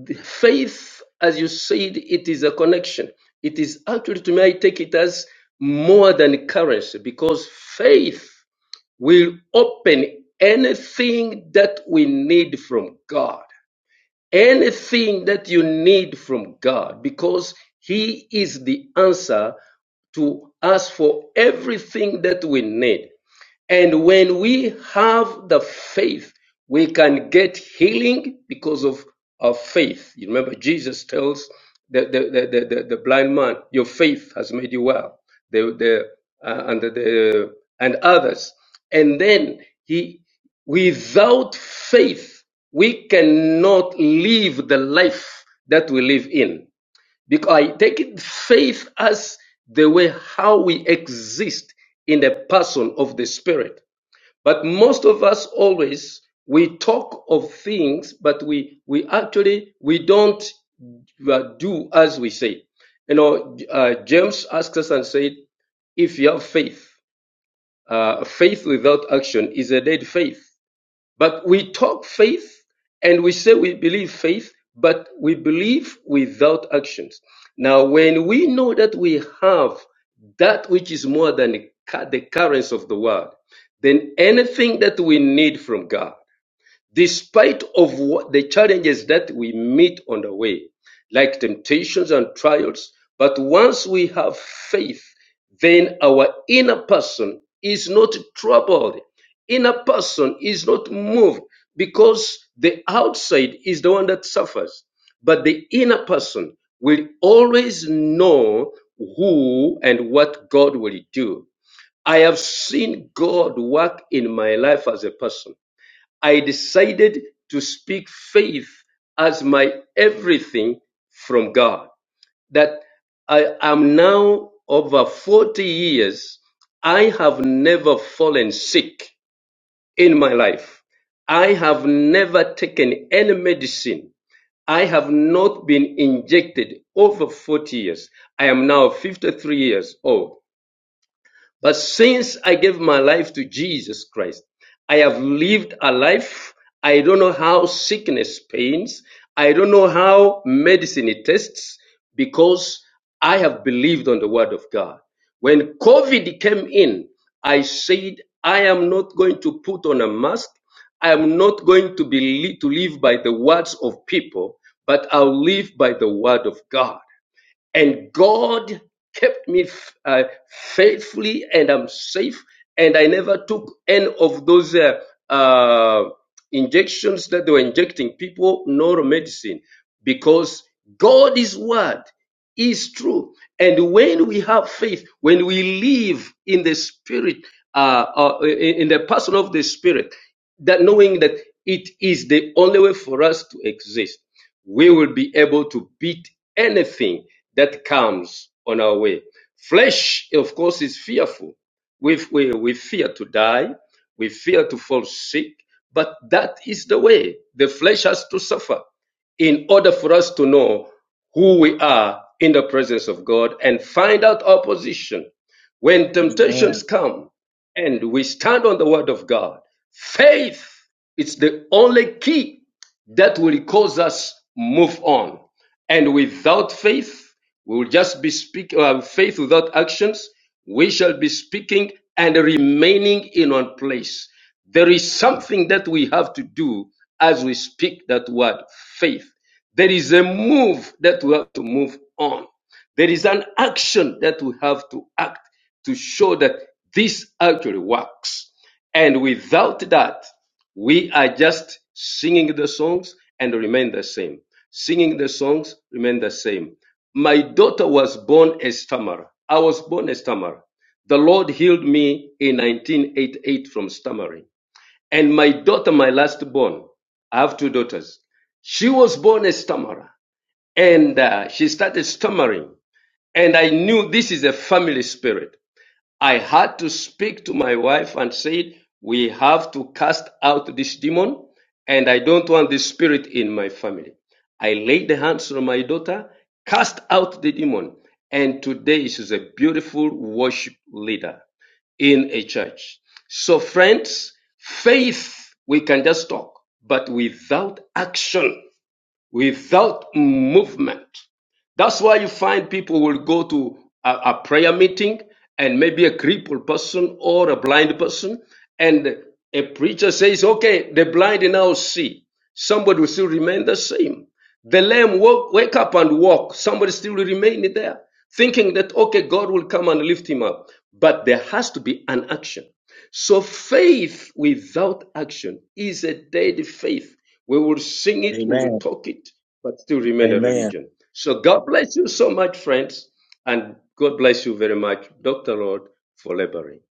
Speaker 4: the faith, as you said, it is a connection. It is actually, to me, I take it as more than currency because faith will open anything that we need from God, anything that you need from God, because He is the answer to us for everything that we need. And when we have the faith, we can get healing because of our faith. You remember, Jesus tells the, the, the, the, the, the blind man, Your faith has made you well. The, the, uh, and, the, the, and others. And then he, without faith, we cannot live the life that we live in. Because I take it- faith as the way how we exist in the person of the Spirit but most of us always we talk of things, but we we actually we don't uh, do as we say. You know, uh, James asked us and said, "If you have faith, uh, faith without action is a dead faith." But we talk faith and we say we believe faith, but we believe without actions. Now, when we know that we have that which is more than the currents of the world, then anything that we need from God despite of the challenges that we meet on the way, like temptations and trials. But once we have faith, then our inner person is not troubled. Inner person is not moved because the outside is the one that suffers. But the inner person will always know who and what God will do. I have seen God work in my life as a person. I decided to speak faith as my everything from God. That I am now over 40 years. I have never fallen sick in my life. I have never taken any medicine. I have not been injected over 40 years. I am now 53 years old. But since I gave my life to Jesus Christ, I have lived a life. I don't know how sickness pains. I don't know how medicine tests because I have believed on the word of God. When COVID came in, I said, I am not going to put on a mask. I am not going to be to live by the words of people, but I'll live by the word of God and God kept me f- uh, faithfully, and I'm safe. And I never took any of those uh, uh, injections that they were injecting people, nor medicine, because God is Word is true. And when we have faith, when we live in the Spirit, uh, uh, in in the person of the Spirit, that knowing that it is the only way for us to exist, we will be able to beat anything that comes on our way. Flesh, of course, is fearful. We, we, we fear to die. We fear to fall sick. But that is the way. The flesh has to suffer in order for us to know who we are in the presence of God and find out our position when temptations come and we stand on the word of God. Faith is the only key that will cause us move on. And without faith, we will just be speaking uh, faith without actions. We shall be speaking and remaining in one place. There is something that we have to do as we speak that word faith. There is a move that we have to move on. There is an action that we have to act to show that this actually works. And without that, we are just singing the songs and remain the same. Singing the songs, remain the same. My daughter was born a stammerer. I was born a stammerer. The Lord healed me in 1988 from stammering. And my daughter, my last born, I have two daughters. She was born a stammerer and uh, she started stammering. And I knew this is a family spirit. I had to speak to my wife and said, we have to cast out this demon and I don't want this spirit in my family. I laid the hands on my daughter, cast out the demon. And today she's a beautiful worship leader in a church. So friends, faith, we can just talk, but without action, without movement. That's why you find people will go to a, a prayer meeting and maybe a crippled person or a blind person, and a preacher says, Okay, the blind now see. Somebody will still remain the same. The lame walk, wake up and walk. Somebody still will remain there, thinking that, okay, God will come and lift him up. But there has to be an action. So faith without action is a dead faith. We will sing it, we will
Speaker 1: Amen.
Speaker 4: talk it, but still remain a
Speaker 1: Amen.
Speaker 4: religion. So God bless you so much, friends, and God bless you very much, Dr. Lord, for laboring.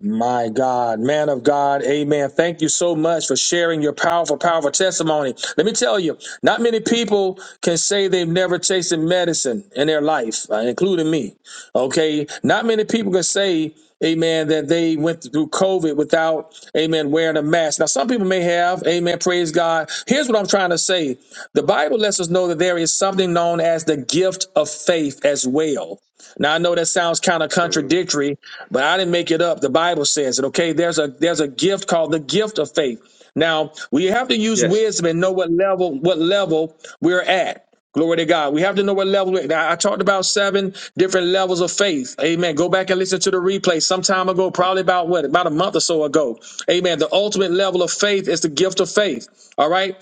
Speaker 1: My God, man of God, amen. Thank you so much for sharing your powerful, powerful testimony. Let me tell you, not many people can say they've never tasted medicine in their life, uh, including me. Okay. Not many people can say, amen, that they went through COVID without, amen, wearing a mask. Now, some people may have, amen, praise God. Here's what I'm trying to say the Bible lets us know that there is something known as the gift of faith as well. Now, I know that sounds kind of
Speaker 4: Mhm.
Speaker 1: contradictory, but I didn't make it up. The Bible says it. Okay, there's a there's a gift called the gift of faith. Now we have to use
Speaker 4: Yes.
Speaker 1: wisdom and know what level what level we're at. Glory to God. We have to know what level. we're at. Now, I talked about seven different levels of faith. Amen. Go back and listen to the replay some time ago, probably about what about a month or so ago. Amen. The ultimate level of faith is the gift of faith. All right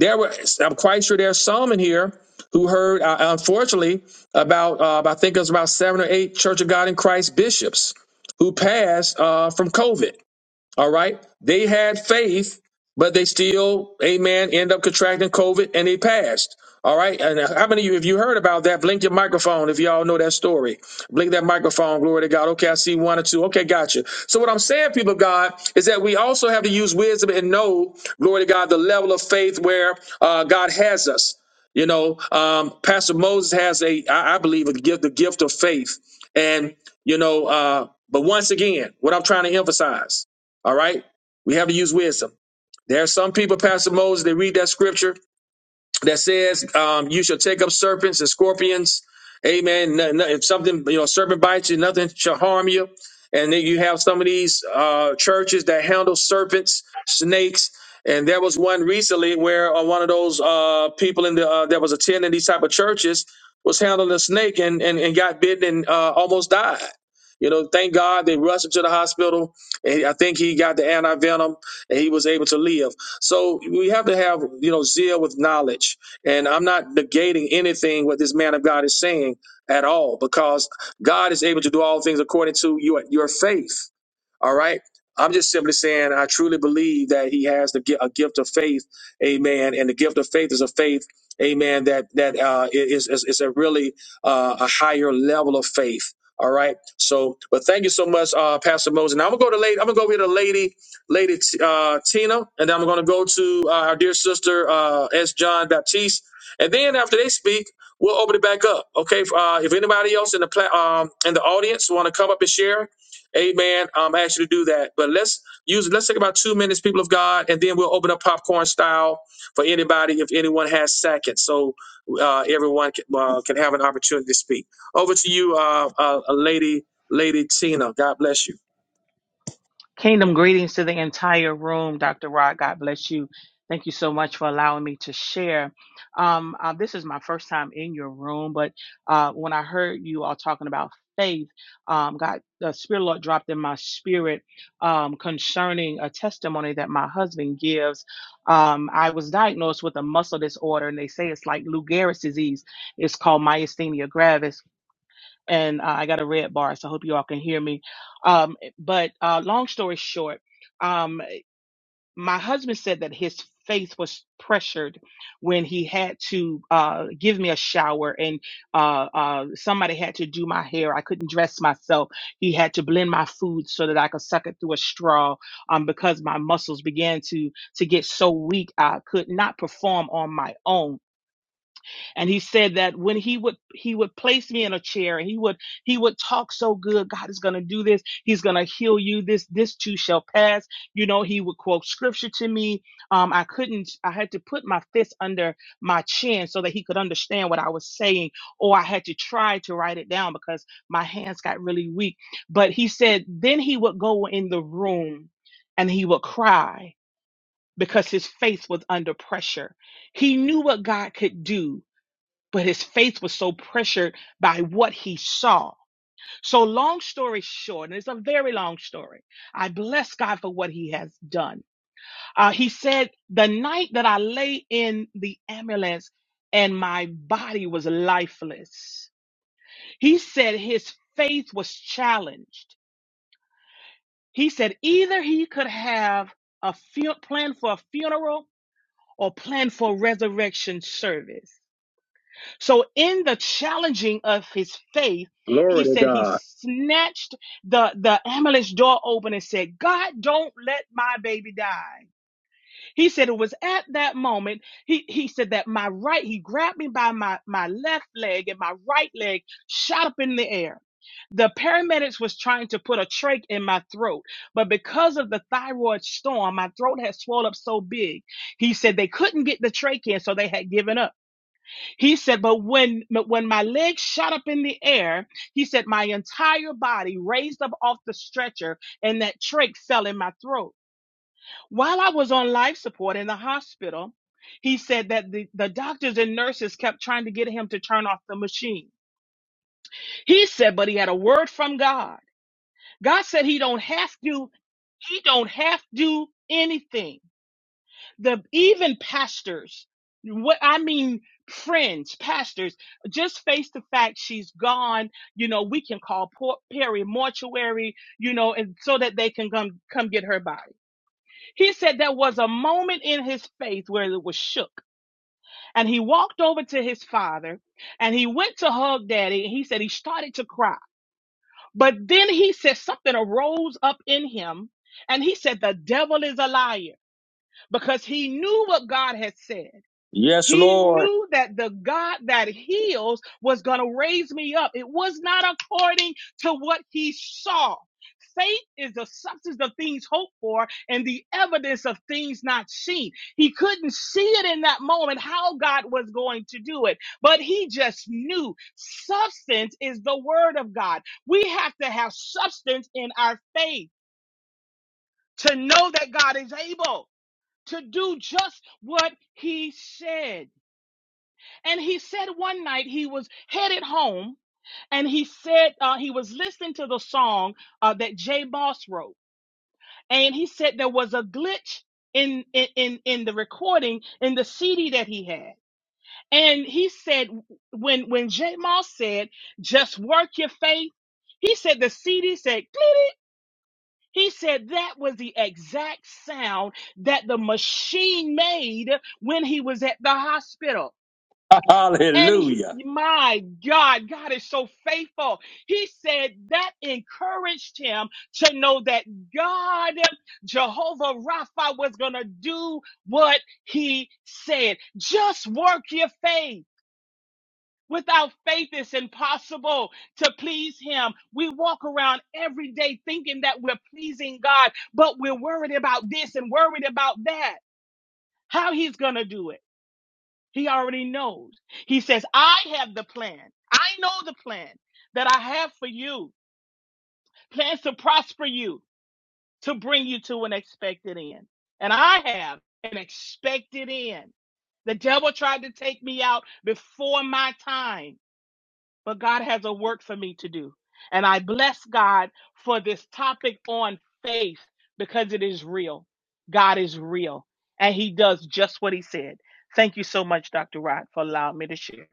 Speaker 1: there were i'm quite sure there's some in here who heard uh, unfortunately about uh, i think it was about seven or eight church of god in christ bishops who passed uh, from covid all right. They had faith, but they still, amen, end up contracting COVID and they passed. All right. And uh, how many of you, if you heard about that, blink your microphone if y'all know that story. Blink that microphone. Glory to God. Okay. I see one or two. Okay. Gotcha. So, what I'm saying, people of God, is that we also have to use wisdom and know, glory to God, the level of faith where uh, God has us. You know, um, Pastor Moses has a, I, I believe, a gift, the gift of faith. And, you know, uh, but once again, what I'm trying to emphasize all right. We have to use wisdom. There are some people, Pastor Moses, they read that scripture that says um, you shall take up serpents and scorpions. Amen. No- no- if something, you know, serpent bites you, nothing shall harm you. And then you have some of these uh, churches that handle serpents, snakes. And there was one recently where uh, one of those uh, people in the uh, that was attending these type of churches was handling a snake and and, and got bitten and uh, almost died. You know, thank God they rushed him to the hospital. And I think he got the antivenom and he was able to live. So we have to have, you know, zeal with knowledge. And I'm not negating anything what this man of God is saying at all, because God is able to do all things according to your your faith. All right. I'm just simply saying I truly believe that he has the gi- a gift of faith, Amen. And the gift of faith is a faith, Amen. That that uh, is is is a really uh, a higher level of faith. All right. So, but thank you so much, uh, Pastor Moses. Now I'm gonna go to lady. I'm gonna go over here to lady, lady T- uh, Tina, and then I'm gonna go to uh, our dear sister uh, S. John Baptiste, and then after they speak, we'll open it back up. Okay. Uh, if anybody else in the pla- um, in the audience want to come up and share, Amen. Um, I ask you to do that. But let's use let's take about two minutes, people of God, and then we'll open up popcorn style for anybody if anyone has seconds, so uh, everyone can, uh, can have an opportunity to speak. Over to you, uh, uh, lady, lady Tina. God bless you.
Speaker 7: Kingdom greetings to the entire room, Dr. Rod. God bless you. Thank you so much for allowing me to share. Um, uh, this is my first time in your room, but uh, when I heard you all talking about faith, um, God, the Spirit of the Lord dropped in my spirit um, concerning a testimony that my husband gives. Um, I was diagnosed with a muscle disorder, and they say it's like Lou Gehrig's disease. It's called myasthenia gravis and uh, I got a red bar, so I hope you all can hear me. Um, but uh, long story short, um, my husband said that his faith was pressured when he had to uh, give me a shower and uh, uh, somebody had to do my hair. I couldn't dress myself. He had to blend my food so that I could suck it through a straw um, because my muscles began to to get so weak I could not perform on my own and he said that when he would he would place me in a chair and he would he would talk so good god is going to do this he's going to heal you this this too shall pass you know he would quote scripture to me um i couldn't i had to put my fist under my chin so that he could understand what i was saying or i had to try to write it down because my hands got really weak but he said then he would go in the room and he would cry because his face was under pressure he knew what god could do but his faith was so pressured by what he saw. So, long story short, and it's a very long story, I bless God for what he has done. Uh, he said, The night that I lay in the ambulance and my body was lifeless, he said his faith was challenged. He said either he could have a fu- plan for a funeral or plan for resurrection service. So in the challenging of his faith,
Speaker 1: Glory
Speaker 7: he
Speaker 1: to
Speaker 7: said he
Speaker 1: God.
Speaker 7: snatched the, the ambulance door open and said, God, don't let my baby die. He said it was at that moment, he, he said that my right, he grabbed me by my, my left leg and my right leg shot up in the air. The paramedics was trying to put a trach in my throat, but because of the thyroid storm, my throat had swelled up so big. He said they couldn't get the trach in, so they had given up. He said, but when but when my legs shot up in the air, he said, my entire body raised up off the stretcher and that trach fell in my throat. While I was on life support in the hospital, he said that the, the doctors and nurses kept trying to get him to turn off the machine. He said, but he had a word from God. God said he don't have to, he don't have to do anything. the even pastors what i mean friends pastors just face the fact she's gone you know we can call Port perry mortuary you know and so that they can come come get her body he said there was a moment in his faith where it was shook and he walked over to his father and he went to hug daddy and he said he started to cry but then he said something arose up in him and he said the devil is a liar because he knew what god had said
Speaker 1: Yes,
Speaker 7: He
Speaker 1: Lord.
Speaker 7: knew that the God that heals was going to raise me up. It was not according to what he saw. Faith is the substance of things hoped for and the evidence of things not seen. He couldn't see it in that moment how God was going to do it, but he just knew substance is the word of God. We have to have substance in our faith to know that God is able to do just what he said. And he said one night he was headed home and he said uh, he was listening to the song uh, that Jay Boss wrote. And he said there was a glitch in, in, in in the recording in the CD that he had. And he said when when Jay Moss said, just work your faith, he said the CD said, "Glitty." he said that was the exact sound that the machine made when he was at the hospital. And he,
Speaker 1: Hallelujah.
Speaker 7: my God, God is so faithful. He said that encouraged him to know that God, Jehovah Rapha, was going to do what he said. Just work your faith. Without faith, it's impossible to please Him. We walk around every day thinking that we're pleasing God, but we're worried about this and worried about that, how He's going to do it. He already knows. He says, I have the plan. I know the plan that I have for you. Plans to prosper you, to bring you to an expected end. And I have an expected end. The devil tried to take me out before my time, but God has a work for me to do. And I bless God for this topic on faith because it is real. God is real and he does just what he said. Thank you so much, Dr. Rod, for allowing me to share.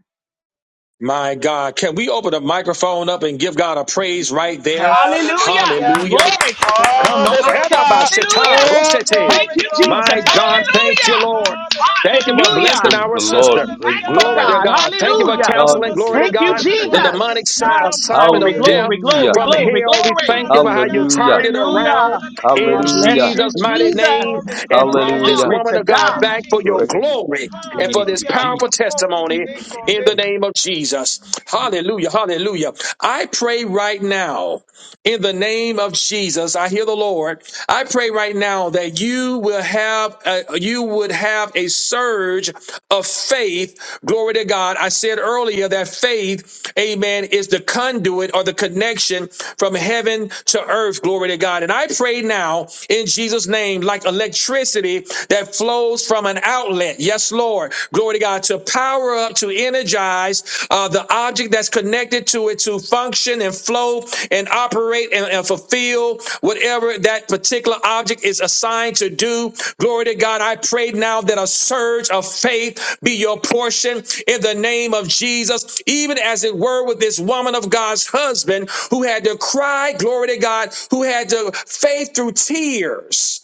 Speaker 1: My God, can we open the microphone up and give God a praise right there?
Speaker 7: Hallelujah.
Speaker 2: Hallelujah.
Speaker 1: Hallelujah.
Speaker 7: Glory to
Speaker 1: Come
Speaker 7: God.
Speaker 1: on,
Speaker 2: Hallelujah.
Speaker 7: Hallelujah.
Speaker 1: Erabashita,
Speaker 2: Oh,
Speaker 1: Roshete.
Speaker 7: Thank
Speaker 2: glory,
Speaker 7: you,
Speaker 1: My
Speaker 7: Jesus.
Speaker 1: God,
Speaker 2: glory.
Speaker 1: thank you,
Speaker 7: Hallelujah.
Speaker 1: Lord. Thank you for
Speaker 2: Hallelujah.
Speaker 7: Hallelujah.
Speaker 1: blessing
Speaker 4: Praise
Speaker 1: our
Speaker 4: the
Speaker 1: sister.
Speaker 4: Lord. Praise the
Speaker 7: Thankful
Speaker 1: Glory
Speaker 2: Hallelujah.
Speaker 1: to
Speaker 4: Lord.
Speaker 7: God.
Speaker 1: God. Thank you for
Speaker 4: Our
Speaker 7: Hallelujah.
Speaker 4: God
Speaker 1: counseling.
Speaker 4: is
Speaker 2: Hallelujah.
Speaker 1: Glory
Speaker 4: good.
Speaker 1: to
Speaker 7: Thank you,
Speaker 1: God.
Speaker 4: Praise the
Speaker 1: The
Speaker 4: Lord.
Speaker 1: demonic
Speaker 7: Jesus.
Speaker 1: si- assignment
Speaker 7: Glory,
Speaker 1: of death
Speaker 7: glory, glory,
Speaker 4: Hallelujah.
Speaker 1: from
Speaker 7: glory,
Speaker 1: hell. We
Speaker 7: glory.
Speaker 1: thank you for how you
Speaker 2: Hallelujah.
Speaker 1: turned
Speaker 4: Hallelujah.
Speaker 1: it
Speaker 2: Oh,
Speaker 1: around
Speaker 7: Hallelujah.
Speaker 1: in
Speaker 7: I
Speaker 2: hallelujah.
Speaker 7: bless
Speaker 4: Hallelujah.
Speaker 7: you,
Speaker 1: Jesus' mighty
Speaker 2: Thank you,
Speaker 7: Jesus.
Speaker 1: name
Speaker 2: glory,
Speaker 1: and brought
Speaker 2: glory.
Speaker 1: this
Speaker 7: Glory
Speaker 4: Hallelujah.
Speaker 1: woman
Speaker 7: to
Speaker 1: of God
Speaker 2: Yes,
Speaker 7: God.
Speaker 1: back for your
Speaker 2: Jesus.
Speaker 4: Praise
Speaker 1: glory and for
Speaker 4: be
Speaker 1: this
Speaker 4: to
Speaker 2: Hallelujah.
Speaker 4: Jesus.
Speaker 1: powerful
Speaker 2: Oh,
Speaker 1: testimony
Speaker 2: glory,
Speaker 1: in the name of Jesus. Hallelujah. Hallelujah. I pray right now in the name of Jesus. I hear the Lord. I pray right now that you will have a, you would have a surge of faith. Glory to God. I said earlier that faith, amen, is the conduit or the connection from heaven to earth. Glory to God. And I pray now in Jesus name like electricity that flows from an outlet. Yes, Lord. Glory to God to power up, to energize uh, the object that's connected to it to function and flow and operate and, and fulfill whatever that particular object is assigned to do. Glory to God. I pray now that a surge of faith be your portion in the name of Jesus, even as it were with this woman of God's husband who had to cry, glory to God, who had to faith through tears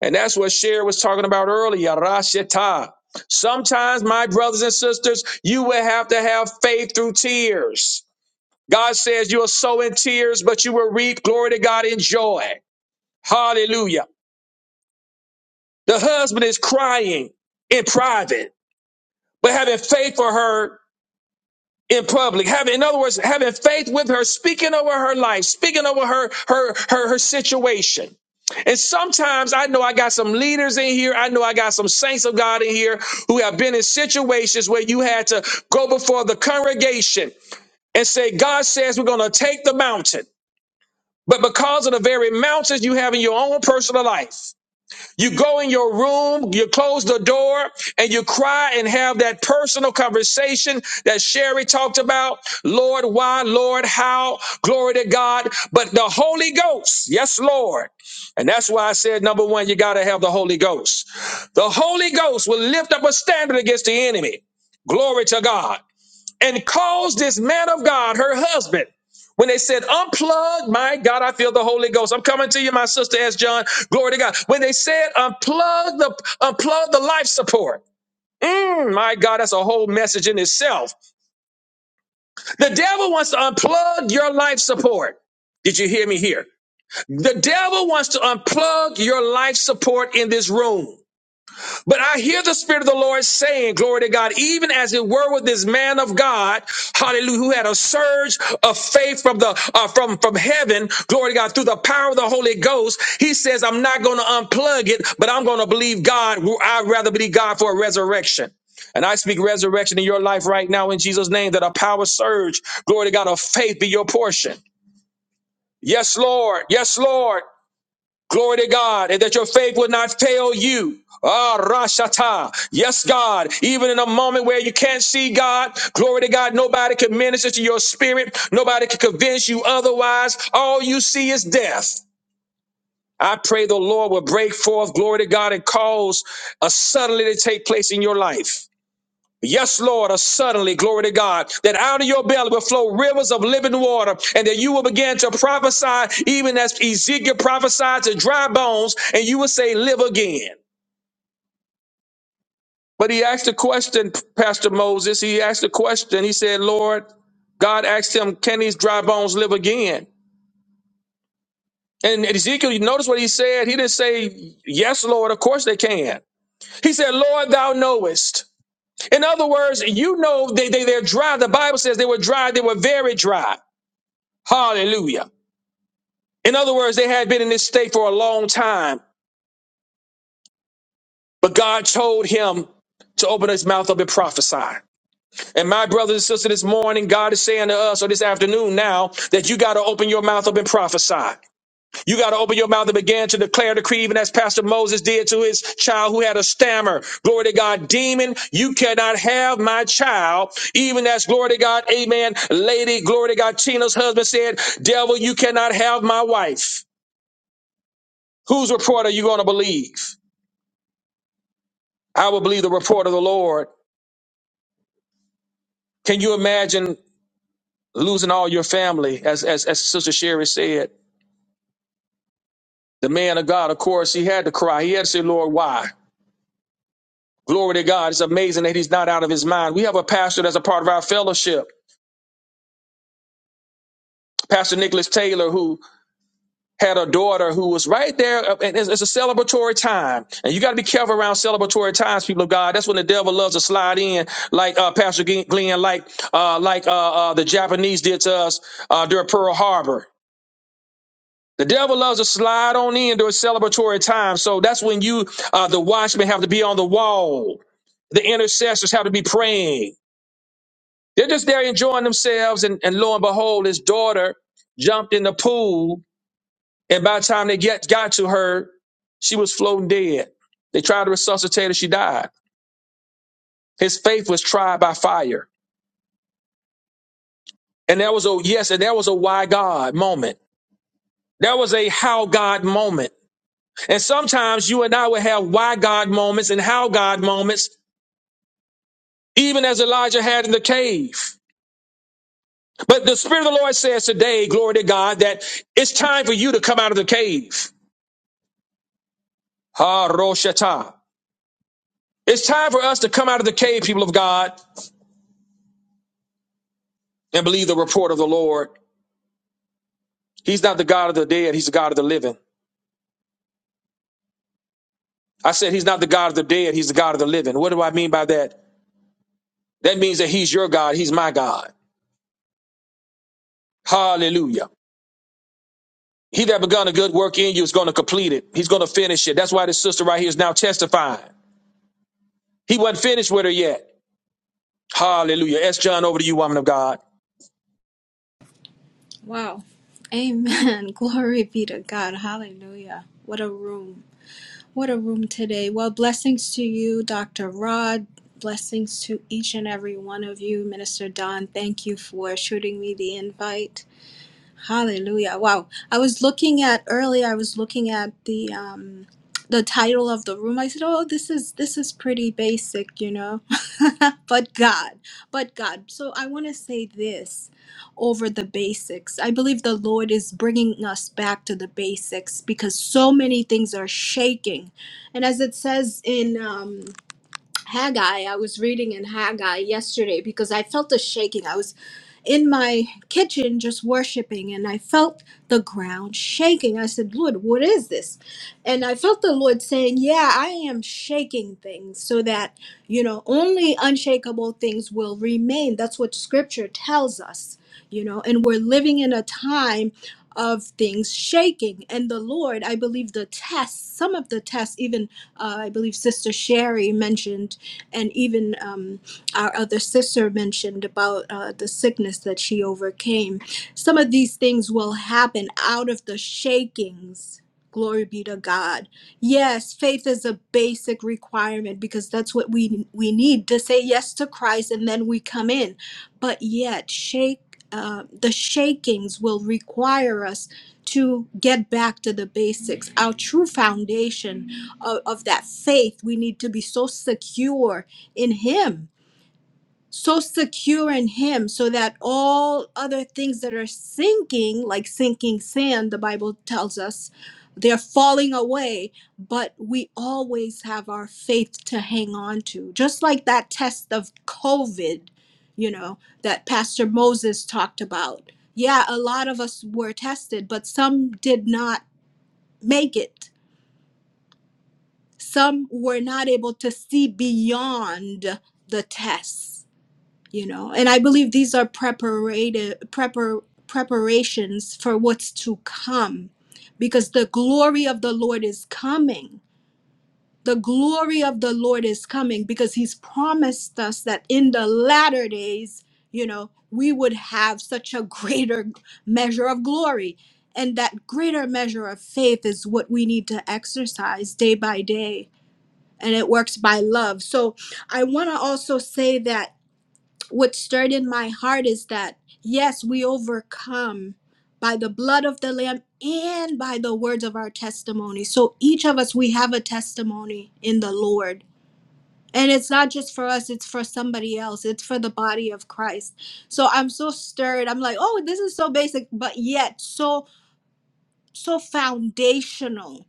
Speaker 1: and that's what Cher was talking about earlier, Rashita. Sometimes, my brothers and sisters, you will have to have faith through tears. God says you'll sow in tears, but you will reap glory to God in joy. Hallelujah. The husband is crying in private, but having faith for her in public having in other words having faith with her speaking over her life speaking over her her her her situation and sometimes I know I got some leaders in here. I know I got some saints of God in here who have been in situations where you had to go before the congregation and say, God says we're going to take the mountain. But because of the very mountains you have in your own personal life, you go in your room, you close the door, and you cry and have that personal conversation that Sherry talked about. Lord, why? Lord, how? Glory to God. But the Holy Ghost, yes, Lord. And that's why I said, number one, you got to have the Holy Ghost. The Holy Ghost will lift up a standard against the enemy. Glory to God and caused this man of God, her husband, when they said, unplug, my God, I feel the Holy Ghost. I'm coming to you, my sister, as John. Glory to God. When they said, unplug the, unplug the life support. Mm, my God, that's a whole message in itself. The devil wants to unplug your life support. Did you hear me here? The devil wants to unplug your life support in this room. But I hear the Spirit of the Lord saying, glory to God, even as it were with this man of God, hallelujah, who had a surge of faith from the, uh, from, from heaven, glory to God, through the power of the Holy Ghost. He says, I'm not going to unplug it, but I'm going to believe God. I'd rather believe God for a resurrection. And I speak resurrection in your life right now in Jesus' name that a power surge, glory to God, of faith be your portion. Yes, Lord. Yes, Lord. Glory to God, and that your faith will not fail you. Ah, Rashata. Yes, God. Even in a moment where you can't see God, glory to God, nobody can minister to your spirit. Nobody can convince you otherwise. All you see is death. I pray the Lord will break forth, glory to God, and cause a suddenly to take place in your life. Yes, Lord, uh, suddenly, glory to God, that out of your belly will flow rivers of living water, and that you will begin to prophesy, even as Ezekiel prophesied to dry bones, and you will say, Live again. But he asked a question, Pastor Moses. He asked a question. He said, Lord, God asked him, Can these dry bones live again? And Ezekiel, you notice what he said? He didn't say, Yes, Lord, of course they can. He said, Lord, thou knowest. In other words, you know they, they, they're dry. The Bible says they were dry, they were very dry. Hallelujah. In other words, they had been in this state for a long time, but God told him to open his mouth up and prophesy. And my brothers and sisters, this morning, God is saying to us, or this afternoon now, that you got to open your mouth up and prophesy. You got to open your mouth and begin to declare, decree, even as Pastor Moses did to his child who had a stammer. Glory to God, demon, you cannot have my child. Even as, glory to God, amen, lady, glory to God, Tina's husband said, devil, you cannot have my wife. Whose report are you going to believe? I will believe the report of the Lord. Can you imagine losing all your family? As, as, as Sister Sherry said, the man of God, of course, he had to cry. He had to say, Lord, why? Glory to God. It's amazing that he's not out of his mind. We have a pastor that's a part of our fellowship, Pastor Nicholas Taylor, who had a daughter who was right there, uh, and it's, it's a celebratory time. And you got to be careful around celebratory times, people of God. That's when the devil loves to slide in, like uh, Pastor Glenn, like uh, like uh, uh, the Japanese did to us uh, during Pearl Harbor. The devil loves to slide on in during celebratory time. So that's when you, uh, the watchmen, have to be on the wall. The intercessors have to be praying. They're just there enjoying themselves, and, and lo and behold, his daughter jumped in the pool and by the time they get, got to her, she was floating dead. They tried to resuscitate her, she died. His faith was tried by fire. And that was a yes, and that was a why God moment. That was a how God moment. And sometimes you and I will have why God moments and how God moments, even as Elijah had in the cave. But the Spirit of the Lord says today, glory to God, that it's time for you to come out of the cave. Ha Roshata. It's time for us to come out of the cave, people of God, and believe the report of the Lord. He's not the God of the dead, he's the God of the living. I said he's not the God of the dead, he's the God of the living. What do I mean by that? That means that he's your God, he's my God. Hallelujah. He that begun a good work in you is going to complete it. He's going to finish it. That's why this sister right here is now testifying. He wasn't finished with her yet. Hallelujah. S. John, over to you, woman of God.
Speaker 9: Wow. Amen. Glory be to God. Hallelujah. What a room. What a room today. Well, blessings to you, Dr. Rod. Blessings to each and every one of you. Minister Don, thank you for shooting me the invite. Hallelujah. Wow. I was looking at earlier, I was looking at the um the title of the room. I said, "Oh, this is this is pretty basic, you know." but God, but God. So I want to say this over the basics. I believe the Lord is bringing us back to the basics because so many things are shaking. And as it says in um Haggai. I was reading in Haggai yesterday because I felt a shaking. I was in my kitchen just worshiping and I felt the ground shaking. I said, Lord, what is this? And I felt the Lord saying, Yeah, I am shaking things so that, you know, only unshakable things will remain. That's what scripture tells us, you know, and we're living in a time of things shaking. And the Lord, I believe the tests, some of the tests, even uh, I believe Sister Sherry mentioned and even um, our other sister mentioned about uh, the sickness that she overcame. Some of these things will happen out of the shakings. Glory be to God. Yes, faith is a basic requirement because that's what we we need to say yes to Christ, and then we come in. But yet, shake uh, the shakings will require us to get back to the basics, our true foundation of, of that faith, we need to be so secure in Him, so secure in Him, so that all other things that are sinking, like sinking sand, the Bible tells us, they're falling away, but we always have our faith to hang on to. Just like that test of COVID, you know, that Pastor Moses talked about. Yeah, a lot of us were tested, but some did not make it some were not able to see beyond the tests you know and i believe these are preparative prepar, preparations for what's to come because the glory of the lord is coming the glory of the lord is coming because he's promised us that in the latter days you know we would have such a greater measure of glory and that greater measure of faith is what we need to exercise day by day and it works by love. So I want to also say that what stirred in my heart is that yes, we overcome by the blood of the lamb and by the words of our testimony. So each of us we have a testimony in the Lord. And it's not just for us, it's for somebody else. It's for the body of Christ. So I'm so stirred. I'm like, "Oh, this is so basic, but yet so so foundational."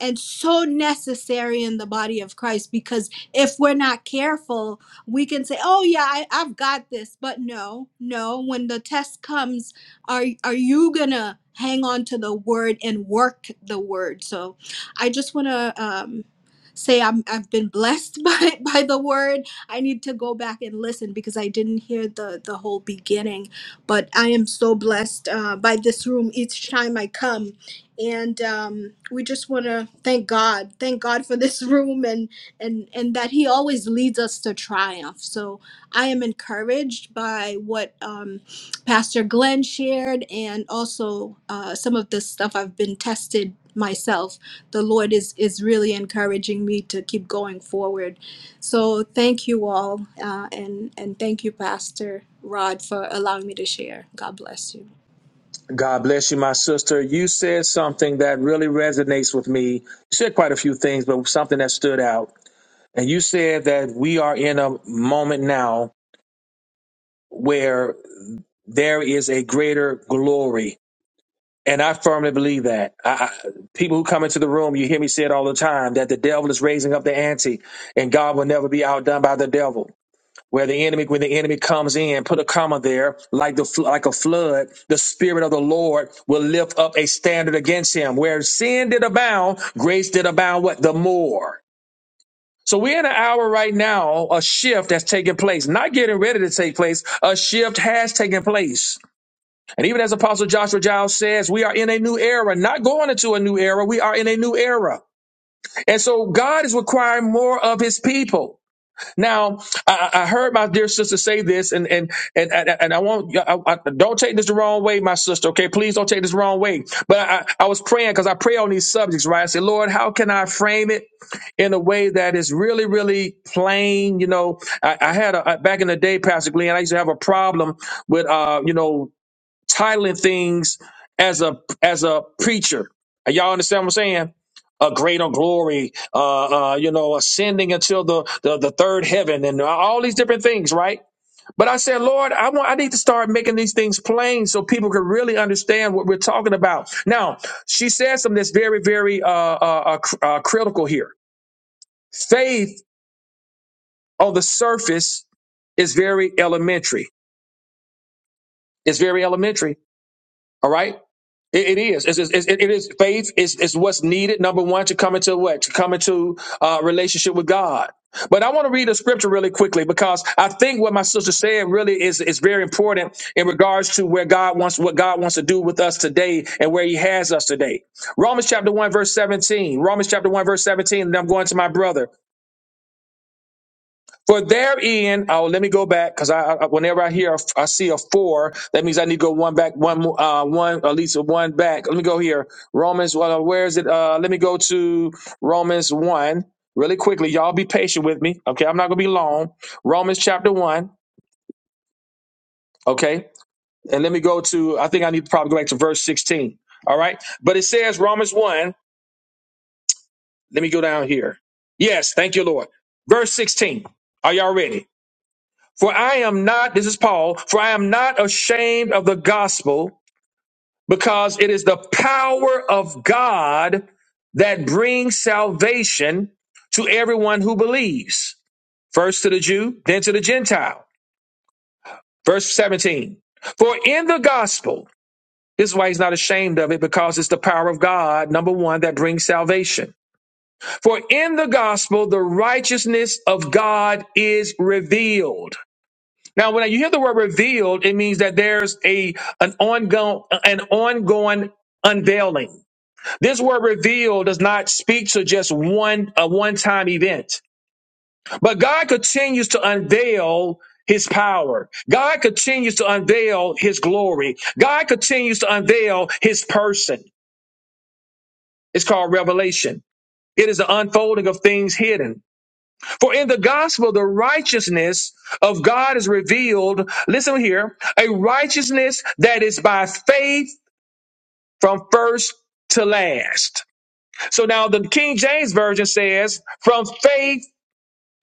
Speaker 9: and so necessary in the body of Christ because if we're not careful, we can say, "Oh yeah, I, I've got this," but no, no. When the test comes, are are you gonna hang on to the word and work the word? So, I just wanna um, say I'm I've been blessed by by the word. I need to go back and listen because I didn't hear the the whole beginning, but I am so blessed uh, by this room each time I come and um, we just want to thank God, thank God for this room, and and and that He always leads us to triumph. So I am encouraged by what um, Pastor Glenn shared, and also uh, some of the stuff I've been tested myself. The Lord is is really encouraging me to keep going forward. So thank you all, uh, and and thank you, Pastor Rod, for allowing me to share. God bless you.
Speaker 1: God bless you, my sister. You said something that really resonates with me. You said quite a few things, but something that stood out. And you said that we are in a moment now where there is a greater glory. And I firmly believe that. I, I, people who come into the room, you hear me say it all the time that the devil is raising up the ante, and God will never be outdone by the devil. Where the enemy, when the enemy comes in, put a comma there, like the fl- like a flood, the spirit of the Lord will lift up a standard against him. Where sin did abound, grace did abound. What the more? So we're in an hour right now, a shift that's taking place, not getting ready to take place. A shift has taken place and even as Apostle Joshua Giles says, we are in a new era, not going into a new era. We are in a new era. And so God is requiring more of his people. Now, I, I heard my dear sister say this, and and and and, and I won't. I, I, don't take this the wrong way, my sister. Okay, please don't take this the wrong way. But I, I was praying because I pray on these subjects, right? I said, Lord, how can I frame it in a way that is really, really plain? You know, I, I had a, back in the day, Pastor Glenn. I used to have a problem with, uh, you know, titling things as a as a preacher. Y'all understand what I'm saying? A greater glory, uh, uh, you know, ascending until the, the the third heaven, and all these different things, right? But I said, Lord, I want I need to start making these things plain so people can really understand what we're talking about. Now, she said something that's very, very uh, uh, uh, cr- uh, critical here. Faith on the surface is very elementary. It's very elementary. All right. It, it is. It's, it's, it it is faith. It's, it's what's needed. Number one, to come into what? To come into uh, relationship with God. But I want to read a scripture really quickly because I think what my sister said really is, is very important in regards to where God wants, what God wants to do with us today and where he has us today. Romans chapter 1, verse 17. Romans chapter 1, verse 17. And I'm going to my brother. For therein, oh, let me go back because I, I whenever I hear a, I see a four, that means I need to go one back, one mo- uh one at least one back. Let me go here. Romans, well, uh, where is it? Uh, let me go to Romans one really quickly. Y'all be patient with me, okay? I'm not gonna be long. Romans chapter one, okay? And let me go to. I think I need to probably go back to verse 16. All right, but it says Romans one. Let me go down here. Yes, thank you, Lord. Verse 16. Are y'all ready? For I am not, this is Paul, for I am not ashamed of the gospel because it is the power of God that brings salvation to everyone who believes, first to the Jew, then to the Gentile. Verse 17. For in the gospel, this is why he's not ashamed of it because it's the power of God, number one, that brings salvation. For in the gospel, the righteousness of God is revealed Now, when you hear the word revealed, it means that there's a an ongoing an ongoing unveiling. This word revealed does not speak to just one a one-time event, but God continues to unveil his power. God continues to unveil his glory. God continues to unveil his person. It's called revelation. It is the unfolding of things hidden. For in the gospel, the righteousness of God is revealed. Listen here, a righteousness that is by faith from first to last. So now the King James Version says from faith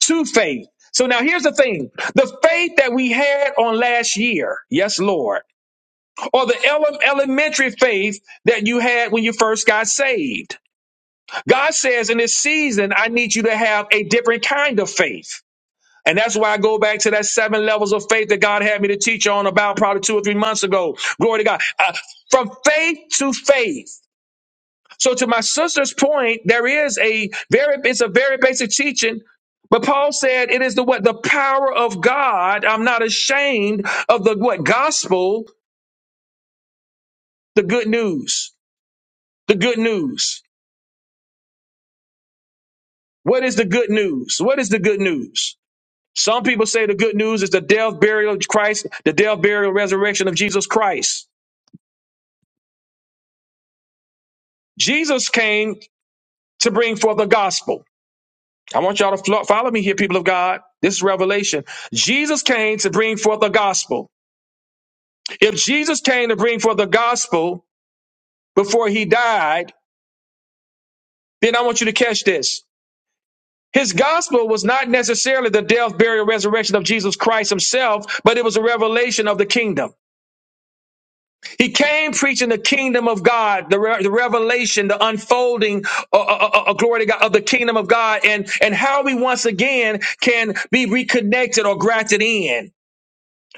Speaker 1: to faith. So now here's the thing. The faith that we had on last year, yes, Lord, or the ele- elementary faith that you had when you first got saved. God says in this season, I need you to have a different kind of faith. And that's why I go back to that seven levels of faith that God had me to teach on about probably two or three months ago. Glory to God. Uh, from faith to faith. So to my sister's point, there is a very, it's a very basic teaching. But Paul said it is the what the power of God. I'm not ashamed of the what gospel, the good news. The good news. What is the good news? What is the good news? Some people say the good news is the death, burial of Christ, the death, burial, resurrection of Jesus Christ. Jesus came to bring forth the gospel. I want y'all to flo- follow me here, people of God. This is revelation. Jesus came to bring forth the gospel. If Jesus came to bring forth the gospel before he died, then I want you to catch this. His gospel was not necessarily the death, burial, resurrection of Jesus Christ himself, but it was a revelation of the kingdom. He came preaching the kingdom of God, the, re- the revelation, the unfolding, uh, uh, uh, uh, glory to God, of the kingdom of God, and, and how we once again can be reconnected or grafted in.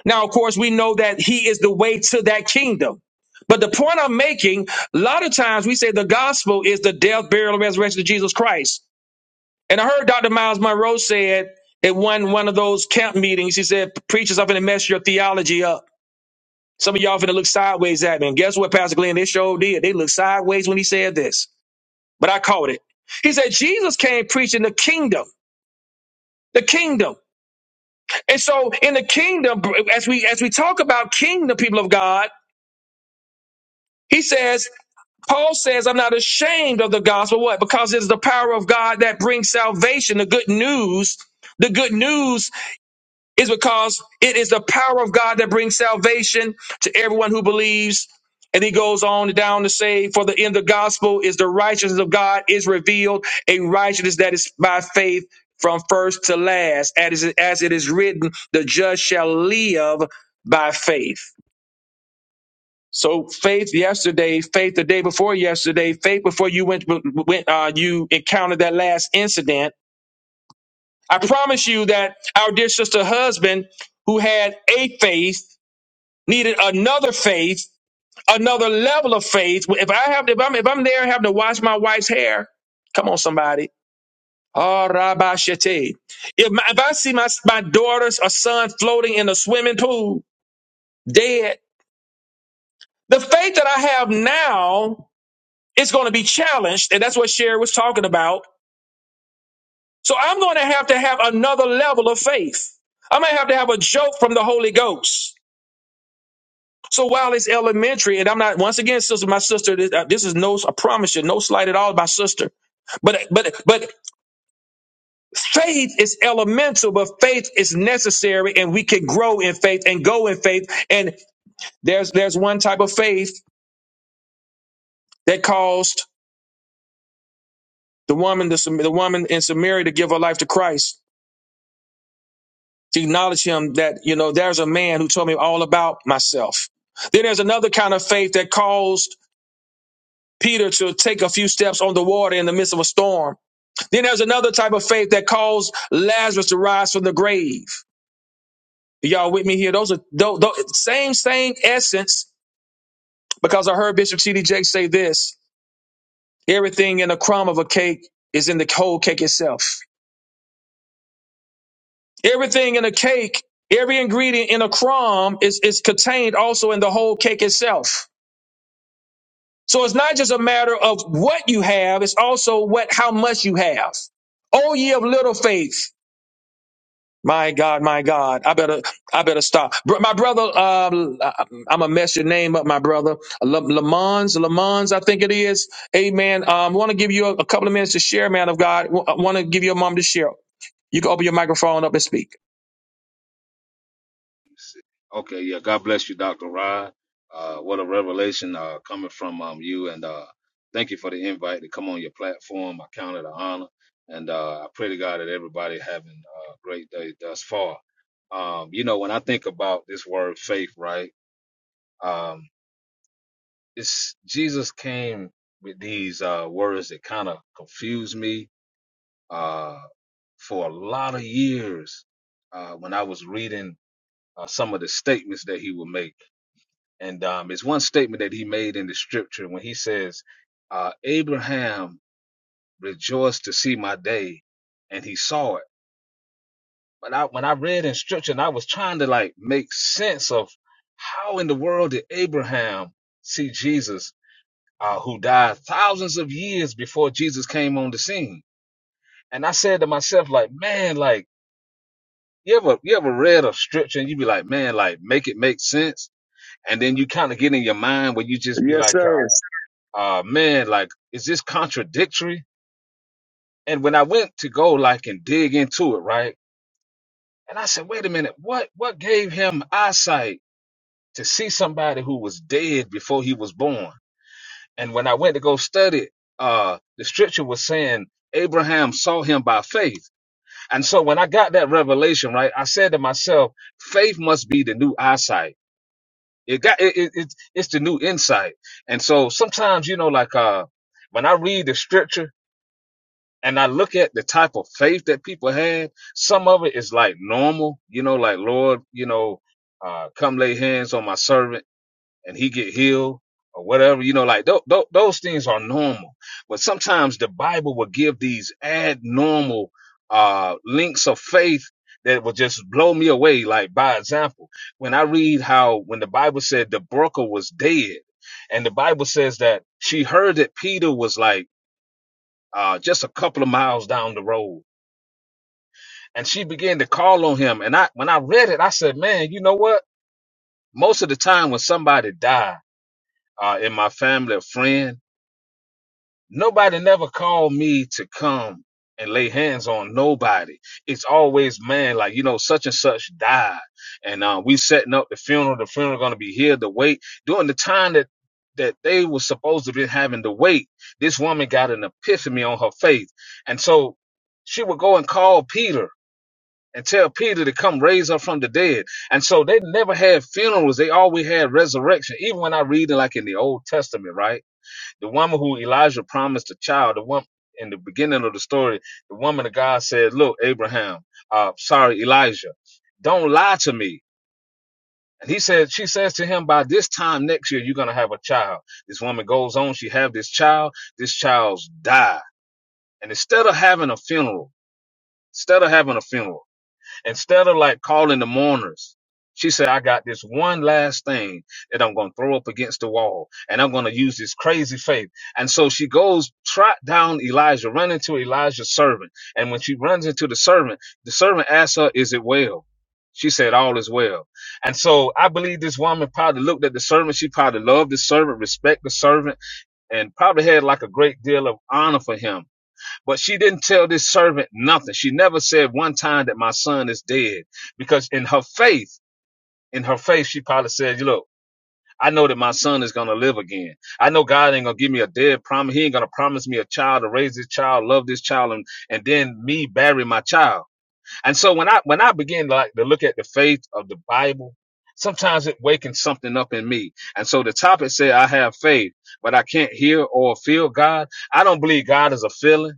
Speaker 1: Now, of course, we know that He is the way to that kingdom. But the point I'm making, a lot of times we say the gospel is the death, burial, and resurrection of Jesus Christ. And I heard Dr. Miles Monroe said at one one of those camp meetings, he said, "Preachers, I'm going to mess your theology up." Some of y'all finna look sideways at me. And guess what, Pastor Glenn? They sure did. They looked sideways when he said this. But I caught it. He said, Jesus came preaching the kingdom. The kingdom. And so in the kingdom, as we as we talk about kingdom people of God, he says, Paul says, I'm not ashamed of the gospel. What? Because it is the power of God that brings salvation, the good news. The good news is because it is the power of God that brings salvation to everyone who believes. And he goes on down to say, For the end of the gospel is the righteousness of God is revealed, a righteousness that is by faith from first to last. As it, as it is written, the just shall live by faith. So faith yesterday, faith the day before yesterday, faith before you went, went uh, you encountered that last incident. I promise you that our dear sister husband who had a faith needed another faith, another level of faith. If I have, if I'm, if I'm there having to wash my wife's hair, come on, somebody. Ah, Rabbi Shete. If, my, if I see my, my daughters or son floating in a swimming pool, dead, the faith that I have now is going to be challenged. And that's what Sherry was talking about. So I'm going to have to have another level of faith. I'm going to have to have a joke from the Holy Ghost. So while it's elementary, and I'm not once again, sister, my sister, this, uh, this is no, I promise you, no slight at all, my sister. But but but faith is elemental, but faith is necessary, and we can grow in faith and go in faith. And there's there's one type of faith that caused the woman the, Sam- the woman in Samaria to give her life to Christ to acknowledge Him. That you know, there's a man who told me all about myself. Then there's another kind of faith that caused Peter to take a few steps on the water in the midst of a storm Then there's another type of faith that caused Lazarus to rise from the grave. Y'all with me here? Those are those, those, same same essence. Because I heard Bishop T.D. Jakes say this: everything in a crumb of a cake is in the whole cake itself. Everything in a cake, every ingredient in a crumb is is contained also in the whole cake itself. So it's not just a matter of what you have; it's also what how much you have. Oh, ye of little faith! My God, my God, I better, I better stop. Br- My brother, uh, I'm gonna mess your name up, my brother. Le- Lamons, Lamons, I think it is. Amen. Um, want to give you a, a couple of minutes to share, man of God. Want to give you a moment to share. You can open your microphone up and speak.
Speaker 10: Okay, yeah. God bless you, Dr. Rod. Uh, what a revelation uh, coming from um, you. And uh, thank you for the invite to come on your platform. I count it an honor. And uh, I pray to God that everybody having a great day thus far. Um, you know, when I think about this word faith, right? Um, it's Jesus came with these uh, words that kind of confused me uh, for a lot of years uh, when I was reading uh, some of the statements that he would make. And um, it's one statement that he made in the scripture when he says, uh, Abraham rejoiced to see my day and he saw it. But I, when I read in scripture and I was trying to like make sense of how in the world did Abraham see Jesus, uh, who died thousands of years before Jesus came on the scene. And I said to myself, like, man, like, you ever, you ever read a scripture and you be like, man, like, make it make sense. And then you kind of get in your mind where you just be
Speaker 1: Yes,
Speaker 10: like,
Speaker 1: sir.
Speaker 10: uh man, like, is this contradictory? And when I went to go like and dig into it, right? And I said, wait a minute, what what gave him eyesight to see somebody who was dead before he was born? And when I went to go study, uh the scripture was saying Abraham saw him by faith. And so when I got that revelation, right, I said to myself, faith must be the new eyesight. It got it, it, it's it's the new insight. And so sometimes, you know, like uh when I read the scripture and I look at the type of faith that people had, some of it is like normal, you know, like Lord, you know, uh, come lay hands on my servant and he get healed or whatever, you know, like th- th- those things are normal. But sometimes the Bible will give these abnormal, uh, links of faith that will just blow me away. Like by example, when I read how, when the Bible said the broker was dead and the Bible says that she heard that Peter was like, uh, just a couple of miles down the road. And she began to call on him. And I, when I read it, I said, man, you know what? Most of the time when somebody died, uh, in my family, a friend, Nobody never called me to come and lay hands on nobody. It's always man, like you know, such and such died, and uh, we setting up the funeral. The funeral gonna be here. to wait during the time that that they were supposed to be having to wait. This woman got an epiphany on her faith, and so she would go and call Peter and tell Peter to come raise her from the dead. And so they never had funerals. They always had resurrection. Even when I read it, like in the Old Testament, right? The woman who Elijah promised a child, the woman in the beginning of the story, the woman of God said, Look, Abraham, uh, sorry, Elijah, don't lie to me. And he said, she says to him, by this time next year, you're going to have a child. This woman goes on. She have this child. This child's die. And instead of having a funeral, instead of having a funeral, Instead of like calling the mourners, she said, I got this one last thing that I'm going to throw up against the wall and I'm going to use this crazy faith. And so she goes trot down Elijah, run into Elijah's servant. And when she runs into the servant, the servant asks her, is it well? She said, all is well. And so I believe this woman probably looked at the servant. She probably loved the servant, respect the servant, and probably had like a great deal of honor for him but she didn't tell this servant nothing. She never said one time that my son is dead because in her faith, in her faith, she probably said, look, I know that my son is going to live again. I know God ain't going to give me a dead promise. He ain't going to promise me a child to raise this child, love this child, and, and then me bury my child. And so when I, when I begin like to look at the faith of the Bible, sometimes it wakens something up in me. And so the topic said, I have faith, but I can't hear or feel God. I don't believe God is a feeling.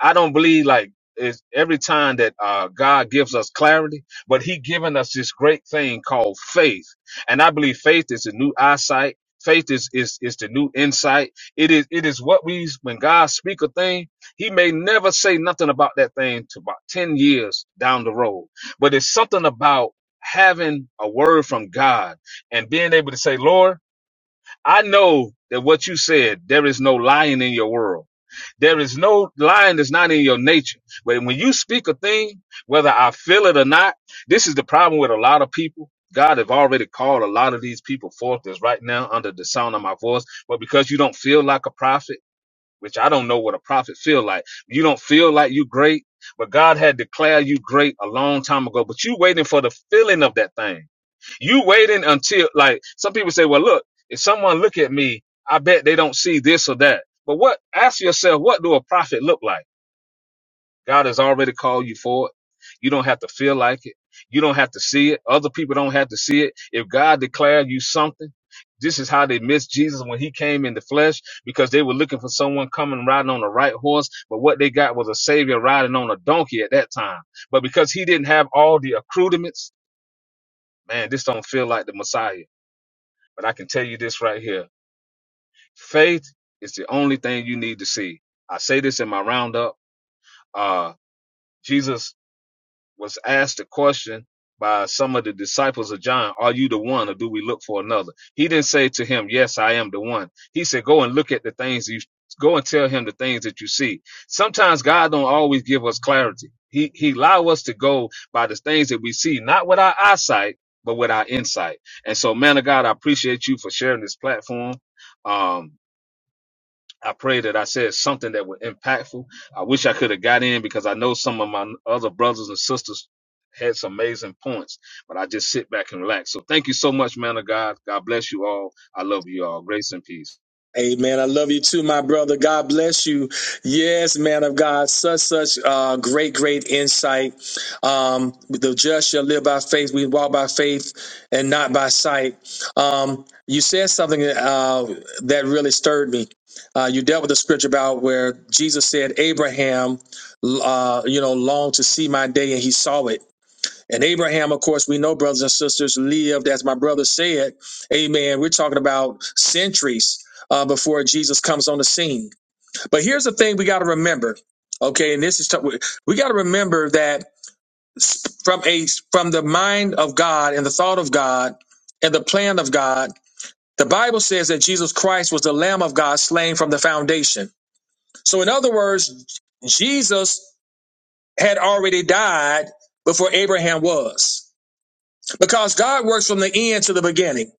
Speaker 10: I don't believe like it's every time that uh, God gives us clarity, but He given us this great thing called faith, and I believe faith is a new eyesight. Faith is is is the new insight. It is it is what we when God speak a thing, He may never say nothing about that thing to about ten years down the road, but it's something about having a word from God and being able to say, Lord. I know that what you said, there is no lying in your world. There is no lying that's not in your nature. But when you speak a thing, whether I feel it or not, this is the problem with a lot of people. God have already called a lot of these people forth as right now under the sound of my voice. But because you don't feel like a prophet, which I don't know what a prophet feel like. You don't feel like you great, but God had declared you great a long time ago, but you waiting for the feeling of that thing. You waiting until like some people say, well, look, if someone look at me, I bet they don't see this or that. But what? Ask yourself, what do a prophet look like? God has already called you for it. You don't have to feel like it. You don't have to see it. Other people don't have to see it. If God declared you something, this is how they missed Jesus when he came in the flesh because they were looking for someone coming riding on a right horse. But what they got was a savior riding on a donkey at that time. But because he didn't have all the accoutrements, man, this don't feel like the Messiah. But I can tell you this right here. Faith is the only thing you need to see. I say this in my roundup. Uh, Jesus was asked a question by some of the disciples of John, Are you the one, or do we look for another? He didn't say to him, Yes, I am the one. He said, Go and look at the things you go and tell him the things that you see. Sometimes God don't always give us clarity. He he allow us to go by the things that we see, not with our eyesight, but with our insight. And so, man of God, I appreciate you for sharing this platform. Um, I pray that I said something that was impactful. I wish I could have got in because I know some of my other brothers and sisters had some amazing points, but I just sit back and relax. So thank you so much, man of God. God bless you all. I love you all. Grace and peace.
Speaker 1: Amen. I love you too, my brother. God bless you. Yes, man of God. Such, such uh, great, great insight. Um, the just shall live by faith. We walk by faith and not by sight. Um, you said something uh, that really stirred me. Uh, you dealt with the scripture about where Jesus said, Abraham, uh, you know, longed to see my day and he saw it. And Abraham, of course, we know, brothers and sisters, lived, as my brother said, amen. We're talking about centuries uh, before Jesus comes on the scene. But here's the thing we got to remember. Okay, and this is t- we got to remember that from a from the mind of God and the thought of God and the plan of God, the Bible says that Jesus Christ was the Lamb of God slain from the foundation. So, in other words, Jesus had already died before Abraham was. because God works from the end to the beginning.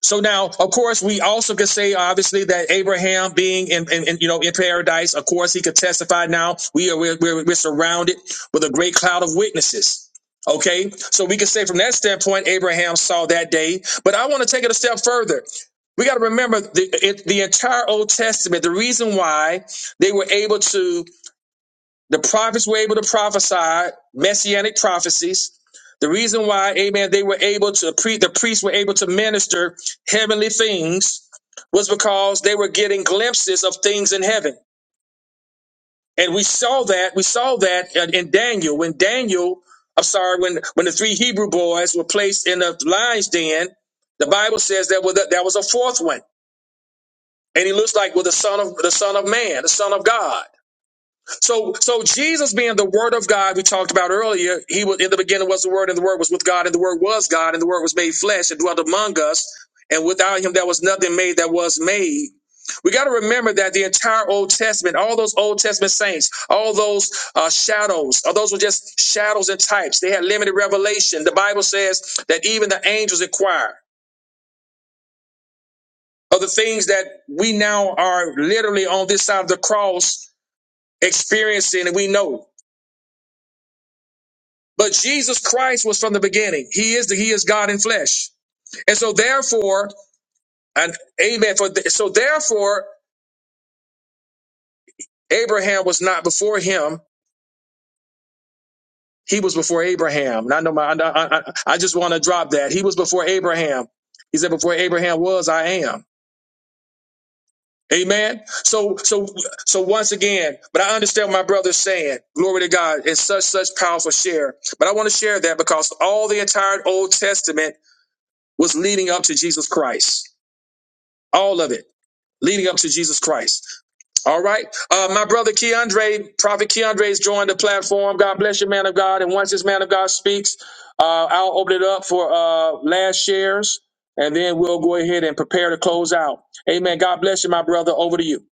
Speaker 1: So now, of course, we also could say, obviously, that Abraham being in, in, in, you know, in paradise, of course, he could testify now. We are, we're, we're, we're surrounded with a great cloud of witnesses. Okay. So we can say from that standpoint, Abraham saw that day. But I want to take it a step further. We got to remember the, it, the entire Old Testament, the reason why they were able to the prophets were able to prophesy messianic prophecies. The reason why, amen, they were able to pre the priests were able to minister heavenly things was because they were getting glimpses of things in heaven. And we saw that, we saw that in in Daniel. When Daniel, I'm sorry, when when the three Hebrew boys were placed in the lion's den, the Bible says that was a, that was a fourth one. And he looks like well, the son of the son of man, the son of God. So, so Jesus being the Word of God, we talked about earlier, he was in the beginning was the Word, and the Word was with God, and the Word was God, and the Word was made flesh and dwelt among us. And without him, there was nothing made that was made. We got to remember that the entire Old Testament, all those Old Testament saints, all those uh, shadows, all those were just shadows and types. They had limited revelation. The Bible says that even the angels inquire of the things that we now are literally on this side of the cross experiencing, and we know. But Jesus Christ was from the beginning. He is the, he is God in flesh. And so therefore, and amen. For th- so therefore, Abraham was not before him. He was before Abraham. And I know my, I, I, I I just want to drop that. He was before Abraham. He said, before Abraham was, I am. Amen. So, so, so once again, but I understand what my brother's saying, glory to God, and such, such powerful share. But I want to share that because all the entire Old Testament was leading up to Jesus Christ. All of it. leading up to Jesus Christ. All right. Uh, my brother Keandre, Prophet Keandre has joined the platform. God bless you, man of God. And once this man of God speaks, uh, I'll open it up for uh, last shares and then we'll go ahead and prepare to close out. Amen. God bless you, my brother. Over to you.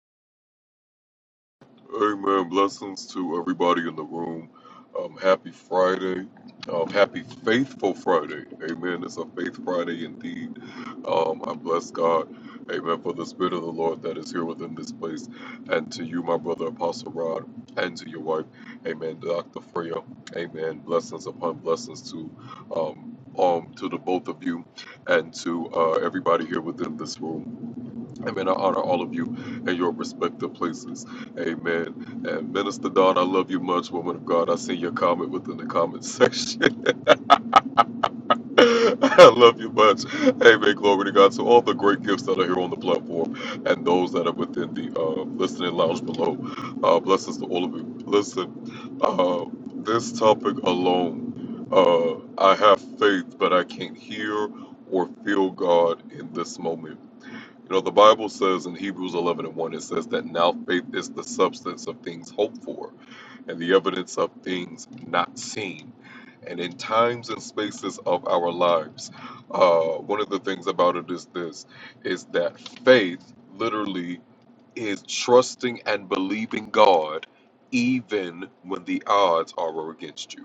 Speaker 11: Amen. Blessings to everybody in the room. Um, happy Friday. Um, happy Faithful Friday. Amen. It's a Faith Friday indeed. Um, I bless God. Amen. For the Spirit of the Lord that is here within this place. And to you, my brother Apostle Rod, and to your wife. Amen. Dr. Freya. Amen. Blessings upon blessings to. Um, um, to the both of you and to uh, everybody here within this room. Amen. I honor all of you in your respective places. Amen. And Minister Don, I love you much, woman of God. I see your comment within the comment section. I love you much. Amen. Glory to God. So all the great gifts that are here on the platform and those that are within the uh, listening lounge below. Uh, blessings to all of you. Listen, uh, this topic alone, uh, I have faith, but I can't hear or feel God in this moment. You know, the Bible says in Hebrews 11 and 1, it says that now faith is the substance of things hoped for and the evidence of things not seen. And in times and spaces of our lives, uh, one of the things about it is this is that faith literally is trusting and believing God even when the odds are against you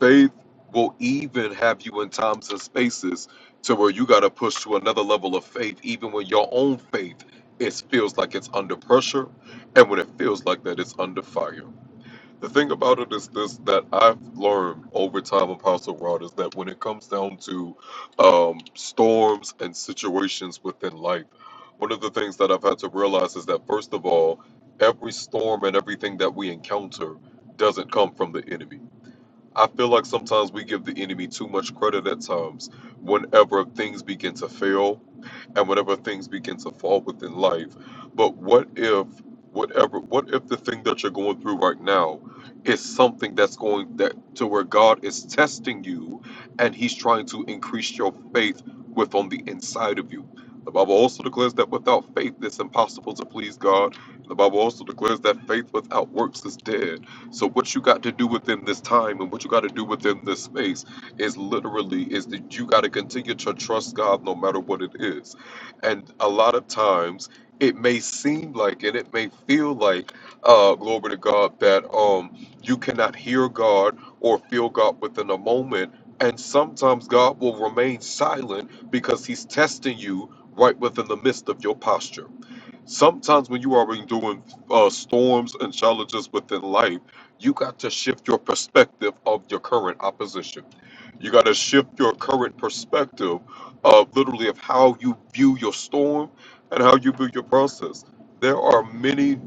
Speaker 11: Faith will even have you in times and spaces to where you got to push to another level of faith, even when your own faith it feels like it's under pressure, and when it feels like that it's under fire. The thing about it is this that I've learned over time, Apostle Rod, is that when it comes down to um, storms and situations within life, one of the things that I've had to realize is that first of all, every storm and everything that we encounter doesn't come from the enemy I feel like sometimes we give the enemy too much credit at times whenever things begin to fail and whatever things begin to fall within life. But what if whatever what if the thing that you're going through right now is something that's going that to where God is testing you and he's trying to increase your faith with on the inside of you. The Bible also declares that without faith it's impossible to please God. The Bible also declares that faith without works is dead. So what you got to do within this time and what you got to do within this space is literally is that you got to continue to trust God no matter what it is and a lot of times it may seem like and it may feel like, uh, glory to God, that um you cannot hear God or feel God within a moment. And sometimes God will remain silent because he's testing you right within the midst of your posture. Sometimes when you are doing uh, storms and challenges within life, you got to shift your perspective of your current opposition. You got to shift your current perspective of literally of how you view your storm and how you view your process. There are many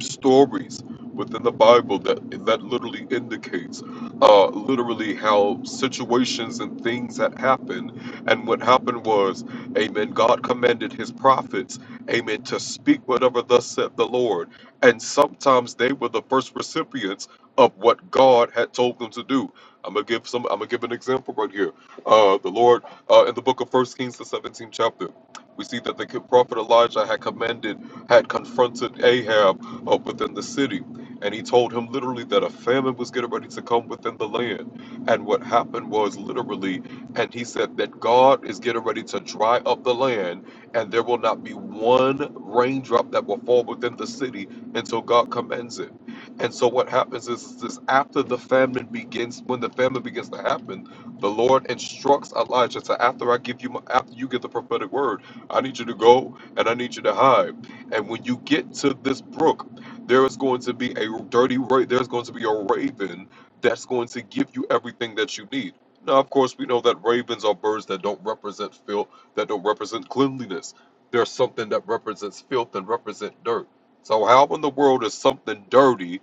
Speaker 11: stories within the Bible that that literally indicates uh, literally how situations and things that happened. And what happened was, Amen. God commanded His prophets amen, to speak whatever thus said the Lord. And sometimes they were the first recipients of what God had told them to do. I'm gonna give some. I'm gonna give an example right here. Uh, the Lord uh, in the book of First Kings, the 17th chapter, we see that the prophet Elijah had commanded, had confronted Ahab uh, within the city, and he told him literally that a famine was getting ready to come within the land. And what happened was literally, and he said that God is getting ready to dry up the land and there will not be one raindrop that will fall within the city until God commands it. And so what happens is, this after the famine begins, when the famine begins to happen, the Lord instructs Elijah to after I give you my, after you get the prophetic word, I need you to go and I need you to hide. And when you get to this brook, there is going to be a dirty ra- there's going to be a raven that's going to give you everything that you need. Now, of course, we know that ravens are birds that don't represent filth that don't represent cleanliness. There's something that represents filth and represent dirt. So how in the world is something dirty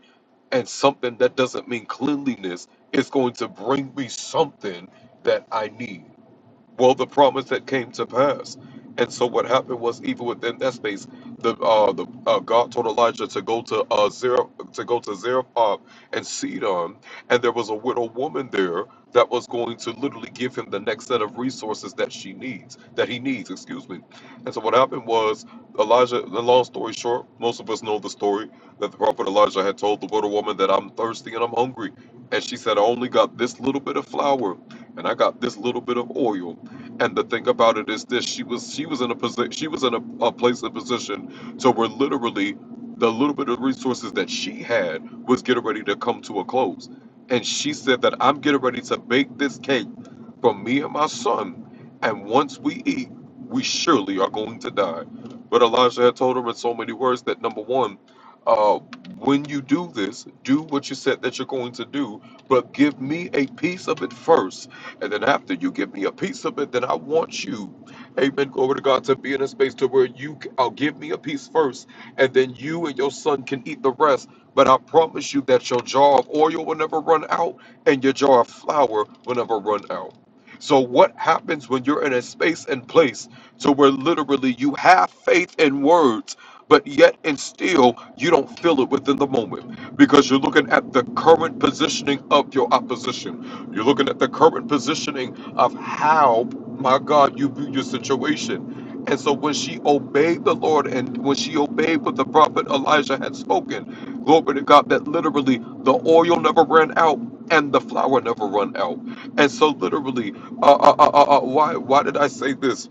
Speaker 11: and something that doesn't mean cleanliness is going to bring me something that I need? well the promise that came to pass and so what happened was even within that space the uh the uh, god told elijah to go to uh zero to go to zarephath and sidon and there was a widow woman there that was going to literally give him the next set of resources that she needs that he needs excuse me and so what happened was elijah the long story short most of us know the story that the prophet elijah had told the widow woman that i'm thirsty and i'm hungry and she said i only got this little bit of flour and i got this little bit of oil and the thing about it is this: she was she was in a position she was in a, a place and position to where literally the little bit of resources that she had was getting ready to come to a close. And she said that I'm getting ready to bake this cake for me and my son, and once we eat, we surely are going to die. But Elijah had told her in so many words that number one, uh, when you do this, do what you said that you're going to do, but give me a piece of it first and then after you give me a piece of it, then I want you, amen, glory to God, to be in a space to where you, i I'll give me a piece first, and then you and your son can eat the rest. But I promise you that your jar of oil will never run out, and your jar of flour will never run out. So what happens when you're in a space and place to where literally you have faith in words, but yet and still you don't feel it within the moment because you're looking at the current positioning of your opposition. You're looking at the current positioning of how, my God, you view your situation. And so when she obeyed the Lord and when she obeyed what the prophet Elijah had spoken, glory to God, that literally the oil never ran out and the flour never run out. And so literally, uh, uh, uh, uh, uh, why, why did I say this?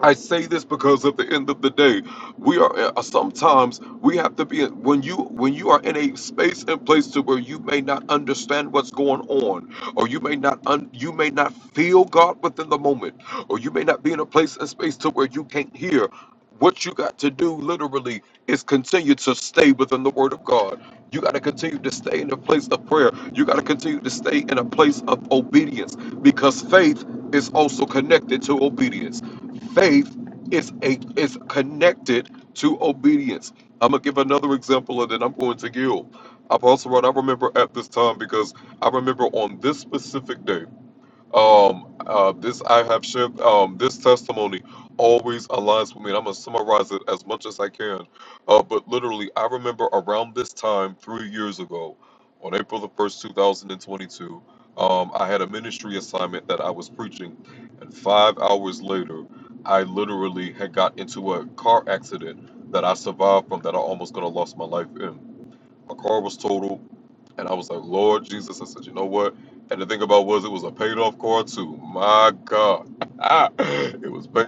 Speaker 11: I say this because at the end of the day, we are uh, sometimes we have to be when you when you are in a space and place to where you may not understand what's going on, or you may not un, you may not feel God within the moment, or you may not be in a place and space to where you can't hear. What you got to do literally is continue to stay within the Word of God. You got to continue to stay in a place of prayer. You got to continue to stay in a place of obedience because faith is also connected to obedience faith is a is connected to obedience. I'm gonna give another example and then I'm going to yield. Apostle Rod, I remember at this time because I remember on this specific day. Um, uh, this I have shared. Um, this testimony always aligns with me, and I'm gonna summarize it as much as I can. Uh, but literally, I remember around this time three years ago, on April the first, 2022, um, I had a ministry assignment that I was preaching, and five hours later, I literally had got into a car accident that I survived from that I almost could have lost my life in. My car was totaled. And I was like, Lord Jesus. I said, you know what? And the thing about was it was a paid off car too. My God. it was paid.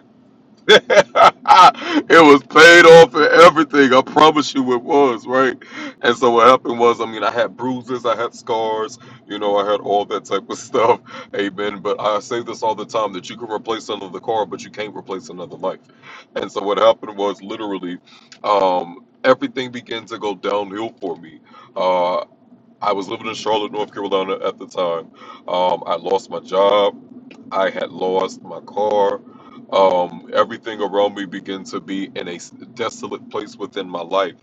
Speaker 11: it was paid off and everything. I promise you it was, right? And so what happened was, I mean, I had bruises, I had scars, you know, I had all that type of stuff. Amen. But I say this all the time that you can replace another car, but you can't replace another life. And so what happened was literally, um, everything began to go downhill for me Uh, I was living in Charlotte, North Carolina at the time. Um, I lost my job. I had lost my car. Um, everything around me began to be in a s- desolate place within my life.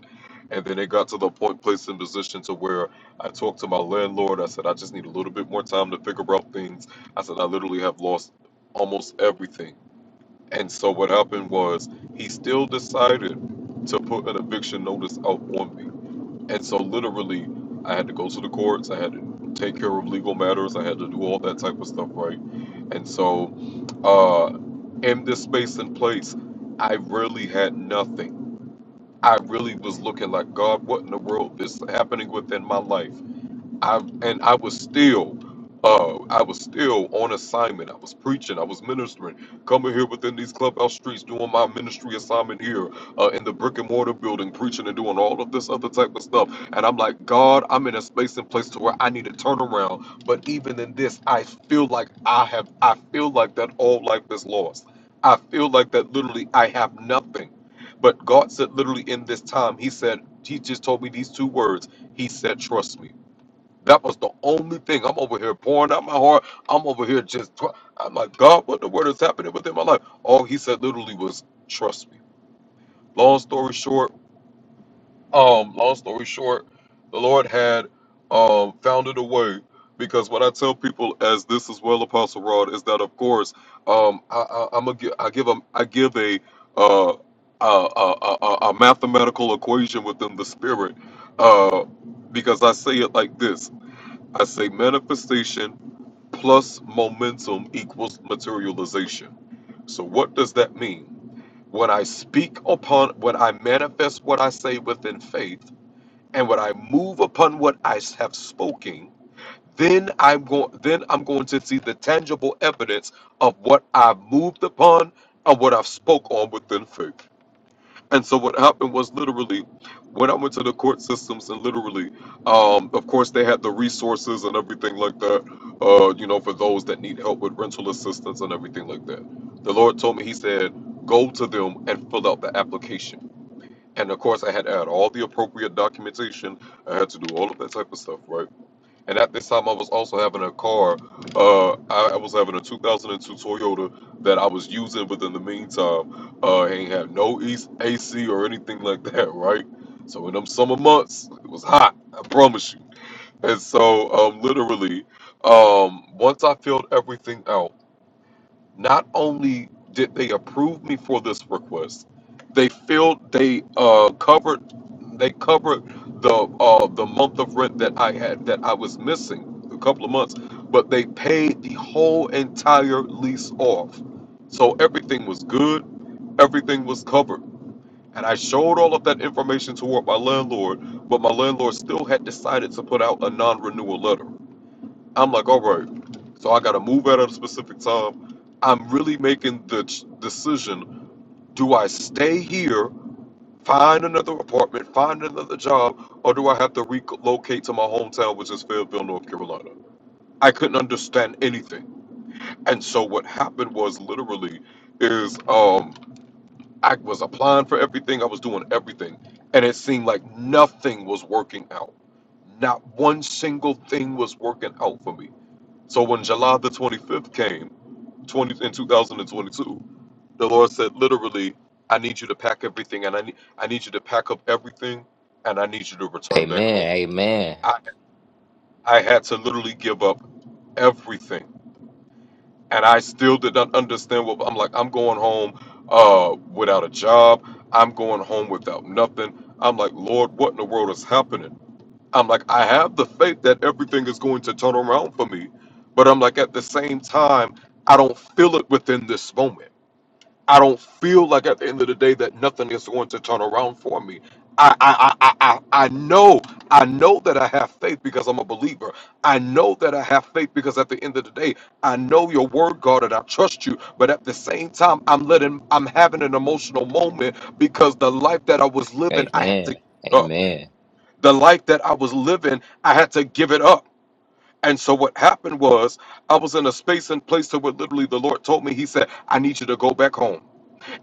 Speaker 11: And then it got to the point, place, and position to where I talked to my landlord. I said, I just need a little bit more time to figure out things. I said, I literally have lost almost everything. And so what happened was he still decided to put an eviction notice out on me and so, literally, I had to go to the courts. I had to take care of legal matters. I had to do all that type of stuff, right? And so, uh, in this space and place, I really had nothing. I really was looking like, God, what in the world is happening within my life? I and I was still uh I was still on assignment. I was preaching, I was ministering, coming here within these clubhouse streets, doing my ministry assignment here, uh in the brick and mortar building, preaching and doing all of this other type of stuff. And I'm like, God, I'm in a space and place to where I need to turn around. But even in this, I feel like I have I feel like that all life is lost. I feel like that literally I have nothing. But God said literally in this time, He said, He just told me these two words. He said, trust me. That was the only thing. I'm over here pouring out my heart. I'm over here just. Tw- I'm like, God, what the word is happening within my life? All he said literally was, "Trust me." Long story short, um, long story short, the Lord had um founded a way because what I tell people as this is well, Apostle Rod, is that of course, um, I, I, I'm a gi- I give them I give a uh. uh uh a, a a mathematical equation within the spirit uh, because I say it like this I say manifestation plus momentum equals materialization. So what does that mean? When I speak upon, when I manifest what I say within faith, and when I move upon what I have spoken, then I'm going, then I'm going to see the tangible evidence of what I've moved upon and what I've spoke on within faith. And so what happened was literally when I went to the court systems and literally, um, of course they had the resources and everything like that, uh, you know, for those that need help with rental assistance and everything like that. The Lord told me, he said, go to them and fill out the application. And of course I had to add all the appropriate documentation. I had to do all of that type of stuff, right? And at this time, I was also having a car. Uh, I, I was having a 2002 Toyota that I was using, but in the meantime, uh, it ain't had no East AC or anything like that, right? So in them summer months, it was hot. I promise you. And so, um, literally, um, once I filled everything out not only did they approve me for this request, they filled they uh covered they covered the uh the month of rent that I had that I was missing a couple of months, but they paid the whole entire lease off. So everything was good, everything was covered. And I showed all of that information toward my landlord, but my landlord still had decided to put out a non-renewal letter. I'm like, all right, so I got to move out at a specific time. I'm really making the ch- decision do I stay here, find another apartment, find another job, or do I have to relocate to my hometown, which is Fayetteville, North Carolina? I couldn't understand anything. And so what happened was literally is um I was applying for everything, I was doing everything, and it seemed like nothing was working out. Not one single thing was working out for me. So when July the 25th came, 20 in 2022, the Lord said literally, I need you to pack everything and I need I need you to pack up everything and I need you to return back home.
Speaker 12: Amen. Amen.
Speaker 11: I I had to literally give up everything. And I still did not understand what I'm like, I'm going home uh without a job. I'm going home without nothing. I'm like, Lord, what in the world is happening? I'm like, I have the faith that everything is going to turn around for me. But I'm like, at the same time, I don't feel it within this moment. I don't feel like at the end of the day that nothing is going to turn around for me. I I I I, I I know I know that I have faith because I'm a believer. I know that I have faith because at the end of the day, I know your word, God, and I trust you. But at the same time, I'm letting I'm having an emotional moment because the life that I was living, I had
Speaker 12: Amen.
Speaker 11: to
Speaker 12: Amen.
Speaker 11: the life that I was living, I had to give it up. And so what happened was I was in a space and place to where literally the Lord told me, He said, I need you to go back home.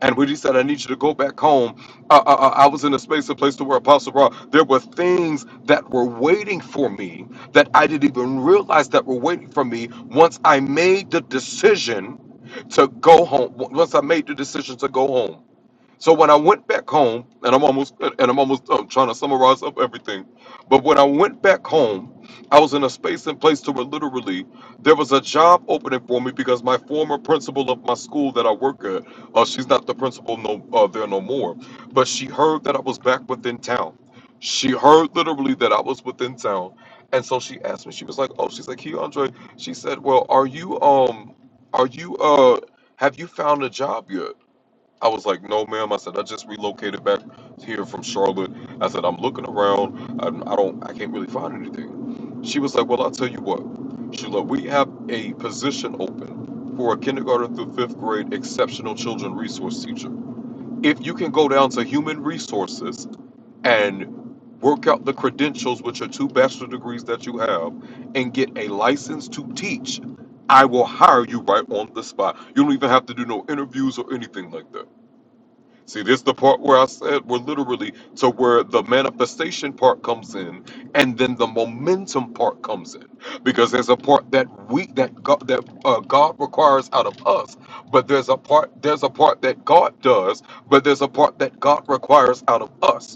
Speaker 11: And when He said, I need you to go back home, uh, uh, uh, I was in a space and place to where Apostle Raw, there were things that were waiting for me that I didn't even realize that were waiting for me once I made the decision to go home. Once I made the decision to go home. So when I went back home, and I'm almost and I'm almost done trying to summarize up everything, but when I went back home, I was in a space and place to where literally there was a job opening for me because my former principal of my school that I work at, uh, she's not the principal no uh, there no more, but she heard that I was back within town. She heard literally that I was within town, and so she asked me. She was like, "Oh, she's like, hey, Andre." She said, "Well, are you um, are you uh, have you found a job yet?" I was like, no, ma'am. I said, I just relocated back here from Charlotte. I said, I'm looking around. I, I don't, I can't really find anything. She was like, well, I'll tell you what. She was like, we have a position open for a kindergarten through fifth grade exceptional children resource teacher. If you can go down to human resources and work out the credentials, with your two bachelor degrees that you have, and get a license to teach, I will hire you right on the spot. You don't even have to do no interviews or anything like that. See, this is the part where I said we're literally to where the manifestation part comes in, and then the momentum part comes in, because there's a part that we that God that uh, God requires out of us, but there's a part there's a part that God does, but there's a part that God requires out of us.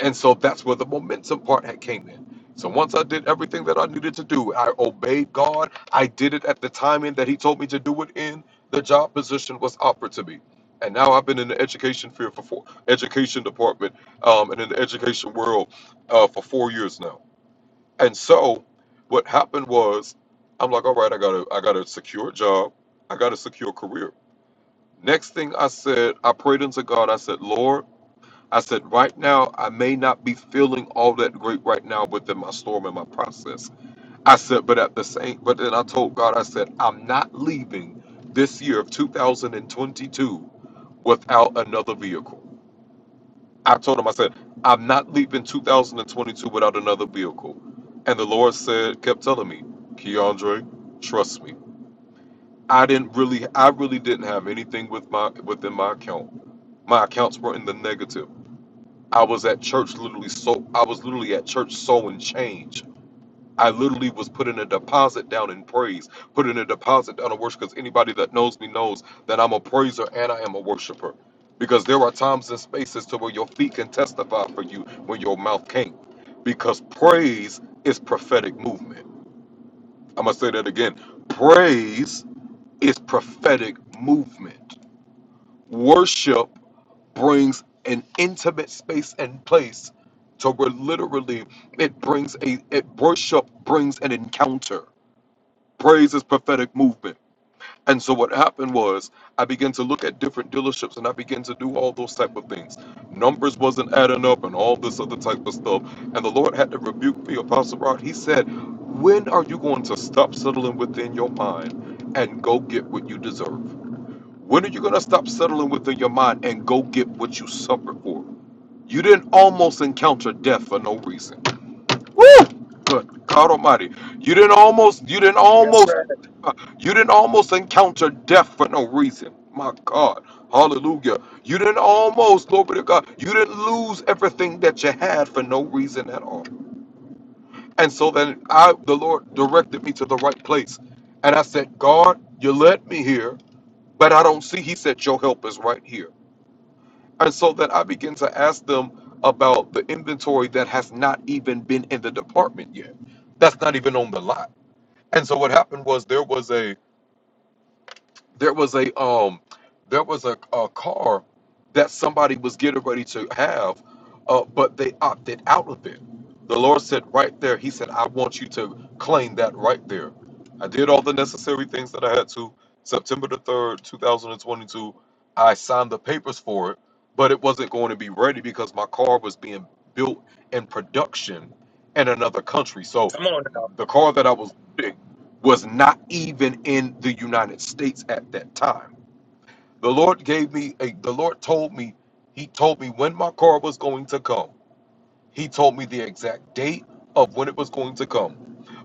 Speaker 11: And so that's where the momentum part had came in. So once I did everything that I needed to do, I obeyed God. I did it at the timing that He told me to do it in. The job position was offered to me, and now I've been in the education field for four, education department um, and in the education world uh, for four years now. And so, what happened was, I'm like, all right, I got a I got a secure job, I got a secure career. Next thing I said, I prayed unto God. I said, Lord. I said, right now, I may not be feeling all that great right now within my storm and my process. I said, but at the same, but then I told God, I said, I'm not leaving this year of 2022 without another vehicle. I told him, I said, I'm not leaving 2022 without another vehicle. And the Lord said, kept telling me, Keandre, trust me. I didn't really, I really didn't have anything with my within my account. My accounts were in the negative. I was at church literally so I was literally at church sowing change. I literally was putting a deposit down in praise, putting a deposit down in worship because anybody that knows me knows that I'm a praiser and I am a worshiper. Because there are times and spaces to where your feet can testify for you when your mouth can't. Because praise is prophetic movement. I'm gonna say that again. Praise is prophetic movement. Worship brings an intimate space and place to where literally it brings a it worship brings an encounter. Praise is prophetic movement. And so what happened was I began to look at different dealerships and I began to do all those type of things. Numbers wasn't adding up and all this other type of stuff. And the Lord had to rebuke me, Apostle Rod. He said, When are you going to stop settling within your mind and go get what you deserve? When are you going to stop settling within your mind and go get what you suffer for? You didn't almost encounter death for no reason. Woo! Good God Almighty. You didn't almost, you didn't
Speaker 1: Yes,
Speaker 11: almost,
Speaker 1: sir.
Speaker 11: uh, you didn't almost encounter death for no reason. My God. Hallelujah. You didn't almost, glory to God, you didn't lose everything that you had for no reason at all. And so then I, the Lord directed me to the right place. And I said, God, you led me here, but I don't see. He said, your help is right here. And so that I begin to ask them about the inventory that has not even been in the department yet. That's not even on the lot. And so what happened was there was a there was a um there was a, a car that somebody was getting ready to have uh, but they opted out of it the lord said right there he said i want you to claim that right there i did all the necessary things that i had to september the 3rd 2022 i signed the papers for it but it wasn't going to be ready because my car was being built in production in another country so the car that i was was not even in the United States at that time. The Lord gave me a the Lord told me, He told me when my car was going to come. He told me the exact date of when it was going to come.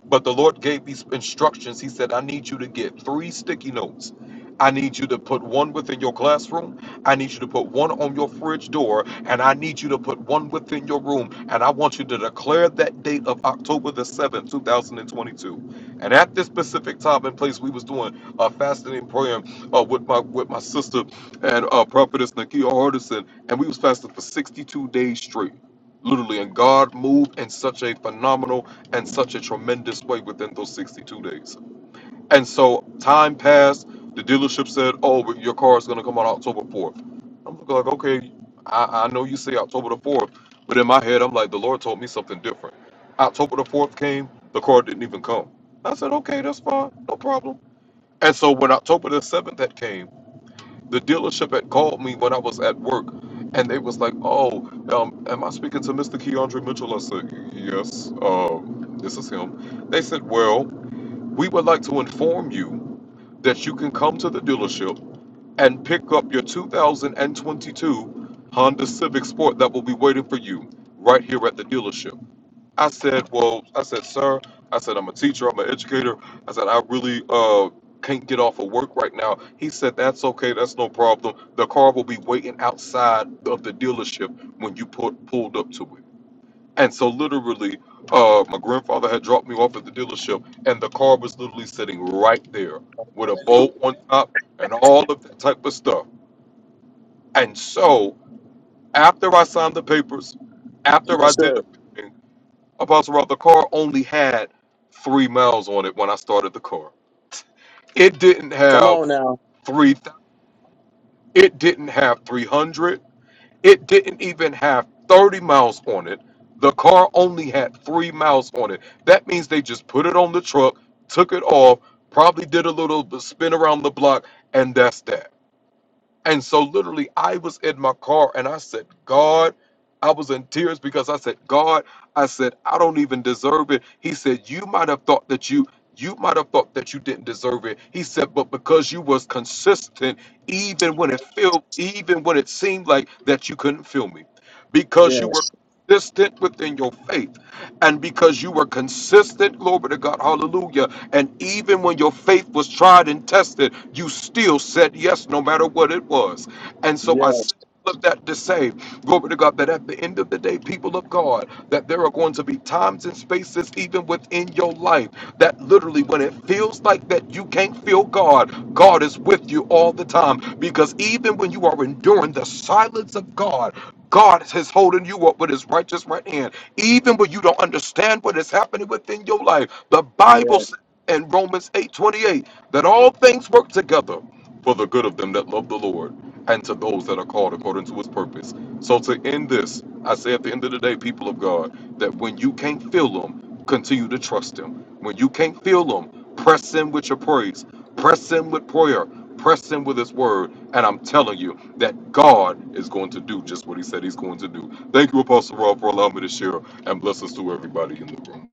Speaker 11: But the Lord gave these instructions. He said, I need you to get three sticky notes. I need you to put one within your classroom. I need you to put one on your fridge door. And I need you to put one within your room. And I want you to declare that date of October the 7th, 2022. And at this specific time and place, we was doing a fasting and prayer uh, with my with my sister and uh, prophetess Nakia Hardison. And we was fasting for 62 days straight literally and god moved in such a phenomenal in such a tremendous way within those 62 days. And so time passed. The dealership said, "Oh, but your car is going to come on October 4th." I'm looking like, "Okay, I, I know you say October the 4th, but in my head, I'm like, the Lord told me something different." October the 4th came, the car didn't even come. I said, "Okay, that's fine, no problem." And so when October the 7th had came, the dealership had called me when I was at work, and they was like, "Oh, um, am I speaking to Mr. Keandre Mitchell?" I said, "Yes, um, this is him." They said, "Well, we would like to inform you that you can come to the dealership and pick up your 2022 Honda Civic Sport that will be waiting for you right here at the dealership." I said, well, I said, sir, I said, I'm a teacher, I'm an educator. I said, I really uh, can't get off of work right now. He said, that's okay, that's no problem. The car will be waiting outside of the dealership when you put, pulled up to it. And so, literally, uh, my grandfather had dropped me off at the dealership, and the car was literally sitting right there with a bolt on top and all of that type of stuff. And so, after I signed the papers, after I
Speaker 1: Yes,
Speaker 11: did
Speaker 1: sir.
Speaker 11: everything, Apostle Rob, the car only had three miles on it when I started the car. It didn't
Speaker 1: Come
Speaker 11: have
Speaker 1: on now.
Speaker 11: three. thou- It didn't have three hundred. It didn't even have thirty miles on it. The car only had three miles on it. That means they just put it on the truck, took it off, probably did a little spin around the block, and that's that. And so, literally, I was in my car and I said, God, I was in tears because I said, God, I said, I don't even deserve it. He said, You might have thought that you. You might have thought that you didn't deserve it. He said, but because you was consistent, even when it felt, even when it seemed like that you couldn't feel me, because you were
Speaker 1: Yes.
Speaker 11: consistent within your faith, and because you were consistent, glory to God, hallelujah. And even when your faith was tried and tested, you still said yes, no matter what it was. And so
Speaker 1: Yes.
Speaker 11: I said all of that to say, glory to God, that at the end of the day, people of God, that there are going to be times and spaces, even within your life, that literally when it feels like that you can't feel God, God is with you all the time. Because even when you are enduring the silence of God, God is holding you up with his righteous right hand. Even when you don't understand what is happening within your life, the Bible
Speaker 1: Yes.
Speaker 11: says in Romans 8 28 that all things work together for the good of them that love the Lord and to those that are called according to his purpose. So, to end this, I say at the end of the day, people of God, that when you can't feel them, continue to trust him. When you can't feel them, press in with your praise, press in with prayer. Press in with his word, and I'm telling you that God is going to do just what he said he's going to do. Thank you, Apostle Rob, for allowing me to share, and blessings to everybody in the room.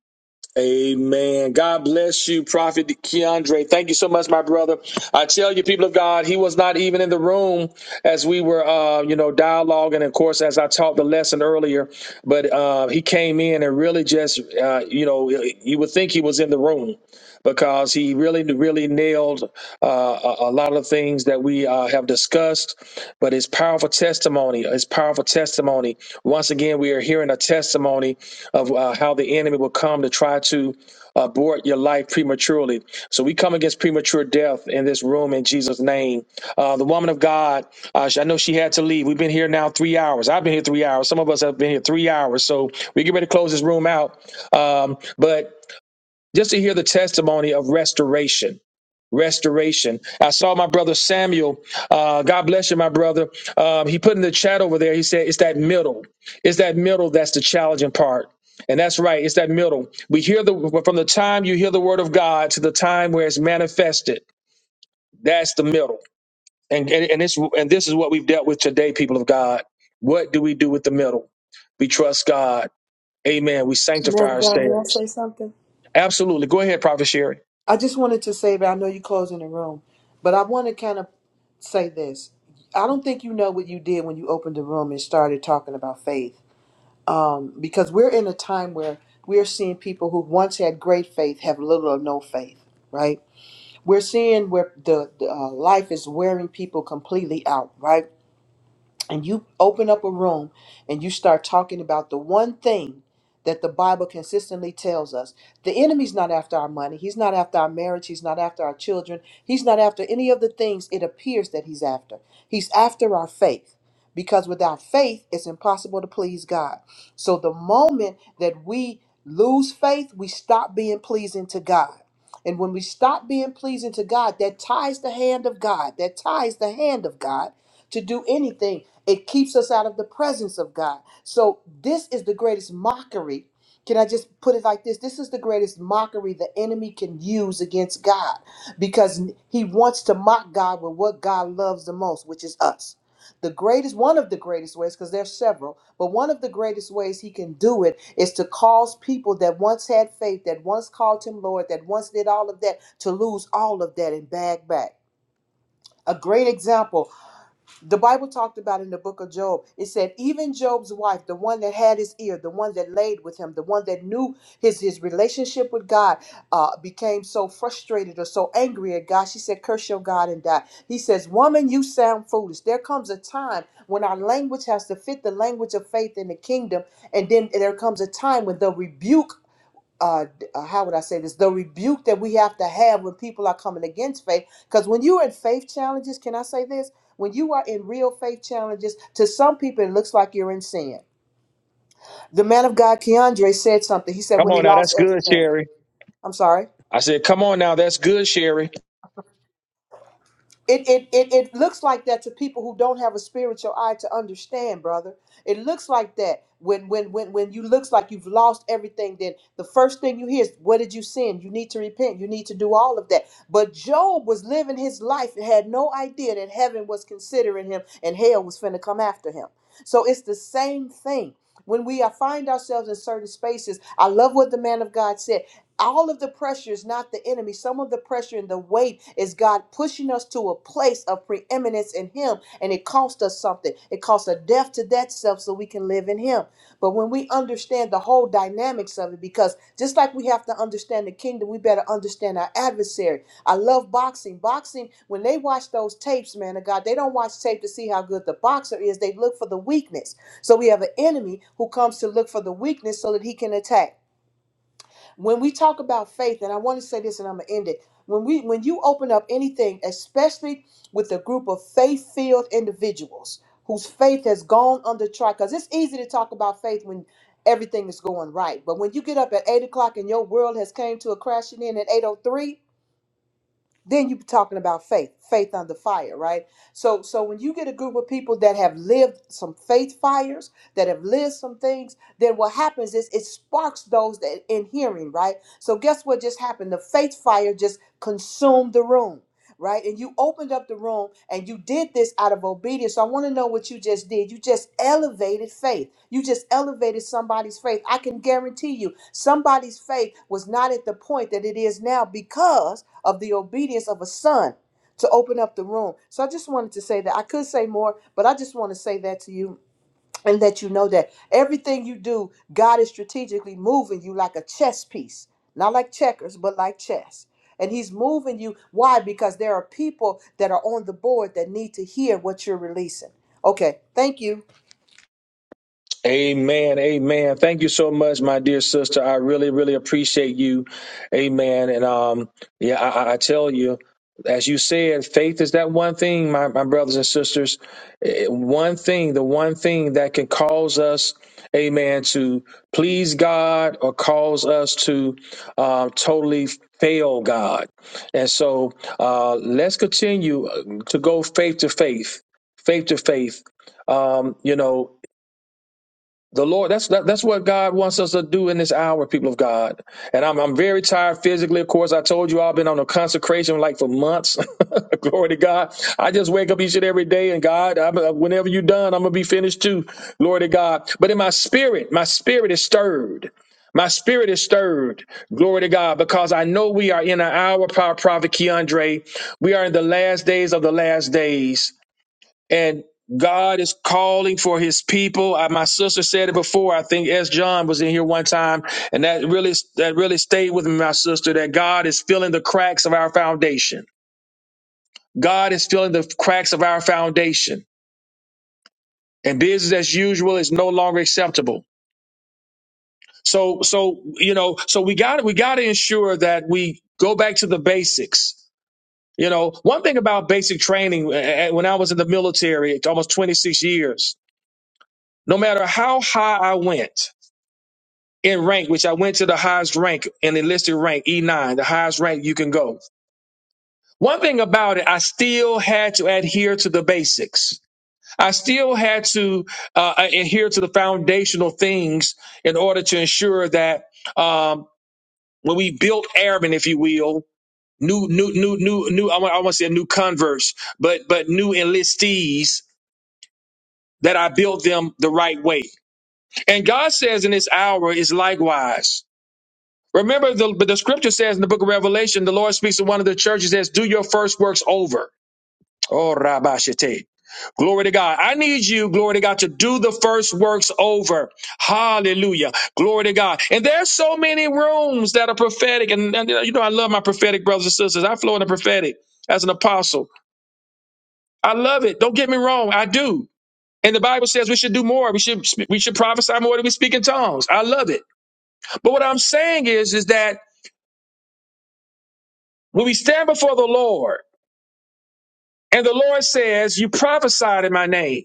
Speaker 1: Amen. God bless you, Prophet Keandre. Thank you so much, my brother. I tell you, people of God, he was not even in the room as we were, uh, you know, dialoguing. Of course, as I taught the lesson earlier, but uh, he came in and really just, uh, you know, you would think he was in the room because he really, really nailed uh, a, a lot of things that we uh, have discussed. But his powerful testimony, his powerful testimony. Once again, we are hearing a testimony of uh, how the enemy will come to try to abort your life prematurely. So we come against premature death in this room in Jesus' name. Uh, the woman of God, uh, she- I know she had to leave. We've been here now three hours. I've been here three hours. Some of us have been here three hours. So we get ready to close this room out. Um, but just to hear the testimony of restoration. Restoration. I saw my brother Samuel. Uh, God bless you, my brother. Um, he put in the chat over there. He said, "It's that middle. It's that middle that's the challenging part." And that's right. It's that middle. We hear the from the time you hear the word of God to the time where it's manifested. That's the middle. And and, and it's and this is what we've dealt with today, people of God. What do we do with the middle? We trust God. Amen. We
Speaker 3: Man
Speaker 1: sanctify
Speaker 3: of God, may I
Speaker 1: ourselves.
Speaker 3: say something?
Speaker 1: Absolutely. Go ahead, Prophet Sherry.
Speaker 3: I just wanted to say, but I know you're closing the room, but I want to kind of say this. I don't think you know what you did when you opened the room and started talking about faith. um, because we're in a time where we're seeing people who once had great faith have little or no faith right we're seeing where the, the uh, life is wearing people completely out right and you open up a room and you start talking about the one thing that the Bible consistently tells us the enemy's not after our money, he's not after our marriage, he's not after our children, he's not after any of the things it appears that he's after. He's after our faith because without faith, it's impossible to please God. So the moment that we lose faith, we stop being pleasing to God. And when we stop being pleasing to God, that ties the hand of God, that ties the hand of God to do anything it keeps us out of the presence of God. So this is the greatest mockery. Can I just put it like this? This is the greatest mockery the enemy can use against God because he wants to mock God with what God loves the most, which is us. The greatest, one of the greatest ways, because there's several, but one of the greatest ways he can do it is to cause people that once had faith, that once called him Lord, that once did all of that, to lose all of that and bag back. A great example the Bible talked about in the book of Job, it said, even Job's wife, the one that had his ear, the one that laid with him, the one that knew his, his relationship with God, uh, became so frustrated or so angry at God. She said, Curse your God and die. He says, Woman, you sound foolish. There comes a time when our language has to fit the language of faith in the kingdom. And then there comes a time when the rebuke uh, uh, how would I say this? The rebuke that we have to have when people are coming against faith. Because when you're in faith challenges, can I say this? When you are in real faith challenges, to some people it looks like you're in sin. The man of God, Keandre, said something. He said
Speaker 1: Come
Speaker 3: when he
Speaker 1: on now, that's
Speaker 3: lost
Speaker 1: good,
Speaker 3: everything.
Speaker 1: Sherry.
Speaker 3: I'm sorry.
Speaker 1: I said, Come on now, that's good, Sherry.
Speaker 3: It, it, it, it looks like that to people who don't have a spiritual eye to understand, brother. It looks like that when when when when you looks like you've lost everything. Then the first thing you hear is, "What did you sin? You need to repent. You need to do all of that." But Job was living his life and had no idea that heaven was considering him and hell was finna come after him. So it's the same thing. When we are- find ourselves in certain spaces, I love what the man of God said all of the pressure is not the enemy. Some of the pressure and the weight is God pushing us to a place of preeminence in Him, and it costs us something. It costs a death to that self so we can live in Him. But when we understand the whole dynamics of it, because just like we have to understand the kingdom, we better understand our adversary. I love boxing. Boxing, when they watch those tapes, man of God, they don't watch tape to see how good the boxer is. They look for the weakness. So we have an enemy who comes to look for the weakness so that he can attack. When we talk about faith, and I want to say this and I'm gonna end it. When we when you open up anything, especially with a group of faith-filled individuals whose faith has gone under trial, because it's easy to talk about faith when everything is going right. But when you get up at eight o'clock and your world has came to a crashing in at 803, then you're talking about faith faith under fire right so so when you get a group of people that have lived some faith fires that have lived some things then what happens is it sparks those that in hearing right so guess what just happened the faith fire just consumed the room right? And you opened up the room and you did this out of obedience. So I want to know what you just did. You just elevated faith. You just elevated somebody's faith. I can guarantee you somebody's faith was not at the point that it is now because of the obedience of a son to open up the room. So I just wanted to say that. I could say more, but I just want to say that to you and that you know that everything you do, God is strategically moving you like a chess piece, not like checkers, but like chess. And He's moving you. Why? Because there are people that are on the board that need to hear what you're releasing. Okay, thank you.
Speaker 1: Amen. Amen. Thank you so much, my dear sister. I really, really appreciate you. Amen. And um, yeah, I, I I tell you, as you said, faith is that one thing, my, my brothers and sisters. eh, eh, One thing, the one thing that can cause us, amen, to please God or cause us to um, totally fail God. And so uh, let's continue uh, to go faith to faith, faith to faith. Um, you know, the Lord, that's that, that's what God wants us to do in this hour, people of God. And I'm I'm very tired physically. Of course, I told you I've been on a consecration like for months. Glory to God. I just wake up each and every day, and God, I'm, uh, whenever you're done, I'm gonna be finished too. Glory to God. But in my spirit, my spirit is stirred. My spirit is stirred. Glory to God, because I know we are in an hour, Power Prophet Keandre. We are in the last days of the last days. And God is calling for his people. I, my sister said it before. I think S. John was in here one time, and that really that really stayed with me, my sister, that God is filling the cracks of our foundation. God is filling the cracks of our foundation. And business as usual is no longer acceptable. So so you know, so we got we got to ensure that we go back to the basics. You know, one thing about basic training eh, eh, when I was in the military, almost 26 years, no matter how high I went, in rank, which I went to the highest rank in enlisted rank, E9, the highest rank you can go. One thing about it, I still had to adhere to the basics. I still had to uh, adhere to the foundational things in order to ensure that um, when we built airmen, if you will, new, new, new, new, new, I want, I want to say new converts, but, but new enlistees, that I built them the right way. And God says in this hour is likewise. Remember, the, but the scripture says in the book of Revelation, the Lord speaks to one of the churches, says, Do your first works over. Oh, Rabashite. Glory to God. I need you, glory to God, to do the first works over. Hallelujah. Glory to God. And there's so many rooms that are prophetic. And, and, you know, I love my prophetic brothers and sisters. I flow in the prophetic as an apostle. I love it. Don't get me wrong. I do. And the Bible says we should do more. We should we should prophesy more than we speak in tongues. I love it. But what I'm saying is, is that when we stand before the Lord, And the Lord says, You prophesied in my name.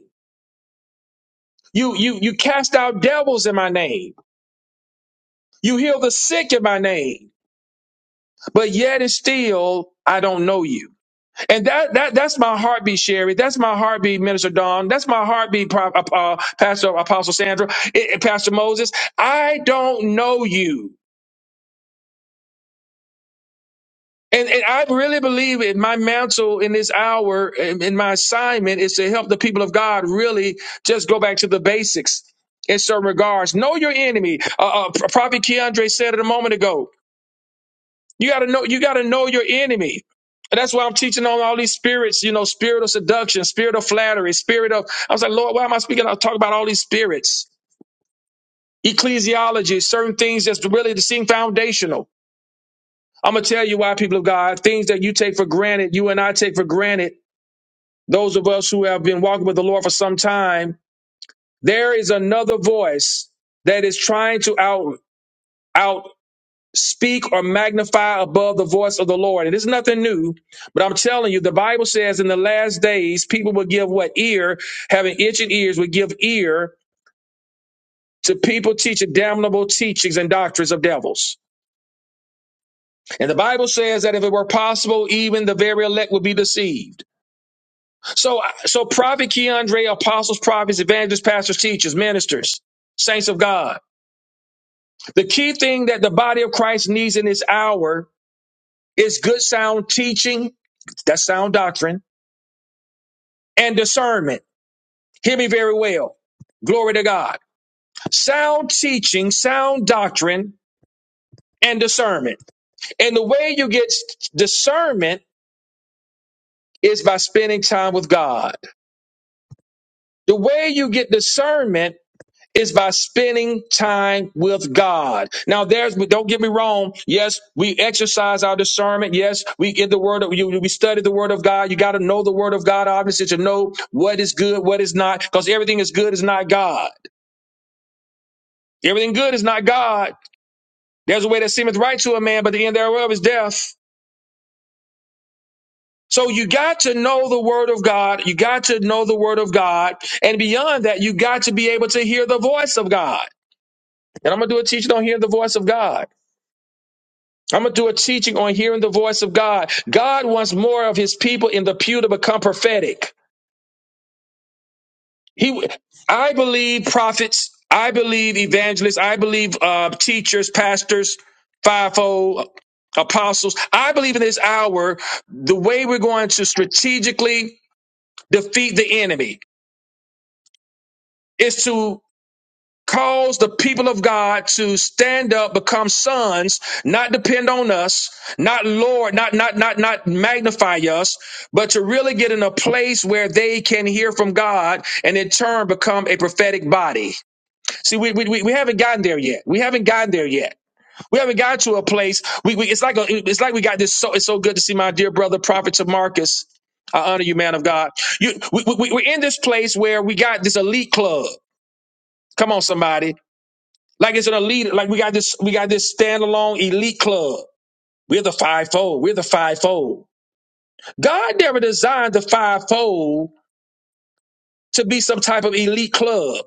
Speaker 1: You you you cast out devils in my name. You heal the sick in my name. But yet and still I don't know you. And that that that's my heartbeat, Sherry. That's my heartbeat, Minister Don. That's my heartbeat, Pro- uh, Pastor Apostle Sandra, eh, eh, Pastor Moses. I don't know you. And, and I really believe in my mantle in this hour, in, in my assignment, is to help the people of God really just go back to the basics in certain regards. Know your enemy. Uh, uh, Prophet Keandre said it a moment ago. You gotta know. You gotta know your enemy. And that's why I'm teaching on all these spirits. You know, spirit of seduction, spirit of flattery, spirit of. I was like, Lord, why am I speaking? I talk about all these spirits, ecclesiology, certain things that's really to seem foundational. I'm gonna tell you why, people of God, things that you take for granted, you and I take for granted those of us who have been walking with the Lord for some time, there is another voice that is trying to out out speak or magnify above the voice of the Lord. And it's nothing new, but I'm telling you, the Bible says in the last days, people will give what ear, having itching ears, will give ear to people teaching damnable teachings and doctrines of devils. And the Bible says that if it were possible, even the very elect would be deceived. So, so prophet Keandre, apostles, prophets, evangelists, pastors, teachers, ministers, saints of God. The key thing that the body of Christ needs in this hour is good sound teaching, that's sound doctrine, and discernment. Hear me very well. Glory to God. Sound teaching, sound doctrine, and discernment. And the way you get discernment is by spending time with God. The way you get discernment is by spending time with God. Now, there's don't get me wrong. Yes, we exercise our discernment. Yes, we get the word of you. We study the word of God. You got to know the word of God, obviously, to know what is good, what is not, because everything is good is not God. Everything good is not God. There's a way that seemeth right to a man, but the end thereof is death. So you got to know the word of God. You got to know the word of God. And beyond that, you got to be able to hear the voice of God. And I'm going to do a teaching on hearing the voice of God. I'm going to do a teaching on hearing the voice of God. God wants more of his people in the pew to become prophetic. He, I believe prophets, I believe evangelists, I believe uh, teachers, pastors, fivefold apostles. I believe in this hour, the way we're going to strategically defeat the enemy is to Cause the people of God to stand up, become sons, not depend on us, not Lord, not not not not magnify us, but to really get in a place where they can hear from God and in turn become a prophetic body. See, we we, we we haven't gotten there yet. We haven't gotten there yet. We haven't gotten to a place. We, we it's like a, it's like we got this. So it's so good to see my dear brother, Prophet Marcus. I honor you, man of God. You, we, we, we- we're in this place where we got this elite club. Come on, somebody. Like it's an elite, like we got this, we got this standalone elite club. We're the fivefold. We're the fivefold. God never designed the fivefold to be some type of elite club.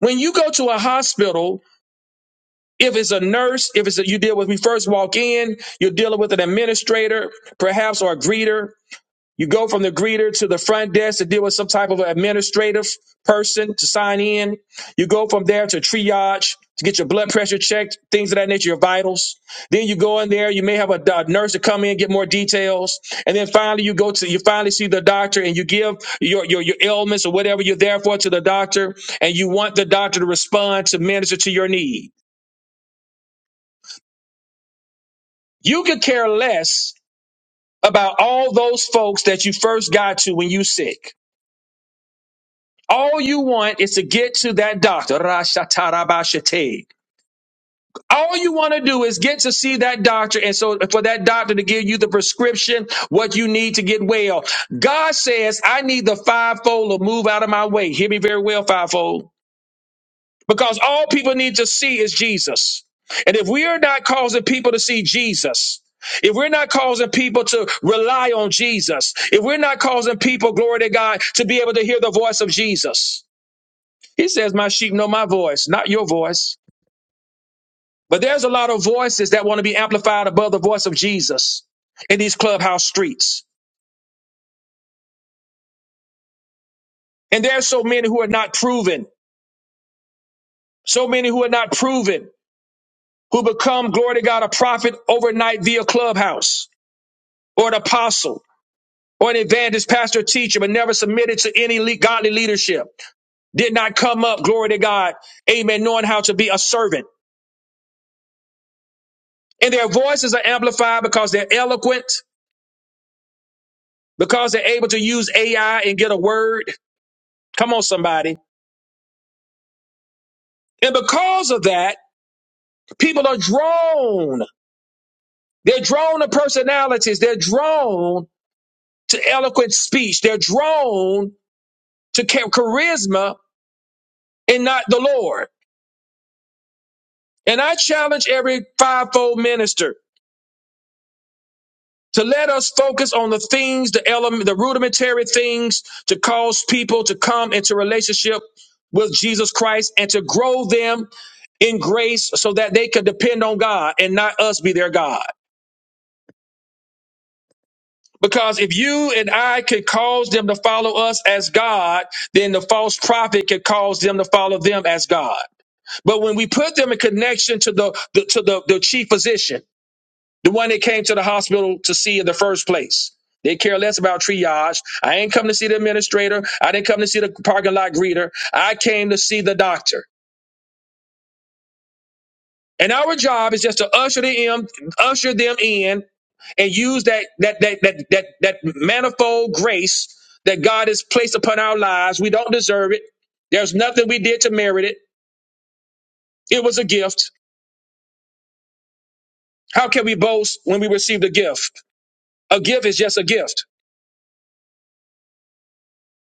Speaker 1: When you go to a hospital, if it's a nurse, if it's a, you deal with, we first walk in, you're dealing with an administrator, perhaps, or a greeter, You go from the greeter to the front desk to deal with some type of administrative person to sign in. You go from there to triage to get your blood pressure checked, things of that nature, your vitals. Then you go in there. You may have a, a nurse to come in get more details, and then finally you go to you finally see the doctor and you give your your your ailments or whatever you're there for to the doctor, and you want the doctor to respond to minister to your need. You could care less about all those folks that you first got to when you sick. All you want is to get to that doctor. Rashatarabashate. All you want to do is get to see that doctor. And so for that doctor to give you the prescription, what you need to get well. God says, I need the fivefold to move out of my way. Hear me very well, fivefold. Because all people need to see is Jesus. And if we are not causing people to see Jesus, if we're not causing people to rely on Jesus, if we're not causing people, glory to God, to be able to hear the voice of Jesus, he says, My sheep know my voice, not your voice. But there's a lot of voices that want to be amplified above the voice of Jesus in these clubhouse streets. And there are so many who are not proven, so many who are not proven, who become, glory to God, a prophet overnight via clubhouse or an apostle or an evangelist, pastor, teacher, but never submitted to any le- godly leadership, did not come up, glory to God, amen, knowing how to be a servant. And their voices are amplified because they're eloquent. because they're able to use AI and get a word. Come on, somebody. And because of that, people are drawn. They're drawn to personalities. They're drawn to eloquent speech. They're drawn to cha- charisma and not the Lord. And I challenge every fivefold minister. to let us focus on the things, the element, the rudimentary things to cause people to come into relationship with Jesus Christ and to grow them in grace so that they could depend on God and not us be their God. Because if you and I could cause them to follow us as God, then the false prophet could cause them to follow them as God. But when we put them in connection to the, the to the, the chief physician, The one that came to the hospital to see in the first place. They care less about triage. I ain't come to see the administrator. I didn't come to see the parking lot greeter. I came to see the doctor. And our job is just to usher them, in- usher them in and use that that that that that that manifold grace that God has placed upon our lives. We don't deserve it. There's nothing we did to merit it. It was a gift. How can we boast when we receive a gift? A gift is just a gift.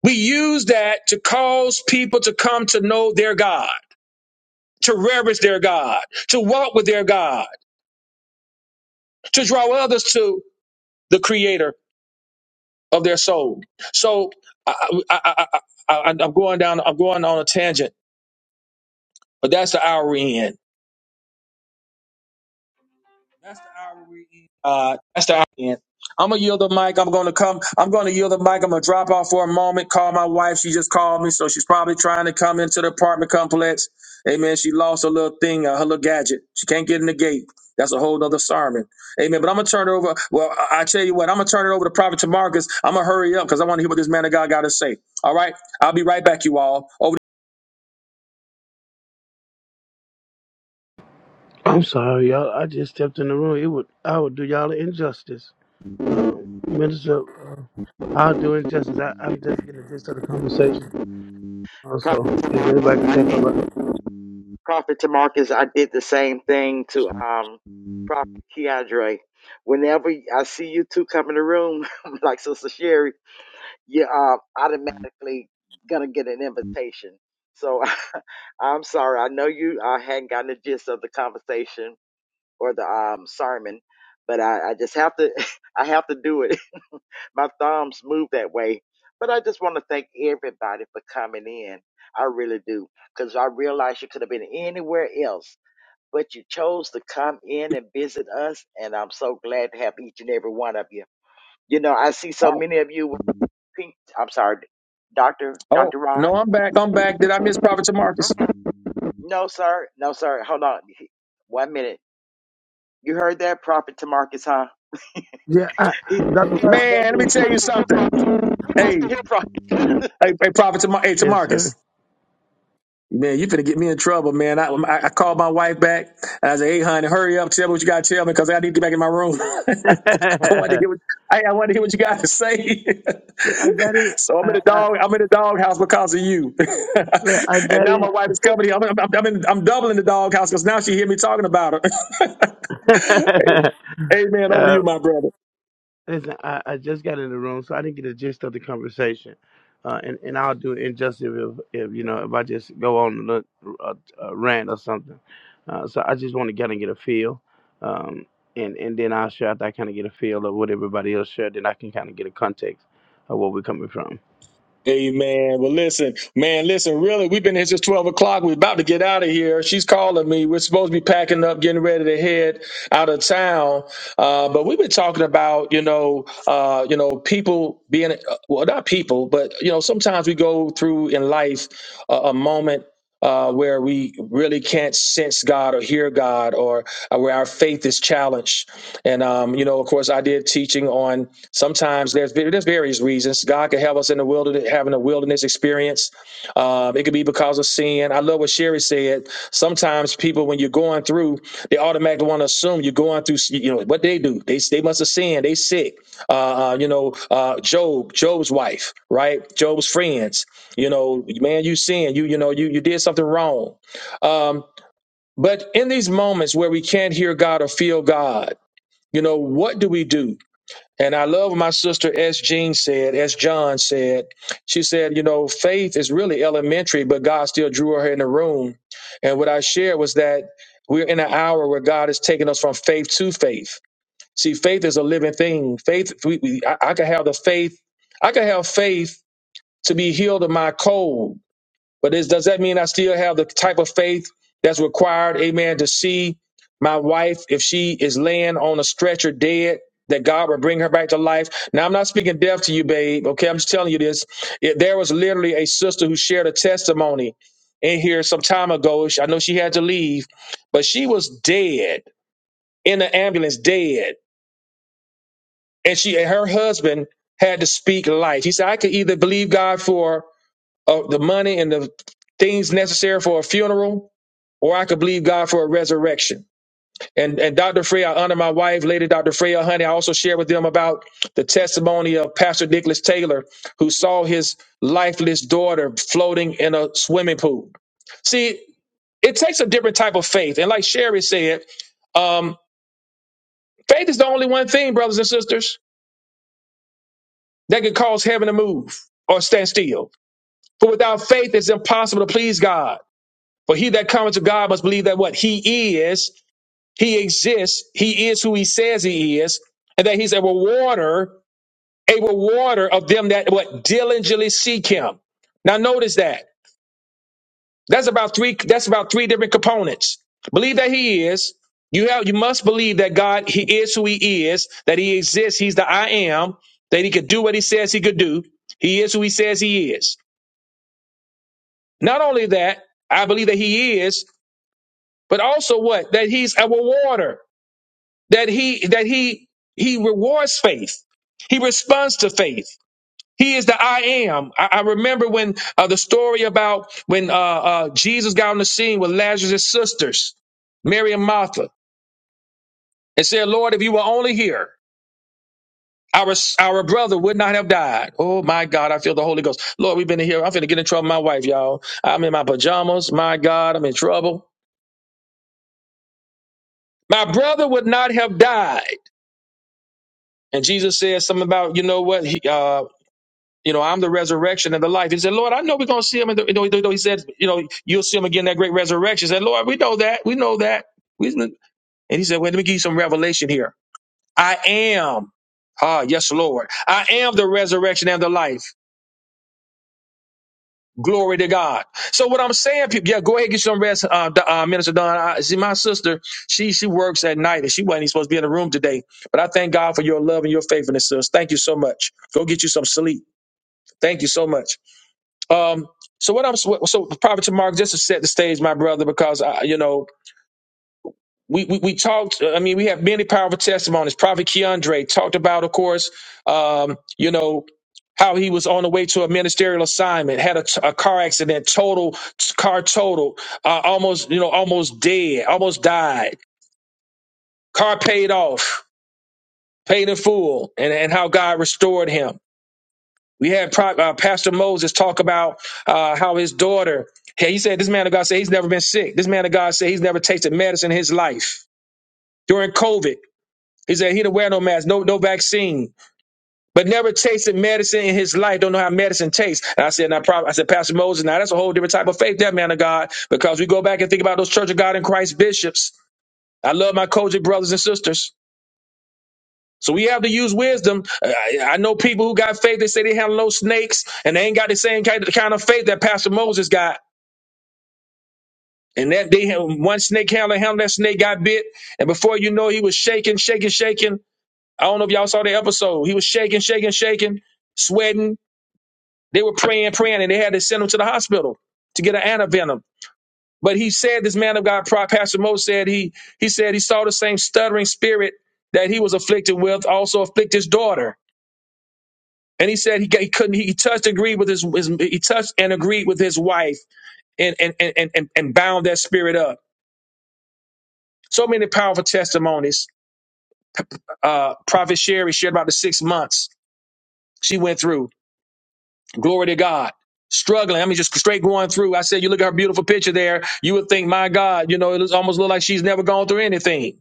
Speaker 1: We use that to cause people to come to know their God, to reverence their God, to walk with their God, to draw others to the creator of their soul. So I, I, I, I, I, I'm going down, I'm going on a tangent, but that's the hour we end. That's the hour we in. Uh, that's the hour we in. I'm gonna yield the mic. I'm gonna come. I'm gonna yield the mic. I'm gonna drop off for a moment. Call my wife. She just called me, so she's probably trying to come into the apartment complex. Amen. She lost her little thing, uh, her little gadget. She can't get in the gate. That's a whole nother sermon. Amen. But I'm gonna turn it over. Well, I, I tell you what, I'm gonna turn it over to Prophet Tamarcus. I'm gonna hurry up because I want to hear what this man of God got to say. All right. I'll be right back, you all. Over.
Speaker 13: I'm sorry, y'all. I just stepped in the room. It would I would do y'all an injustice, um, Minister. Uh, I'll do injustice. I, I'm just getting the gist of the conversation. Also, if anybody
Speaker 2: glory.
Speaker 13: can take over,
Speaker 2: Prophet Tamarcus, I did the same thing to um Prophet Keandre. Whenever I see you two come in the room, like Sister Sherry, you're uh, automatically gonna get an invitation. So I'm sorry. I know you I hadn't gotten the gist of the conversation or the um sermon, but I, I just have to I have to do it. My thumbs move that way. But I just want to thank everybody for coming in. I really do. Because I realize you could have been anywhere else but you chose to come in and visit us, and I'm so glad to have each and every one of you. You know, I see
Speaker 1: All
Speaker 2: so
Speaker 1: right.
Speaker 2: many of you with the pink. I'm sorry, Doctor
Speaker 1: Oh
Speaker 2: Doctor Rod.
Speaker 1: no, I'm back. I'm back. Did I miss Prophet Tamarcus?
Speaker 2: No, sir. No, sir. Hold on. One minute. You heard that, Prophet Tamarcus, huh?
Speaker 13: yeah, I,
Speaker 2: He, he
Speaker 13: Dr. Rod, I
Speaker 1: Man,
Speaker 13: got
Speaker 1: let me
Speaker 13: in.
Speaker 1: tell you something.
Speaker 2: He wants
Speaker 1: Hey.
Speaker 2: to hear Prophet.
Speaker 1: Hey, hey, Prophet, to, Mar- hey, to
Speaker 13: Yes, sir.
Speaker 1: Marcus. Man, you finna get me in trouble, man. I, I, I called my wife back. I said, "Hey, honey, hurry up! Tell me what you gotta tell me, because I need to get back in my room. I want to hear what I, I want to hear what you got to say."
Speaker 13: look, I got in.
Speaker 1: so I'm in
Speaker 13: I,
Speaker 1: a
Speaker 13: I
Speaker 1: dog. I'm in a doghouse because of you.
Speaker 13: look, I
Speaker 1: and
Speaker 13: got
Speaker 1: now
Speaker 13: in.
Speaker 1: my wife is coming. here. I'm, I'm, I'm, in, I'm doubling the doghouse because now she hear me talking about her. Hey, Amen. Over to
Speaker 13: uh,
Speaker 1: you, my brother.
Speaker 13: Listen, I, I just got in the room, so I didn't get the gist of the conversation. Uh, and, and I'll do injustice if, if you know if I just go on a little, uh, uh, rant or something. Uh, so I just want to kind of get a feel, um, and and then I'll share after I kind of get a feel of what everybody else shared. Then I can kind of get a context of where we're coming from.
Speaker 1: Amen. Well, listen, man, listen, really, we've been here since 12 o'clock. We're about to get out of here. She's calling me. We're supposed to be packing up, getting ready to head out of town. Uh, but we've been talking about, you know, uh, you know, people being, uh, well, not people, but, you know, sometimes we go through in life a, a moment uh, where we really can't sense God or hear God, or uh, where our faith is challenged. And um, you know, of course, I did teaching on sometimes there's there's various reasons God could have us in the wilderness, having a wilderness experience. Um, it could be because of sin. I love what Sherry said. Sometimes people, when you're going through, they automatically want to assume you're going through. You know what they do? They they must have sinned. They sick. Uh, uh, you know, uh, Job, Job's wife, right? Job's friends you know man you sin you you know you you did something wrong um but in these moments where we can't hear god or feel god you know what do we do and i love what my sister s jean said s john said she said you know faith is really elementary but god still drew her in the room and what i shared was that we're in an hour where god is taking us from faith to faith see faith is a living thing faith we, we, I, I can have the faith i can have faith to be healed of my cold but is, does that mean I still have the type of faith that's required, amen, to see my wife, if she is laying on a stretcher dead, that God would bring her back to life? Now, I'm not speaking death to you, babe, okay? I'm just telling you this. It, there was literally a sister who shared a testimony in here some time ago. She- I know she had to leave, but she was dead in the ambulance, dead. And she and her husband had to speak life. He said, I could either believe God for uh, the money and the things necessary for a funeral, or I could believe God for a resurrection. And and Dr. Frey, I honor my wife, Lady Dr. Freya Honey. I also share with them about the testimony of Pastor Nicholas Taylor, who saw his lifeless daughter floating in a swimming pool. See, it takes a different type of faith. And like Sherry said, um, faith is the only one thing, brothers and sisters, that can cause heaven to move or stand still. For without faith, it's impossible to please God. For he that cometh to God must believe that what he is He exists. He is who he says he is, and that he's a rewarder, a rewarder of them that what diligently seek him. Now notice that. That's about three, that's about three different components. Believe that he is. You have you must believe that God, he is who he is, that he exists, he's the I am, that he could do what he says he could do. He is who he says he is. Not only that, I believe that he is, but also what? That he's a rewarder. that he that he he rewards faith he responds to faith he is the i am i, I remember when uh, the story about when uh, uh, jesus got on the scene with lazarus' sisters mary and martha and said lord if you were only here our, our brother would not have died. Oh my God, I feel the Holy Ghost. Lord, we've been in here. I'm finna get in trouble with my wife, y'all. I'm in my pajamas. My God, I'm in trouble. My brother would not have died. And Jesus said something about, you know what? he. uh, You know, I'm the resurrection and the life. He said, Lord, I know we're going to see him. And the, you know, you he said, you know, you'll see him again, that great resurrection. He said, Lord, we know that. We know that. We, and he said, wait, let me give you some revelation here. I am. Ah, yes, Lord. I am the resurrection and the life. Glory to God. So what I'm saying, people, yeah, go ahead and get some rest, uh, Do- uh, Minister Don. I, see, my sister, she she works at night and she wasn't even supposed to be in the room today. But I thank God for your love and your faithfulness, sis. Thank you so much. Go get you some sleep. Thank you so much. Um, so what I'm so, so Prophet to Mark just to set the stage, my brother, because I, you know we, we we talked. I mean, we have many powerful testimonies. Prophet Keandre talked about, of course, um, you know how he was on the way to a ministerial assignment, had a, a car accident, total car total, uh, almost you know almost dead, almost died. Car paid off, paid in full, and and how God restored him We had Pro- uh, Pastor Moses talk about uh, how his daughter, hey, he said, this man of God said he's never been sick. This man of God said he's never tasted medicine in his life. During COVID, he said he didn't wear no mask, no no vaccine, but never tasted medicine in his life. Don't know how medicine tastes. And I said, now, prob- I said, Pastor Moses, now that's a whole different type of faith, that man of God, because we go back and think about those Church of God in Christ bishops. I love my Kojic brothers and sisters. So we have to use wisdom. I, I know people who got faith. They say they have no snakes, and they ain't got the same kind of, kind of faith that Pastor Moses got. And that they had one snake handler, him that snake got bit, and before you know, he was shaking, shaking, shaking. I don't know if y'all saw the episode. He was shaking, shaking, shaking, sweating. They were praying, praying, and they had to send him to the hospital to get an antivenom. But he said, this man of God, Pro- Pastor Moses said he he said he saw the same stuttering spirit that he was afflicted with, also afflict his daughter. And he said he, he couldn't. He touched, agreed with his, his. He touched and agreed with his wife, and and and and and bound that spirit up. So many powerful testimonies. Uh, Prophet Sherry shared about the six months she went through. Glory to God. Struggling. I mean, just straight going through. I said, you look at her beautiful picture there. You would think, my God, you know, it looks- almost look like she's never gone through anything.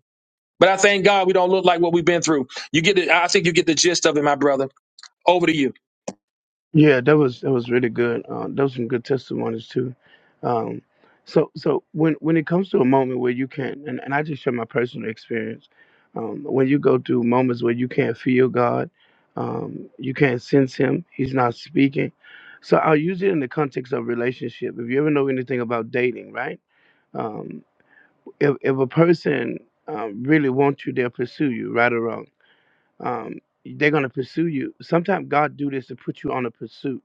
Speaker 1: But I thank God we don't look like what we've been through. You get it. I think you get the gist of it, my brother. Over to you.
Speaker 13: Yeah, that was that was really good. Uh, those some good testimonies too. Um, so so when when it comes to a moment where you can't, and, and I just share my personal experience, um, when you go through moments where you can't feel God, um, you can't sense Him, He's not speaking. So I'll use it in the context of relationship. If you ever know anything about dating, right? Um, if if a person um, really wants you, they'll pursue you, right or wrong. Um, they're gonna pursue you. Sometimes God do this to put you on a pursuit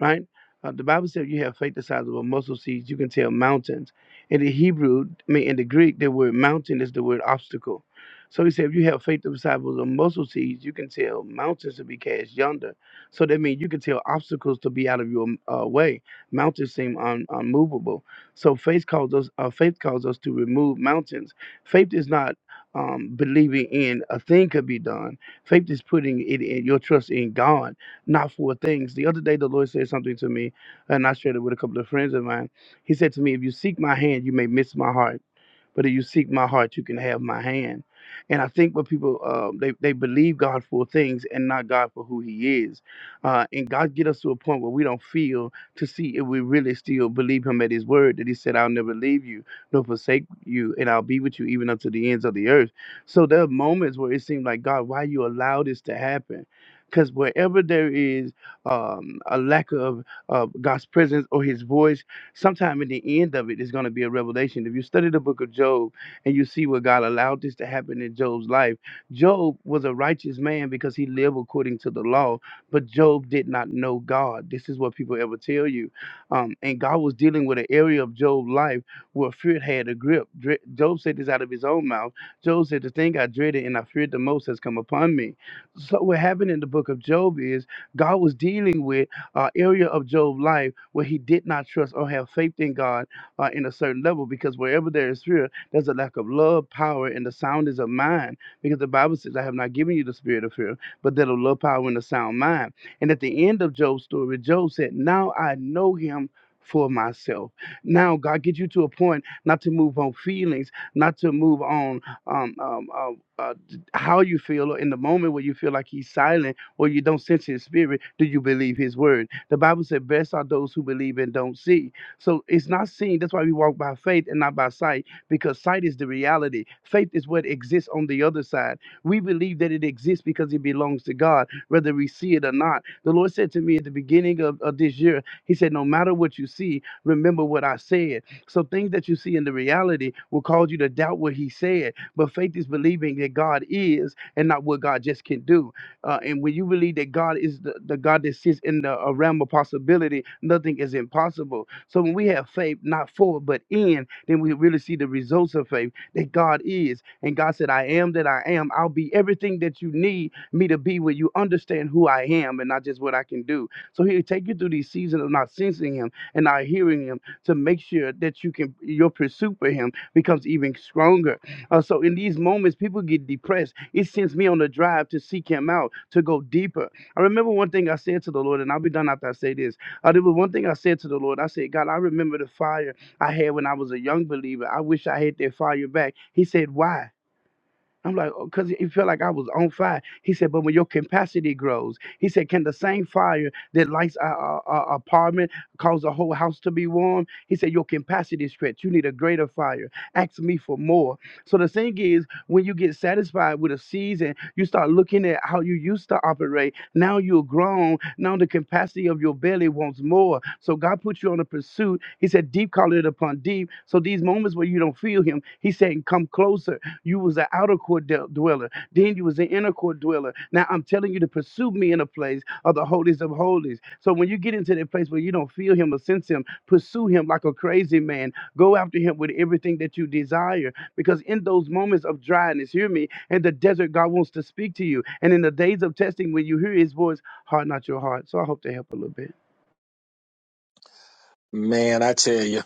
Speaker 13: right? Uh, the Bible says you have faith the size of a mustard seed. You can tell mountains. In the Hebrew, I mean, in the Greek, the word mountain is the word obstacle. So he said, if you have faith the size of a mustard seed, you can tell mountains to be cast yonder. So that means you can tell obstacles to be out of your uh, way. Mountains seem un- unmovable. So faith calls us. Uh, faith calls us to remove mountains. Faith is not um, believing in a thing could be done. Faith is putting it in your trust in God not for things. The other day, the Lord said something to me, and I shared it with a couple of friends of mine. He said to me, If you seek my hand, you may miss my heart. But if you seek my heart, you can have my hand. And I think what people uh, they they believe God for things and not God for who He is. Uh, and God get us to a point where we don't feel to see if we really still believe Him at His word that He said, "I'll never leave you nor forsake you, and I'll be with you even unto the ends of the earth." So there are moments where it seemed like God, why you allow this to happen? Because wherever there is um, a lack of uh, God's presence or His voice sometime in the end of it, it is going to be a revelation. If you study the book of Job and you see what God allowed this to happen in Job's life, Job was a righteous man because he lived according to the law, but Job did not know God. This is what people ever tell you. Um, and God was dealing with an area of Job's life where fear had a grip. Dre- Job said this out of his own mouth. Job said, The thing I dreaded and I feared the most has come upon me. So, what happened in the book of Job is God was dealing with uh, area of Job's life where he did not trust or have faith in God uh, in a certain level, because wherever there is fear, there's a lack of love, power, and the soundness of mind. Because the Bible says, I have not given you the spirit of fear, but that of love, power, and a sound mind. And at the end of Job's story, Job said, Now I know him. For myself. Now, God, get you to a point not to move on feelings, not to move on um, um, uh, uh, how you feel or in the moment where you feel like He's silent or you don't sense his spirit, do you believe his word? The Bible said, Best are those who believe and don't see. So it's not seeing. That's why we walk by faith and not by sight, because sight is the reality. Faith is what exists on the other side. We believe that it exists because it belongs to God, whether we see it or not. The Lord said to me at the beginning of, of this year, He said, No matter what you see, remember what I said. So things that you see in the reality will cause you to doubt what He said. But faith is believing that God is and not what God just can do. Uh, and when you believe that God is the, the God that sits in the uh, realm of possibility, nothing is impossible. So when we have faith, not for but in, then we really see the results of faith that God is. And God said, I am that I am. I'll be everything that you need me to be when you understand who I am and not just what I can do. So he'll take you through these seasons of not sensing him and not hearing him to make sure that you can your pursuit for him becomes even stronger uh, so in these moments, people get depressed. It sends me on the drive to seek Him out, to go deeper. I remember one thing I said to the Lord, and I'll be done after I say this. Uh, there was one thing I said to the Lord. I said, God, I remember the fire I had when I was a young believer. I wish I had that fire back. He said, Why? I'm like, because he felt like I was on fire. He said, but when your capacity grows, he said, can the same fire that lights our, our- our apartment cause the whole house to be warm? He said, your capacity stretch. You need a greater fire. Ask me for more. So the thing is, when you get satisfied with a season, you start looking at how you used to operate. Now you're grown. Now the capacity of your belly wants more. So God put you on a pursuit. He said, deep call it upon deep. So these moments where you don't feel him, he's saying, come closer. You was an outer court de- dweller. Then you was an inner court dweller. Now I'm telling you to pursue me in a place of the holies of holies. So when you get into that place where you don't feel him or sense him, pursue him like a crazy man. Go after him with everything that you desire. Because in those moments of dryness, hear me, in the desert, God wants to speak to you. And in the days of testing, when you hear his voice, harden not your heart. So I hope to help a little bit.
Speaker 1: Man, I tell you,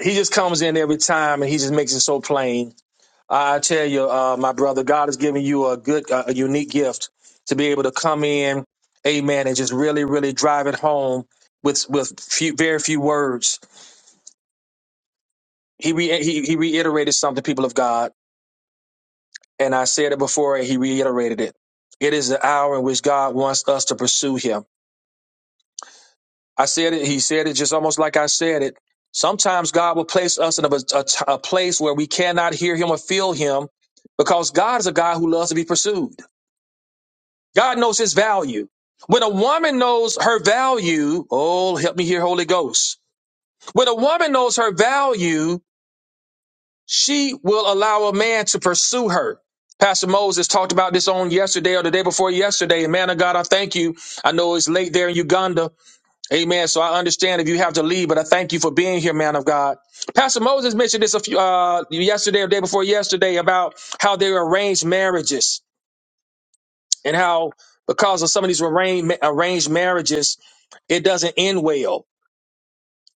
Speaker 1: he just comes in every time and he just makes it so plain I tell you, uh, my brother, God has given you a good, uh, a unique gift to be able to come in, Amen, and just really, really drive it home with with few, very few words. He, re- he he reiterated something, people of God, and I said it before, and he reiterated it. It is the hour in which God wants us to pursue Him. I said it. He said it just almost like I said it. Sometimes God will place us in a, a a place where we cannot hear Him or feel Him, because God is a God who loves to be pursued. God knows his value. When a woman knows her value, oh, help me here, Holy Ghost. When a woman knows her value, she will allow a man to pursue her. Pastor Moses talked about this on yesterday or the day before yesterday. And man of God, I thank you. I know it's late there in Uganda. Amen. So I understand if you have to leave, but I thank you for being here, man of God. Pastor Moses mentioned this a few, uh, yesterday or the day before yesterday about how they arrange marriages. and how because of some of these arranged, arranged marriages, it doesn't end well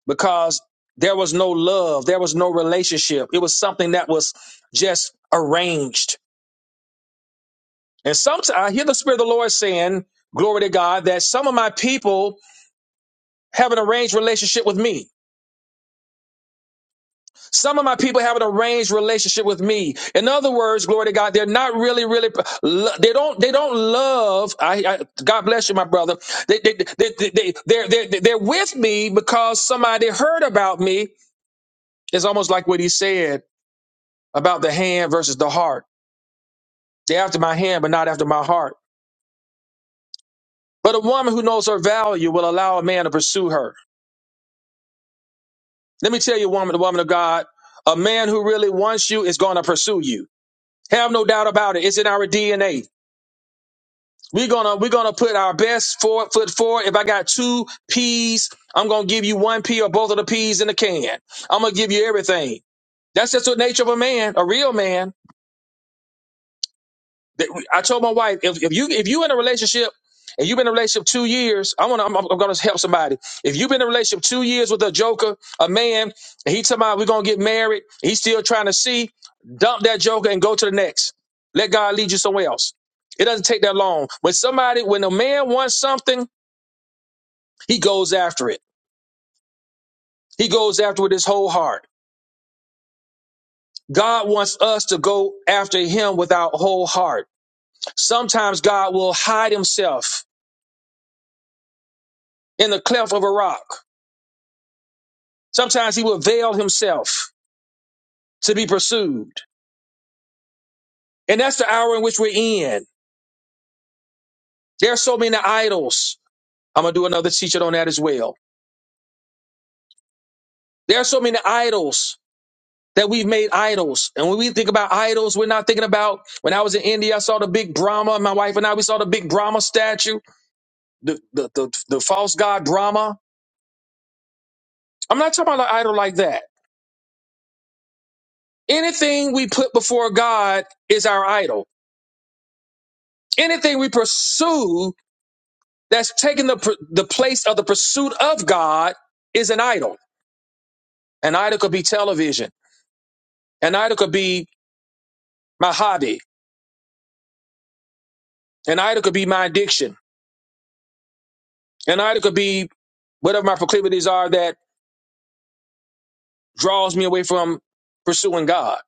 Speaker 1: because there was no love, there was no relationship. It was something that was just arranged. And sometimes I hear the Spirit of the Lord saying, Glory to God, that some of my people have an arranged relationship with me. Some of my people have an arranged relationship with me. In other words, glory to God, they're not really, really. They don't. They don't love. I, I God bless you, my brother. They, they, they, they, they, they're, they're, they're with me because somebody heard about me. It's almost like what he said about the hand versus the heart. They're after my hand, but not after my heart. But a woman who knows her value will allow a man to pursue her. Let me tell you, woman, the woman of God, a man who really wants you is going to pursue you. Have no doubt about it. It's in our DNA. We're gonna we're gonna put our best for, foot forward. If I got two peas, I'm gonna give you one pea or both of the peas in the can. I'm gonna give you everything. That's just the nature of a man, a real man. That- I told my wife, if, if you if you in a relationship and you've been in a relationship two years, I wanna I'm, I'm gonna help somebody. If you've been in a relationship two years with a joker, a man, and he talking about we're gonna get married, he's still trying to see, dump that joker and go to the next. Let God lead you somewhere else. It doesn't take that long. When somebody, when a man wants something He goes after it. He goes after it with his whole heart. God wants us to go after him with our whole heart. Sometimes God will hide himself in the cleft of a rock. Sometimes he will veil himself to be pursued. And that's the hour in which we're in. There are so many idols. I'm going to do another teaching on that as well. There are so many idols that we've made idols. And when we think about idols, we're not thinking about when I was in India, I saw the big Brahma. My wife and I, we saw the big Brahma statue. the, the the the false god drama. I'm not talking about an idol like that. Anything we put before God is our idol. Anything we pursue that's taking the pr- the place of the pursuit of God is an idol. An idol could be television. An idol could be my hobby. An idol could be my addiction. An idol could be whatever my proclivities are that draws me away from pursuing God.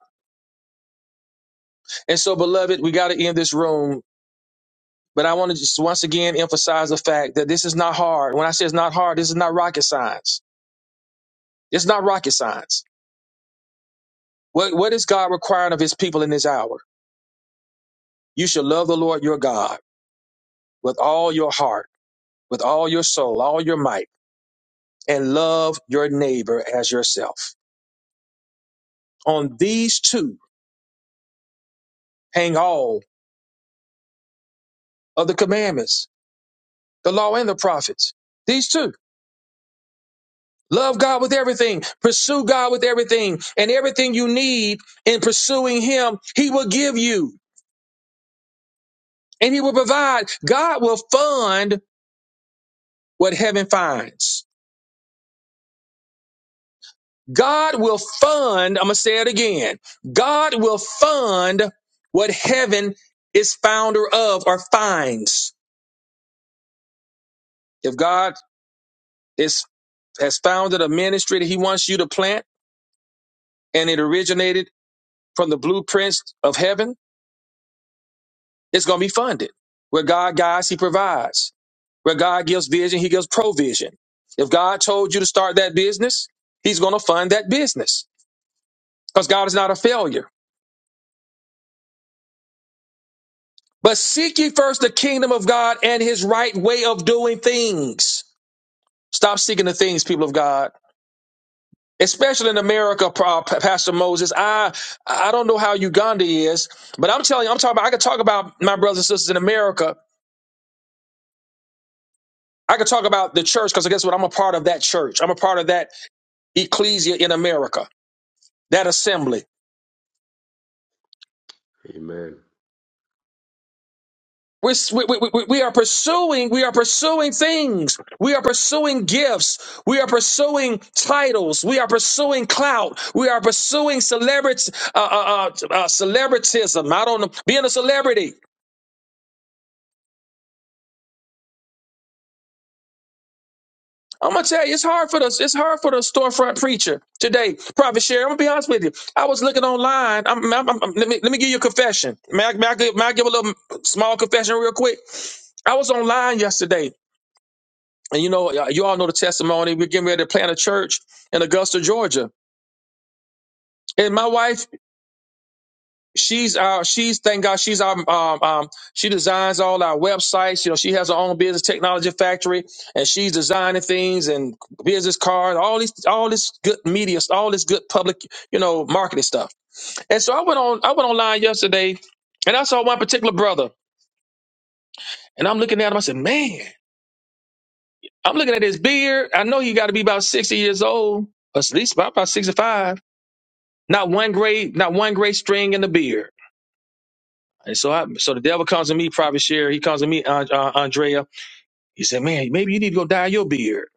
Speaker 1: And so, beloved, we got to end this room But I want to just once again emphasize the fact that this is not hard. When I say it's not hard, this is not rocket science. It's not rocket science. What, what is God requiring of his people in this hour? You shall love the Lord your God with all your heart, with all your soul, all your might, and love your neighbor as yourself. On these two hang all of the commandments, the law and the prophets. These two. Love God with everything, pursue God with everything, and everything you need in pursuing Him, He will give you. and he will provide. God will fund what heaven finds. God will fund, I'm going to say it again. God will fund what heaven is founder of or finds. If God is has founded a ministry that he wants you to plant and it originated from the blueprints of heaven, it's going to be funded. Where God guides, he provides. Where God gives vision, he gives provision. If God told you to start that business, he's going to fund that business. because God is not a failure. But seek ye first the kingdom of God and his right way of doing things. Stop seeking the things, people of God. Especially in America, Pa- Pastor Moses. I I don't know how Uganda is, but I'm telling you, I'm talking about I could talk about my brothers and sisters in America. I could talk about the church because guess what? I'm a part of that church. I'm a part of that ecclesia in America, that assembly.
Speaker 4: Amen.
Speaker 1: We're, we, we, we are pursuing, we are pursuing things. We are pursuing gifts. We are pursuing titles. We are pursuing clout. We are pursuing celebrity, uh, uh, uh, uh, celebritism. I don't know, being a celebrity. I'm gonna tell you, it's hard for the it's hard for the storefront preacher today. Prophet Sherry, I'm gonna be honest with you. I was looking online. I'm, I'm, I'm- let me let me give you a confession. May I, may I give, may I give a little small confession real quick? I was online yesterday And you know, uh, you all know the testimony. We're getting ready to plant a church in Augusta, Georgia. And my wife, she's our, she's thank God, she's our, um, um, she designs all our websites. You know, she has her own business technology factory, and she's designing things and business cards, all these, all this good media, all this good public, you know, marketing stuff. And so I went on, I went online yesterday, and I saw one particular brother, and I'm looking at him. I said, man, I'm looking at his beard. I know he got to be about sixty years old, or at least about about sixty-five. Not one great, not one great string in the beard. And so, I, so the devil comes to me, Prophet Sherry. He comes to me, An- uh, Andrea. He said, "Man, maybe you need to go dye your beard."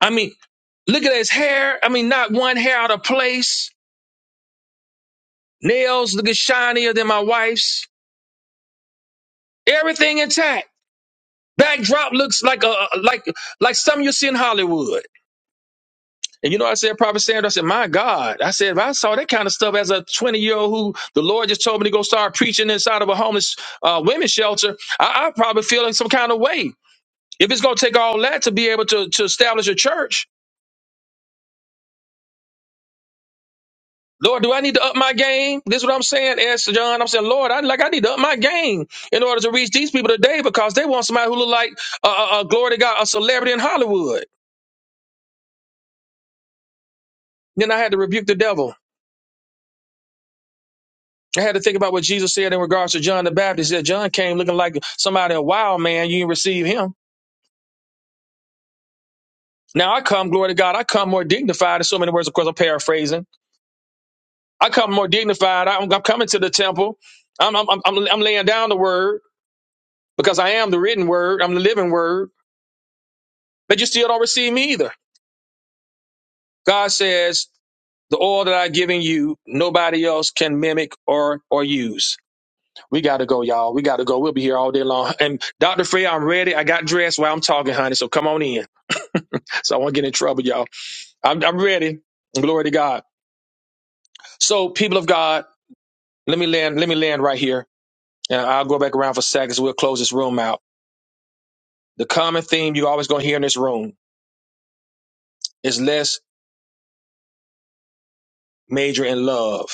Speaker 1: I mean, look at his hair. I mean, not one hair out of place. Nails look shinier than my wife's. Everything intact. Backdrop looks like a like like something you see in Hollywood. And you know, what I said, Prophet Sandra, I said, my God, I said, if I saw that kind of stuff as a 20 year old who the Lord just told me to go start preaching inside of a homeless uh, women's shelter, I, I'd probably feel in some kind of way. If it's going to take all that to be able to, to establish a church, Lord, do I need to up my game? This is what I'm saying, Esther John. I'm saying, Lord, I like I need to up my game in order to reach these people today because they want somebody who look like a uh, uh, uh, glory to God, a celebrity in Hollywood. Then I had to rebuke the devil. I had to think about what Jesus said in regards to John the Baptist. He Said John came looking like somebody a wild man. You didn't receive him. Now I come, glory to God. I come more dignified. In so many words, of course, I'm paraphrasing. I come more dignified. I'm, I'm coming to the temple. I'm, I'm, I'm I'm laying down the word because I am the written word. I'm the living word. But you still don't receive me either. God says the oil that I'm giving you, nobody else can mimic or or use. We got to go, y'all. We got to go. We'll be here all day long. And Dr. Frey, I'm ready. I got dressed while I'm talking, honey. So come on in. So I won't get in trouble, y'all. I'm, I'm ready. Glory to God. So, people of God, let me land. Let me land right here, and I'll go back around for seconds. We'll close this room out. The common theme you're always going to hear in this room is let's major in love.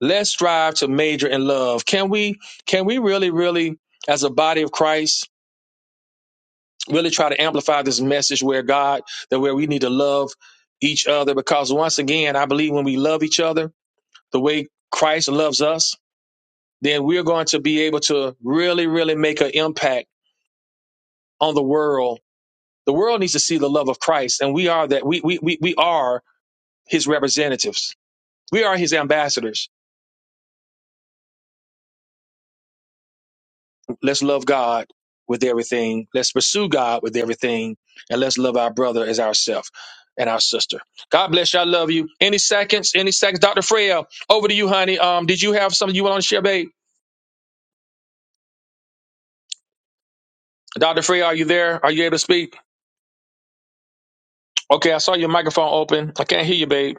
Speaker 1: Let's strive to major in love. Can we? Can we really, really, as a body of Christ, really try to amplify this message where God that where we need to love each other? Because once again, I believe when we love each other the way Christ loves us, then we're going to be able to really, really make an impact on the world. The world needs to see the love of Christ, and we are that. We we we, we are His representatives. We are His ambassadors. Let's love God with everything. Let's pursue God with everything, and let's love our brother as ourselves and our sister. God bless you. I love you. Any seconds? Any seconds? Dr. Freya, over to you, honey. Um, did you have something you want to share, babe? Dr. Freya, are you there? Are you able to speak? Okay, I saw your microphone open. I can't hear you, babe.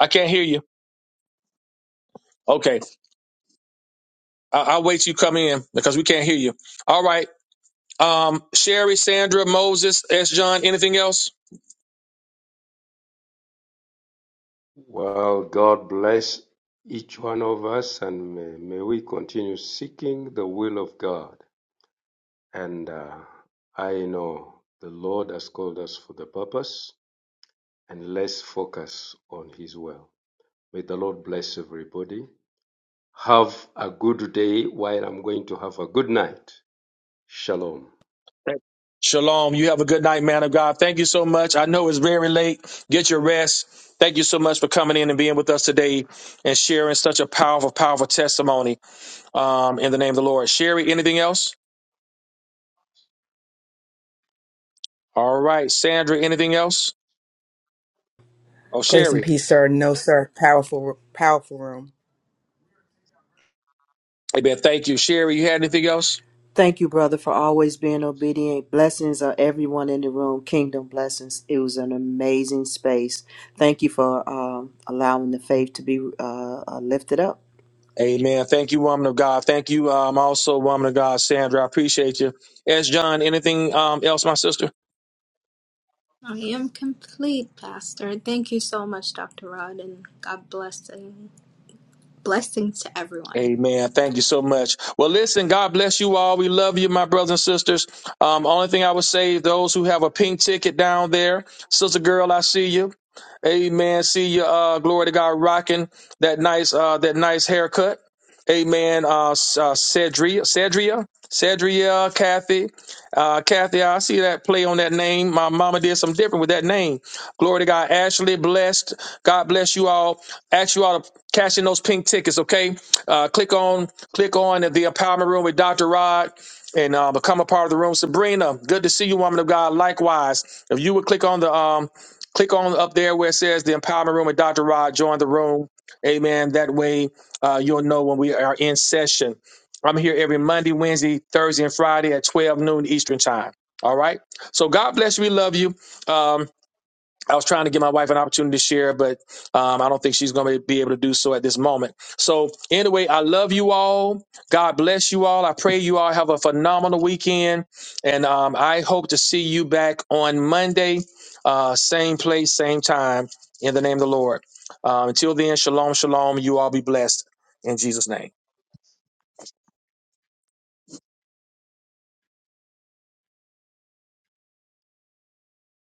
Speaker 1: I can't hear you. Okay. I- I'll wait till you come in because we can't hear you. All right. Um, Sherry, Sandra, Moses, S. John, anything else?
Speaker 4: Well, God bless each one of us, and may, may we continue seeking the will of God. And uh, I know the Lord has called us for the purpose, and let's focus on His will. May the Lord bless everybody. Have a good day while I'm going to have a good night. Shalom.
Speaker 1: Shalom. You have a good night, man of God. Thank you so much. I know it's very late. Get your rest. Thank you so much for coming in and being with us today and sharing such a powerful, powerful testimony um, in the name of the Lord. Sherry, anything else? All right. Sandra, anything else? Oh,
Speaker 8: Grace and
Speaker 1: Sherry.
Speaker 8: peace, sir. No, sir. Powerful, powerful room.
Speaker 1: Amen. Thank you. Sherry, you had anything else?
Speaker 3: Thank you, brother, for always being obedient. Blessings of everyone in the room. Kingdom blessings. It was an amazing space. Thank you for um, allowing the faith to be uh, uh, lifted up.
Speaker 1: Amen. Thank you, woman of God. Thank you, um, also, woman of God, Sandra. I appreciate you. As John, anything um, else, my sister?
Speaker 9: I am complete, Pastor. Thank you so much, Dr. Rod, and God blessing blessings to everyone.
Speaker 1: Amen. Thank you so much. Well, listen, God bless you all. We love you, my brothers and sisters. Um, only thing I would say, those who have a pink ticket down there, sister girl, I see you. Amen. See you. Uh, glory to God, rocking that nice, uh, that nice haircut. Amen. Uh, S- uh Cedria, Cedria, Cedria, Kathy, uh, Kathy. I see that play on that name. My mama did something different with that name. Glory to God. Ashley, blessed. God bless you all. Ask you all to cash in those pink tickets, okay? Uh, click on click on the empowerment room with Dr. Rod and uh, become a part of the room. Sabrina, good to see you, woman of God. Likewise, if you would click on the um click on up there where it says the empowerment room with Dr. Rod, join the room. Amen. That way uh, you'll know when we are in session. I'm here every Monday, Wednesday, Thursday, and Friday at 12 noon Eastern time. All right. So God bless you. We love you. Um, I was trying to give my wife an opportunity to share, but um, I don't think she's going to be able to do so at this moment. So, anyway, I love you all. God bless you all. I pray you all have a phenomenal weekend. And um, I hope to see you back on Monday, uh, same place, same time, in the name of the Lord. Uh, until then, shalom, shalom. You all be blessed in Jesus' name.